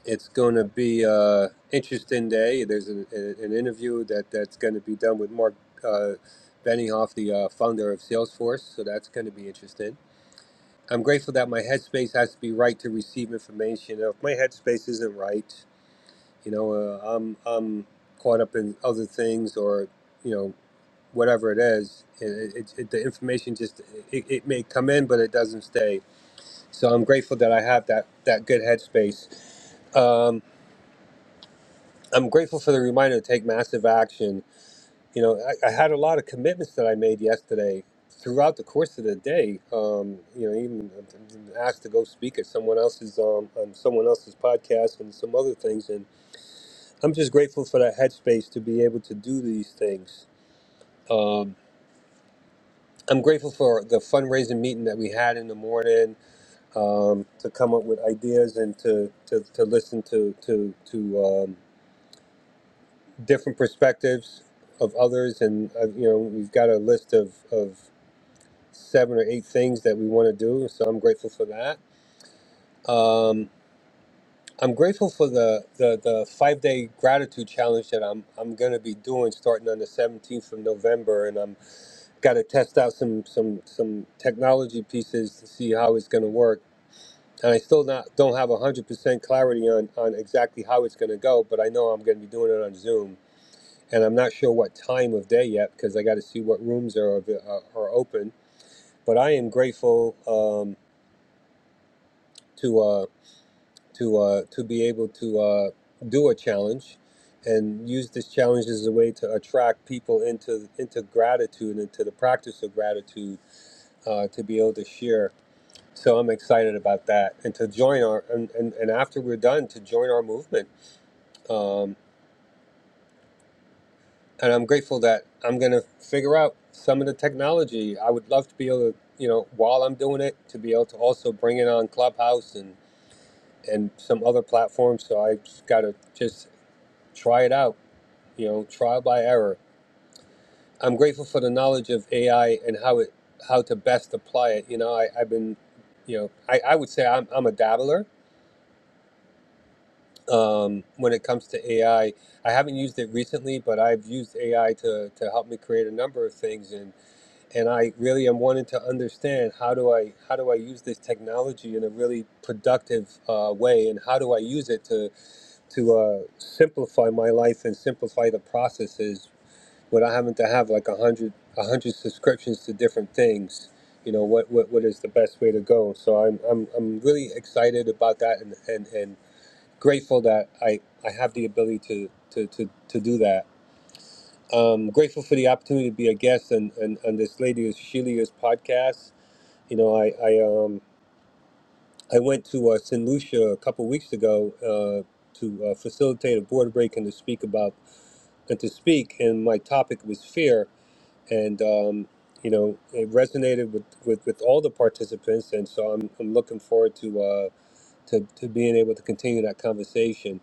Speaker 1: it's going to be an interesting day. There's an, an interview that, that's going to be done with Mark uh, Benioff, the uh, founder of Salesforce. So that's going to be interesting. I'm grateful that my headspace has to be right to receive information. If my headspace isn't right, you know, uh, I'm, I'm caught up in other things or, you know, whatever it is, it, it, it, the information just it, it may come in, but it doesn't stay. So I'm grateful that I have that that good headspace. Um, I'm grateful for the reminder to take massive action. You know, I, I had a lot of commitments that I made yesterday throughout the course of the day. Um, you know, even asked to go speak at someone else's um, on someone else's podcast and some other things. And I'm just grateful for that headspace to be able to do these things. Um, I'm grateful for the fundraising meeting that we had in the morning um, to come up with ideas and to, to, to listen to to, to um, different perspectives of others. And uh, you know, we've got a list of, of seven or eight things that we want to do. So I'm grateful for that. Um, I'm grateful for the, the, the five day gratitude challenge that I'm I'm going to be doing starting on the 17th of November, and I'm got to test out some some some technology pieces to see how it's going to work and I still not don't have one hundred percent clarity on on exactly how it's going to go. But I know I'm going to be doing it on Zoom, and I'm not sure what time of day yet because I got to see what rooms are are are open. But I am grateful um, to uh, to uh, to be able to uh, do a challenge and use this challenge as a way to attract people into into gratitude and to the practice of gratitude uh, to be able to share. So I'm excited about that, and to join our and, and, and after we're done, to join our movement um, and I'm grateful that I'm going to figure out some of the technology. I would love to be able to, you know, while I'm doing it, to be able to also bring it on Clubhouse and and some other platforms. So I just got to just try it out, you know, trial by error. I'm grateful for the knowledge of AI and how it how to best apply it. You know, I, I've been, you know, I, I would say I'm, I'm a dabbler um, when it comes to AI. I I haven't used it recently, but I've used AI to, to help me create a number of things and and I really am wanting to understand how do I how do I use this technology in a really productive uh, way, and how do I use it to to uh, simplify my life and simplify the processes without having to have like a hundred a hundred subscriptions to different things. You know what, what what is the best way to go? So I'm I'm I'm really excited about that and and, and grateful that I I have the ability to to to, to do that. Um, grateful for the opportunity to be a guest on, on, on this lady Shelia's podcast you know, I I um I went to uh, St. Lucia a couple weeks ago uh, to uh, facilitate a board break and to speak about and to speak, and my topic was fear, and um, you know it resonated with, with, with all the participants, and so I'm I'm looking forward to uh to, to being able to continue that conversation.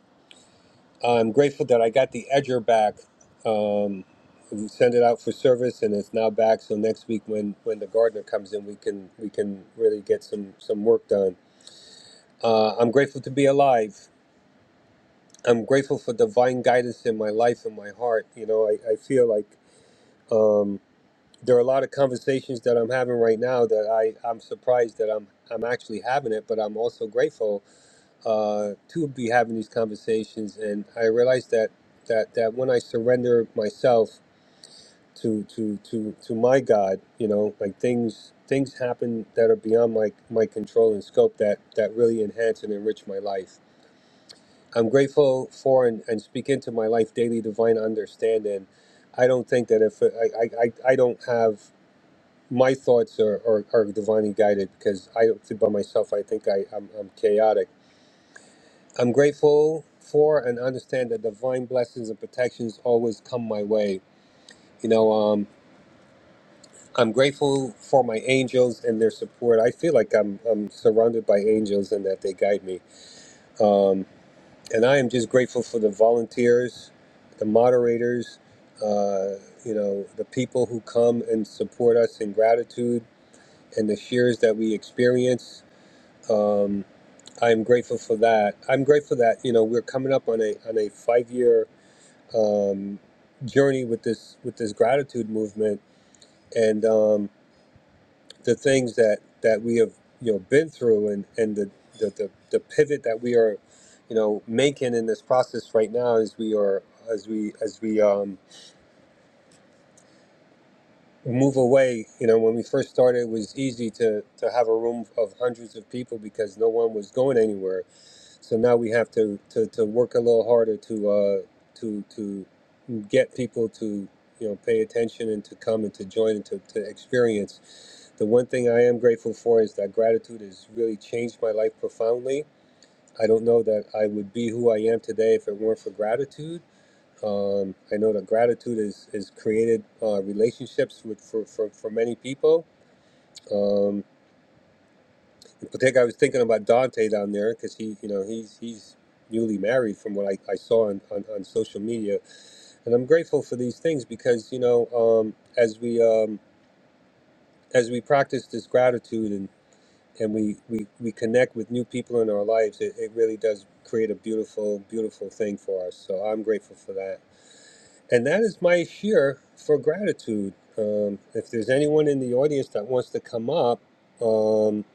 Speaker 1: I'm grateful that I got the edger back. Um, we sent it out for service and it's now back so next week when when the gardener comes in we can we can really get some some work done Uh, I'm grateful to be alive. I'm grateful for divine guidance in my life and my heart. You know, I, I feel like um, there are a lot of conversations that I'm having right now that I, I'm surprised that I'm, I'm actually having it, but I'm also grateful uh, to be having these conversations. And I realize that, that, that when I surrender myself to, to, to, to my God, you know, like things, things happen that are beyond my, my control and scope that, that really enhance and enrich my life I'm grateful for and, and speak into my life daily divine understanding. I don't think that if I, I, I don't have my thoughts are, are, are divinely guided because I don't think by myself. I think I, I'm, I'm chaotic. I'm grateful for and understand that divine blessings and protections always come my way. You know, um, I'm grateful for my angels and their support. I feel like I'm, I'm surrounded by angels and that they guide me. Um, and I am just grateful for the volunteers, the moderators, uh, you know, the people who come and support us in gratitude and the shares that we experience. Um, I'm grateful for that. I'm grateful that you know we're coming up on a on a five year um, journey with this with this gratitude movement, and um, the things that that we have you know been through and and the the, the, the pivot that we are you know making in this process right now as we are as we as we um move away you know when we first started it was easy to to have a room of hundreds of people because no one was going anywhere so now we have to to, to work a little harder to uh to to get people to you know pay attention and to come and to join and to, to experience The one thing I am grateful for is that gratitude has really changed my life profoundly. I don't know that I would be who I am today if it weren't for gratitude. Um, I know that gratitude has, is is created uh, relationships with, for, for, for many people. Um, in particular, I was thinking about Dante down there because he, you know, he's he's newly married from what I, I saw on, on, on social media. And I'm grateful for these things because, you know, um, as we um, as we practice this gratitude and. and we, we, we connect with new people in our lives, it, it really does create a beautiful, beautiful thing for us. So I'm grateful for that. And that is my share for gratitude. Um, if there's anyone in the audience that wants to come up, um,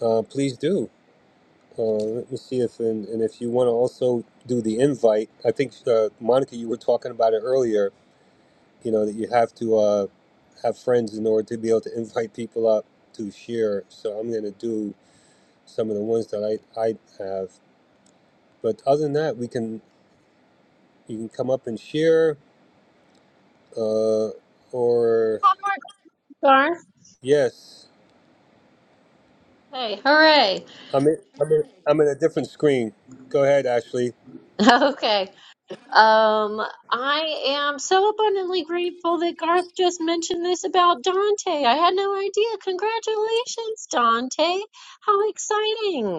Speaker 1: uh, please do. Uh, let me see if, and, and if you want to also do the invite, I think, uh, Monica, you were talking about it earlier, you know, that you have to uh, have friends in order to be able to invite people up to share. So I'm going to do some of the ones that I, I have. But other than that, we can you can come up and share, uh, or
Speaker 9: Garth.
Speaker 1: yes,
Speaker 9: Hey, hooray.
Speaker 1: I'm in, I'm in, I'm in a different screen. Go ahead, Ashley.
Speaker 9: Okay. Um, I am so abundantly grateful that Garth just mentioned this about Dante. I had no idea. Congratulations, Dante. How exciting.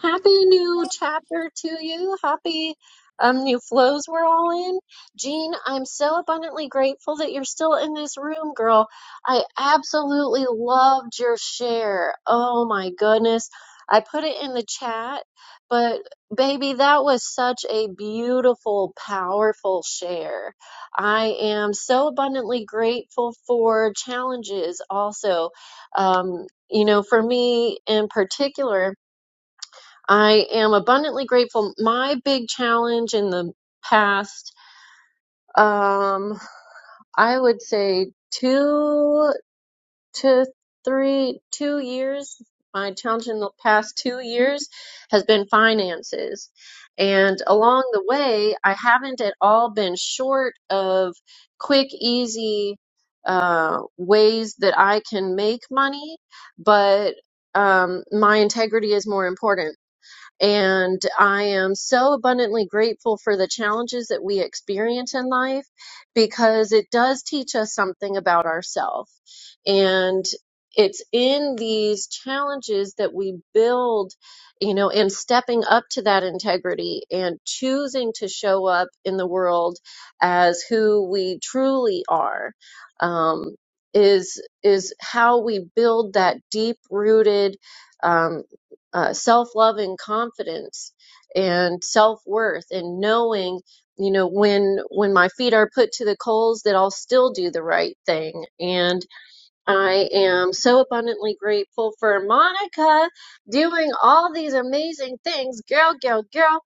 Speaker 9: Happy new chapter to you. Happy um, new flows we're all in. Jean, I'm so abundantly grateful that you're still in this room, girl. I absolutely loved your share. Oh my goodness. I put it in the chat, but baby, that was such a beautiful, powerful share. I am so abundantly grateful for challenges also. Um, you know, for me in particular, I am abundantly grateful. My big challenge in the past, um, I would say two to three, two years, my challenge in the past two years has been finances. And along the way, I haven't at all been short of quick, easy, uh, ways that I can make money, but um, my integrity is more important. And I am so abundantly grateful for the challenges that we experience in life because it does teach us something about ourselves. And it's in these challenges that we build, you know, in stepping up to that integrity and choosing to show up in the world as who we truly are. Um, is is how we build that deep rooted um, uh, self love and confidence and self worth and knowing you know when when my feet are put to the coals that I'll still do the right thing and I am so abundantly grateful for Monica doing all these amazing things girl girl girl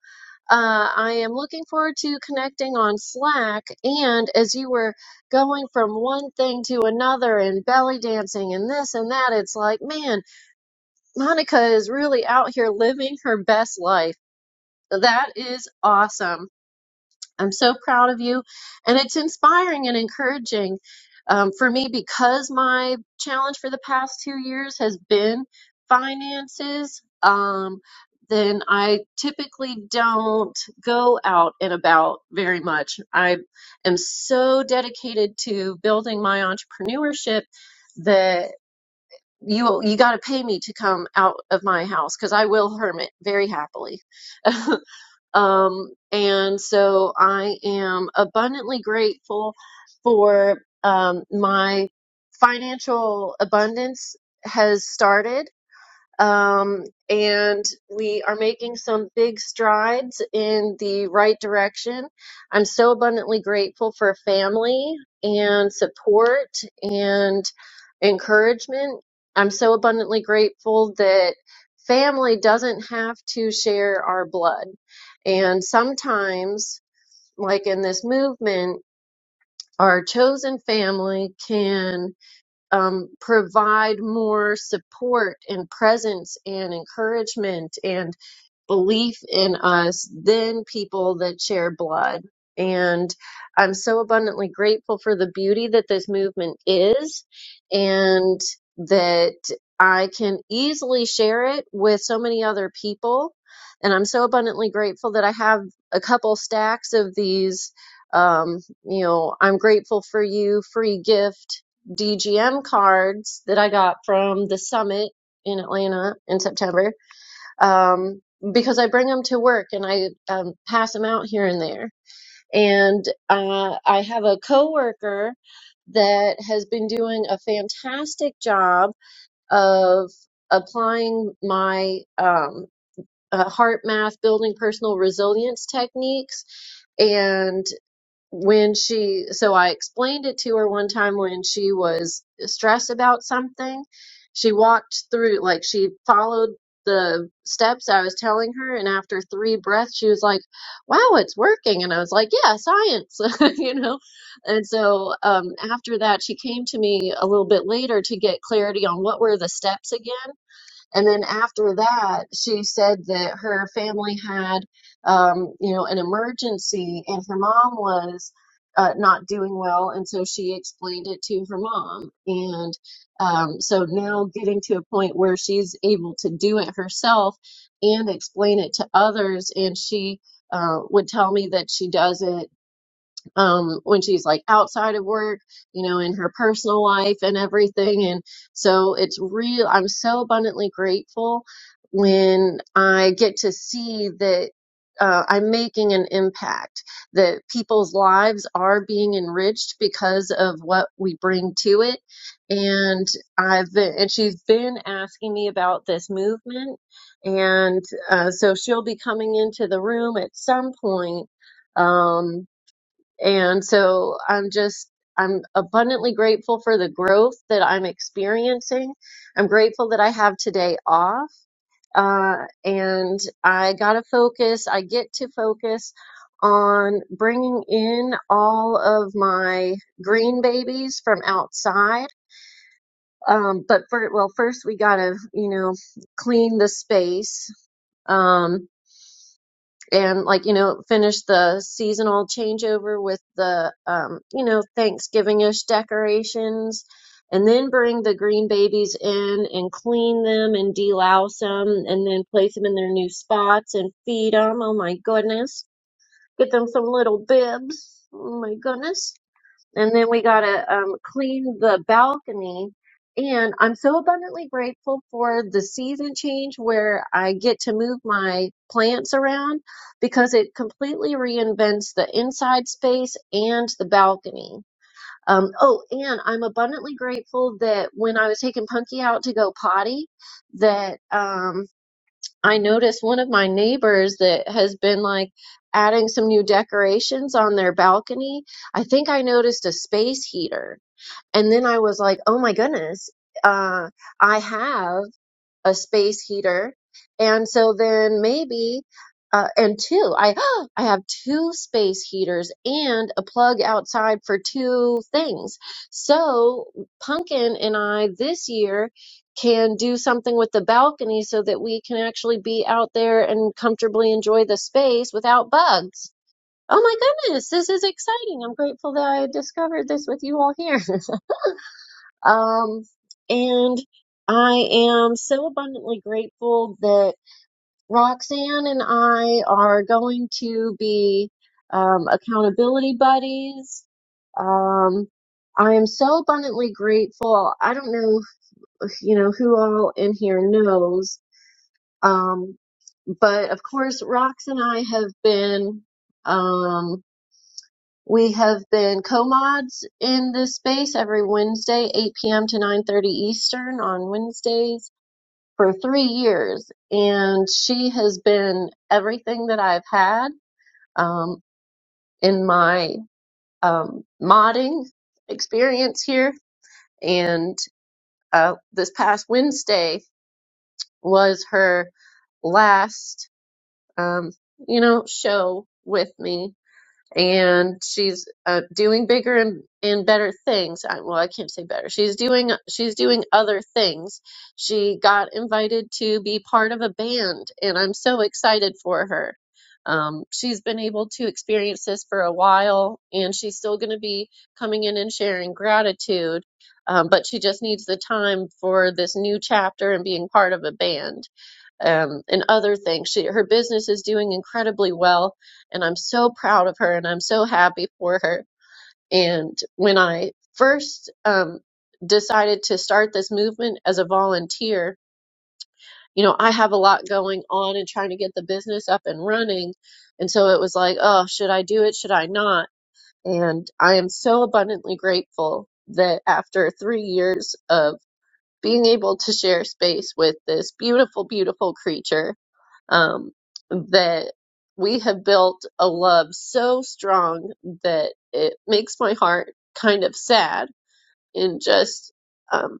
Speaker 9: uh, I am looking forward to connecting on Slack and as you were going from one thing to another and belly dancing and this and that it's like man Monica is really out here living her best life. That is awesome. I'm so proud of you. And it's inspiring and encouraging um, for me because my challenge for the past two years has been finances. Um, then I typically don't go out and about very much. I am so dedicated to building my entrepreneurship that you you got to pay me to come out of my house because I will hermit very happily. um, and so I am abundantly grateful for um, my financial abundance has started um, and we are making some big strides in the right direction. I'm so abundantly grateful for family and support and encouragement. I'm so abundantly grateful that family doesn't have to share our blood. And sometimes, like in this movement, our chosen family can um, provide more support and presence and encouragement and belief in us than people that share blood. And I'm so abundantly grateful for the beauty that this movement is and that I can easily share it with so many other people. And I'm so abundantly grateful that I have a couple stacks of these, um, you know, I'm grateful for you free gift DGM cards that I got from the summit in Atlanta in September um, because I bring them to work and I um, pass them out here and there. And uh, I have a coworker that has been doing a fantastic job of applying my um, uh, heart math building personal resilience techniques. and when she so I explained it to her one time when she was stressed about something. She walked through like she followed the steps I was telling her and after three breaths she was like, "Wow, it's working." And I was like, "Yeah, science." you know. And so um after that she came to me a little bit later to get clarity on what were the steps again and then after that, she said that her family had, um, you know, an emergency and her mom was uh, not doing well. And so she explained it to her mom. And um, so now getting to a point where she's able to do it herself and explain it to others. And she uh, would tell me that she does it um, when she's like outside of work, you know, in her personal life and everything. And so it's real. I'm so abundantly grateful when I get to see that. Uh, I'm making an impact that people's lives are being enriched because of what we bring to it. And I've been, and she's been asking me about this movement. And uh, so she'll be coming into the room at some point. Um, and so I'm just, I'm abundantly grateful for the growth that I'm experiencing. I'm grateful that I have today off. Uh, and I got to focus, I get to focus on bringing in all of my green babies from outside. Um, but for, well, first we got to, you know, clean the space. Um, and like you know finish the seasonal changeover with the um, you know Thanksgiving-ish decorations, and then bring the green babies in and clean them and delouse them, and then place them in their new spots and feed them. Oh my goodness! Get them some little bibs. Oh my goodness! And then we got to um, clean the balcony. And I'm so abundantly grateful for the season change where I get to move my plants around because it completely reinvents the inside space and the balcony. Um, oh, and I'm abundantly grateful that when I was taking Punky out to go potty, that um, I noticed one of my neighbors that has been like adding some new decorations on their balcony. I think I noticed a space heater. And then I was like, oh my goodness, uh, I have a space heater. And so then maybe, uh, and two, I, I have two space heaters and a plug outside for two things. So Pumpkin and I this year can do something with the balcony so that we can actually be out there and comfortably enjoy the space without bugs. Oh my goodness, this is exciting. I'm grateful that I discovered this with you all here. Um, and I am so abundantly grateful that Roxanne and I are going to be um, accountability buddies. Um, I am so abundantly grateful. I don't know, if, you know, who all in here knows, um, but of course, Rox and I have been. Um, we have been co-mods in this space every Wednesday, 8 p.m. to 9:30 Eastern on Wednesdays for three years, and she has been everything that I've had um, in my um, modding experience here. And uh, this past Wednesday was her last, um, you know, show with me and she's uh, doing bigger and, and better things. I, well, I can't say better. She's doing she's doing other things. She got invited to be part of a band, and I'm so excited for her. Um, she's been able to experience this for a while, and she's still going to be coming in and sharing gratitude. Um, but she just needs the time for this new chapter and being part of a band um, and other things. She, her business is doing incredibly well, and I'm so proud of her and I'm so happy for her. And when I first um, decided to start this movement as a volunteer, you know, I have a lot going on and trying to get the business up and running. And so it was like, oh, should I do it? Should I not? And I am so abundantly grateful that after three years of being able to share space with this beautiful, beautiful creature um, that we have built a love so strong that it makes my heart kind of sad And just um,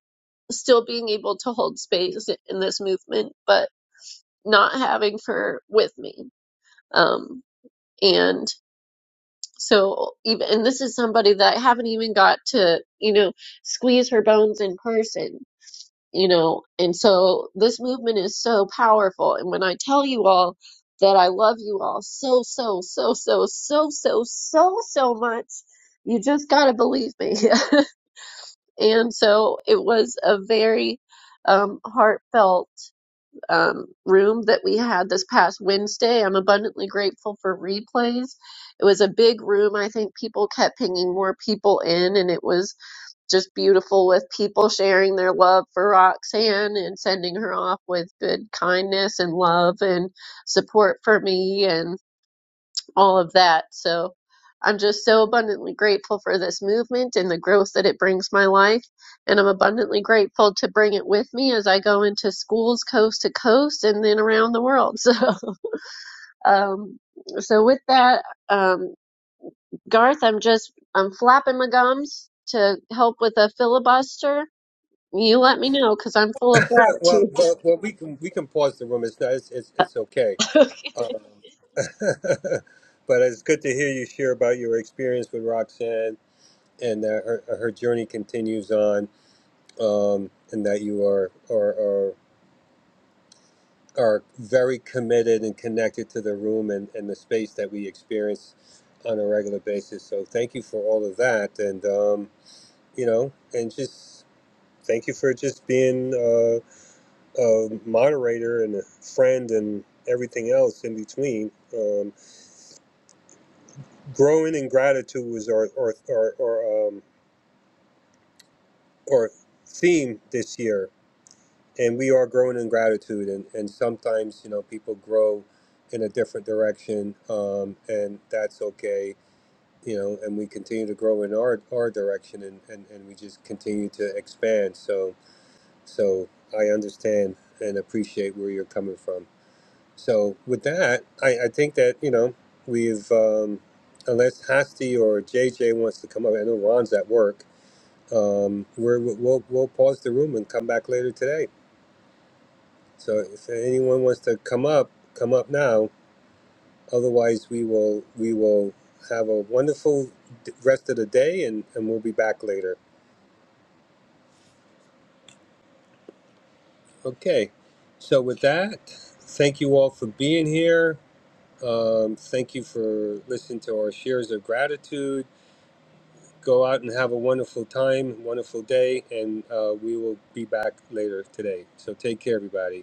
Speaker 9: still being able to hold space in this movement, but not having her with me. Um, and so even and this is somebody that I haven't even got to, you know, squeeze her bones in person you know, and so this movement is so powerful. And when I tell you all that I love you all so, so, so, so, so, so, so, so much, you just gotta believe me. And so it was a very um, heartfelt um, room that we had this past Wednesday. I'm abundantly grateful for replays. It was a big room. I think people kept pinging more people in, and it was just beautiful with people sharing their love for Roxanne and sending her off with good kindness and love and support for me and all of that. So I'm just so abundantly grateful for this movement and the growth that it brings my life. And I'm abundantly grateful to bring it with me as I go into schools coast to coast and then around the world. So, um, so with that, um, Garth, I'm just, I'm flapping my gums to help with a filibuster you let me know because I'm full of
Speaker 1: Uh, Well,
Speaker 9: gratitude.
Speaker 1: well, well we can we can pause the room. It's not, it's, it's it's okay. Uh, but it's good to hear you share about your experience with Roxanne and that her, her journey continues on, um, and that you are are. are are very committed and connected to the room and, and the space that we experience on a regular basis. So thank you for all of that, and um, you know, and just thank you for just being uh, a moderator and a friend and everything else in between. Um, growing in gratitude was our our our, our, um, our theme this year and we are growing in gratitude and, and sometimes you know people grow in a different direction um, and that's okay you know and we continue to grow in our our direction and, and and we just continue to expand so so i understand and appreciate where you're coming from so with that i i think that you know we've um unless hasti or jj wants to come up i know ron's at work um we're we'll, we'll pause the room and come back later today so if anyone wants to come up, come up now. Otherwise, we will we will have a wonderful d- rest of the day, and and we'll be back later. Okay. So with that, thank you all for being here. Um, thank you for listening to our shares of gratitude. Go out and have a wonderful time, wonderful day, and uh, we will be back later today. So take care, everybody.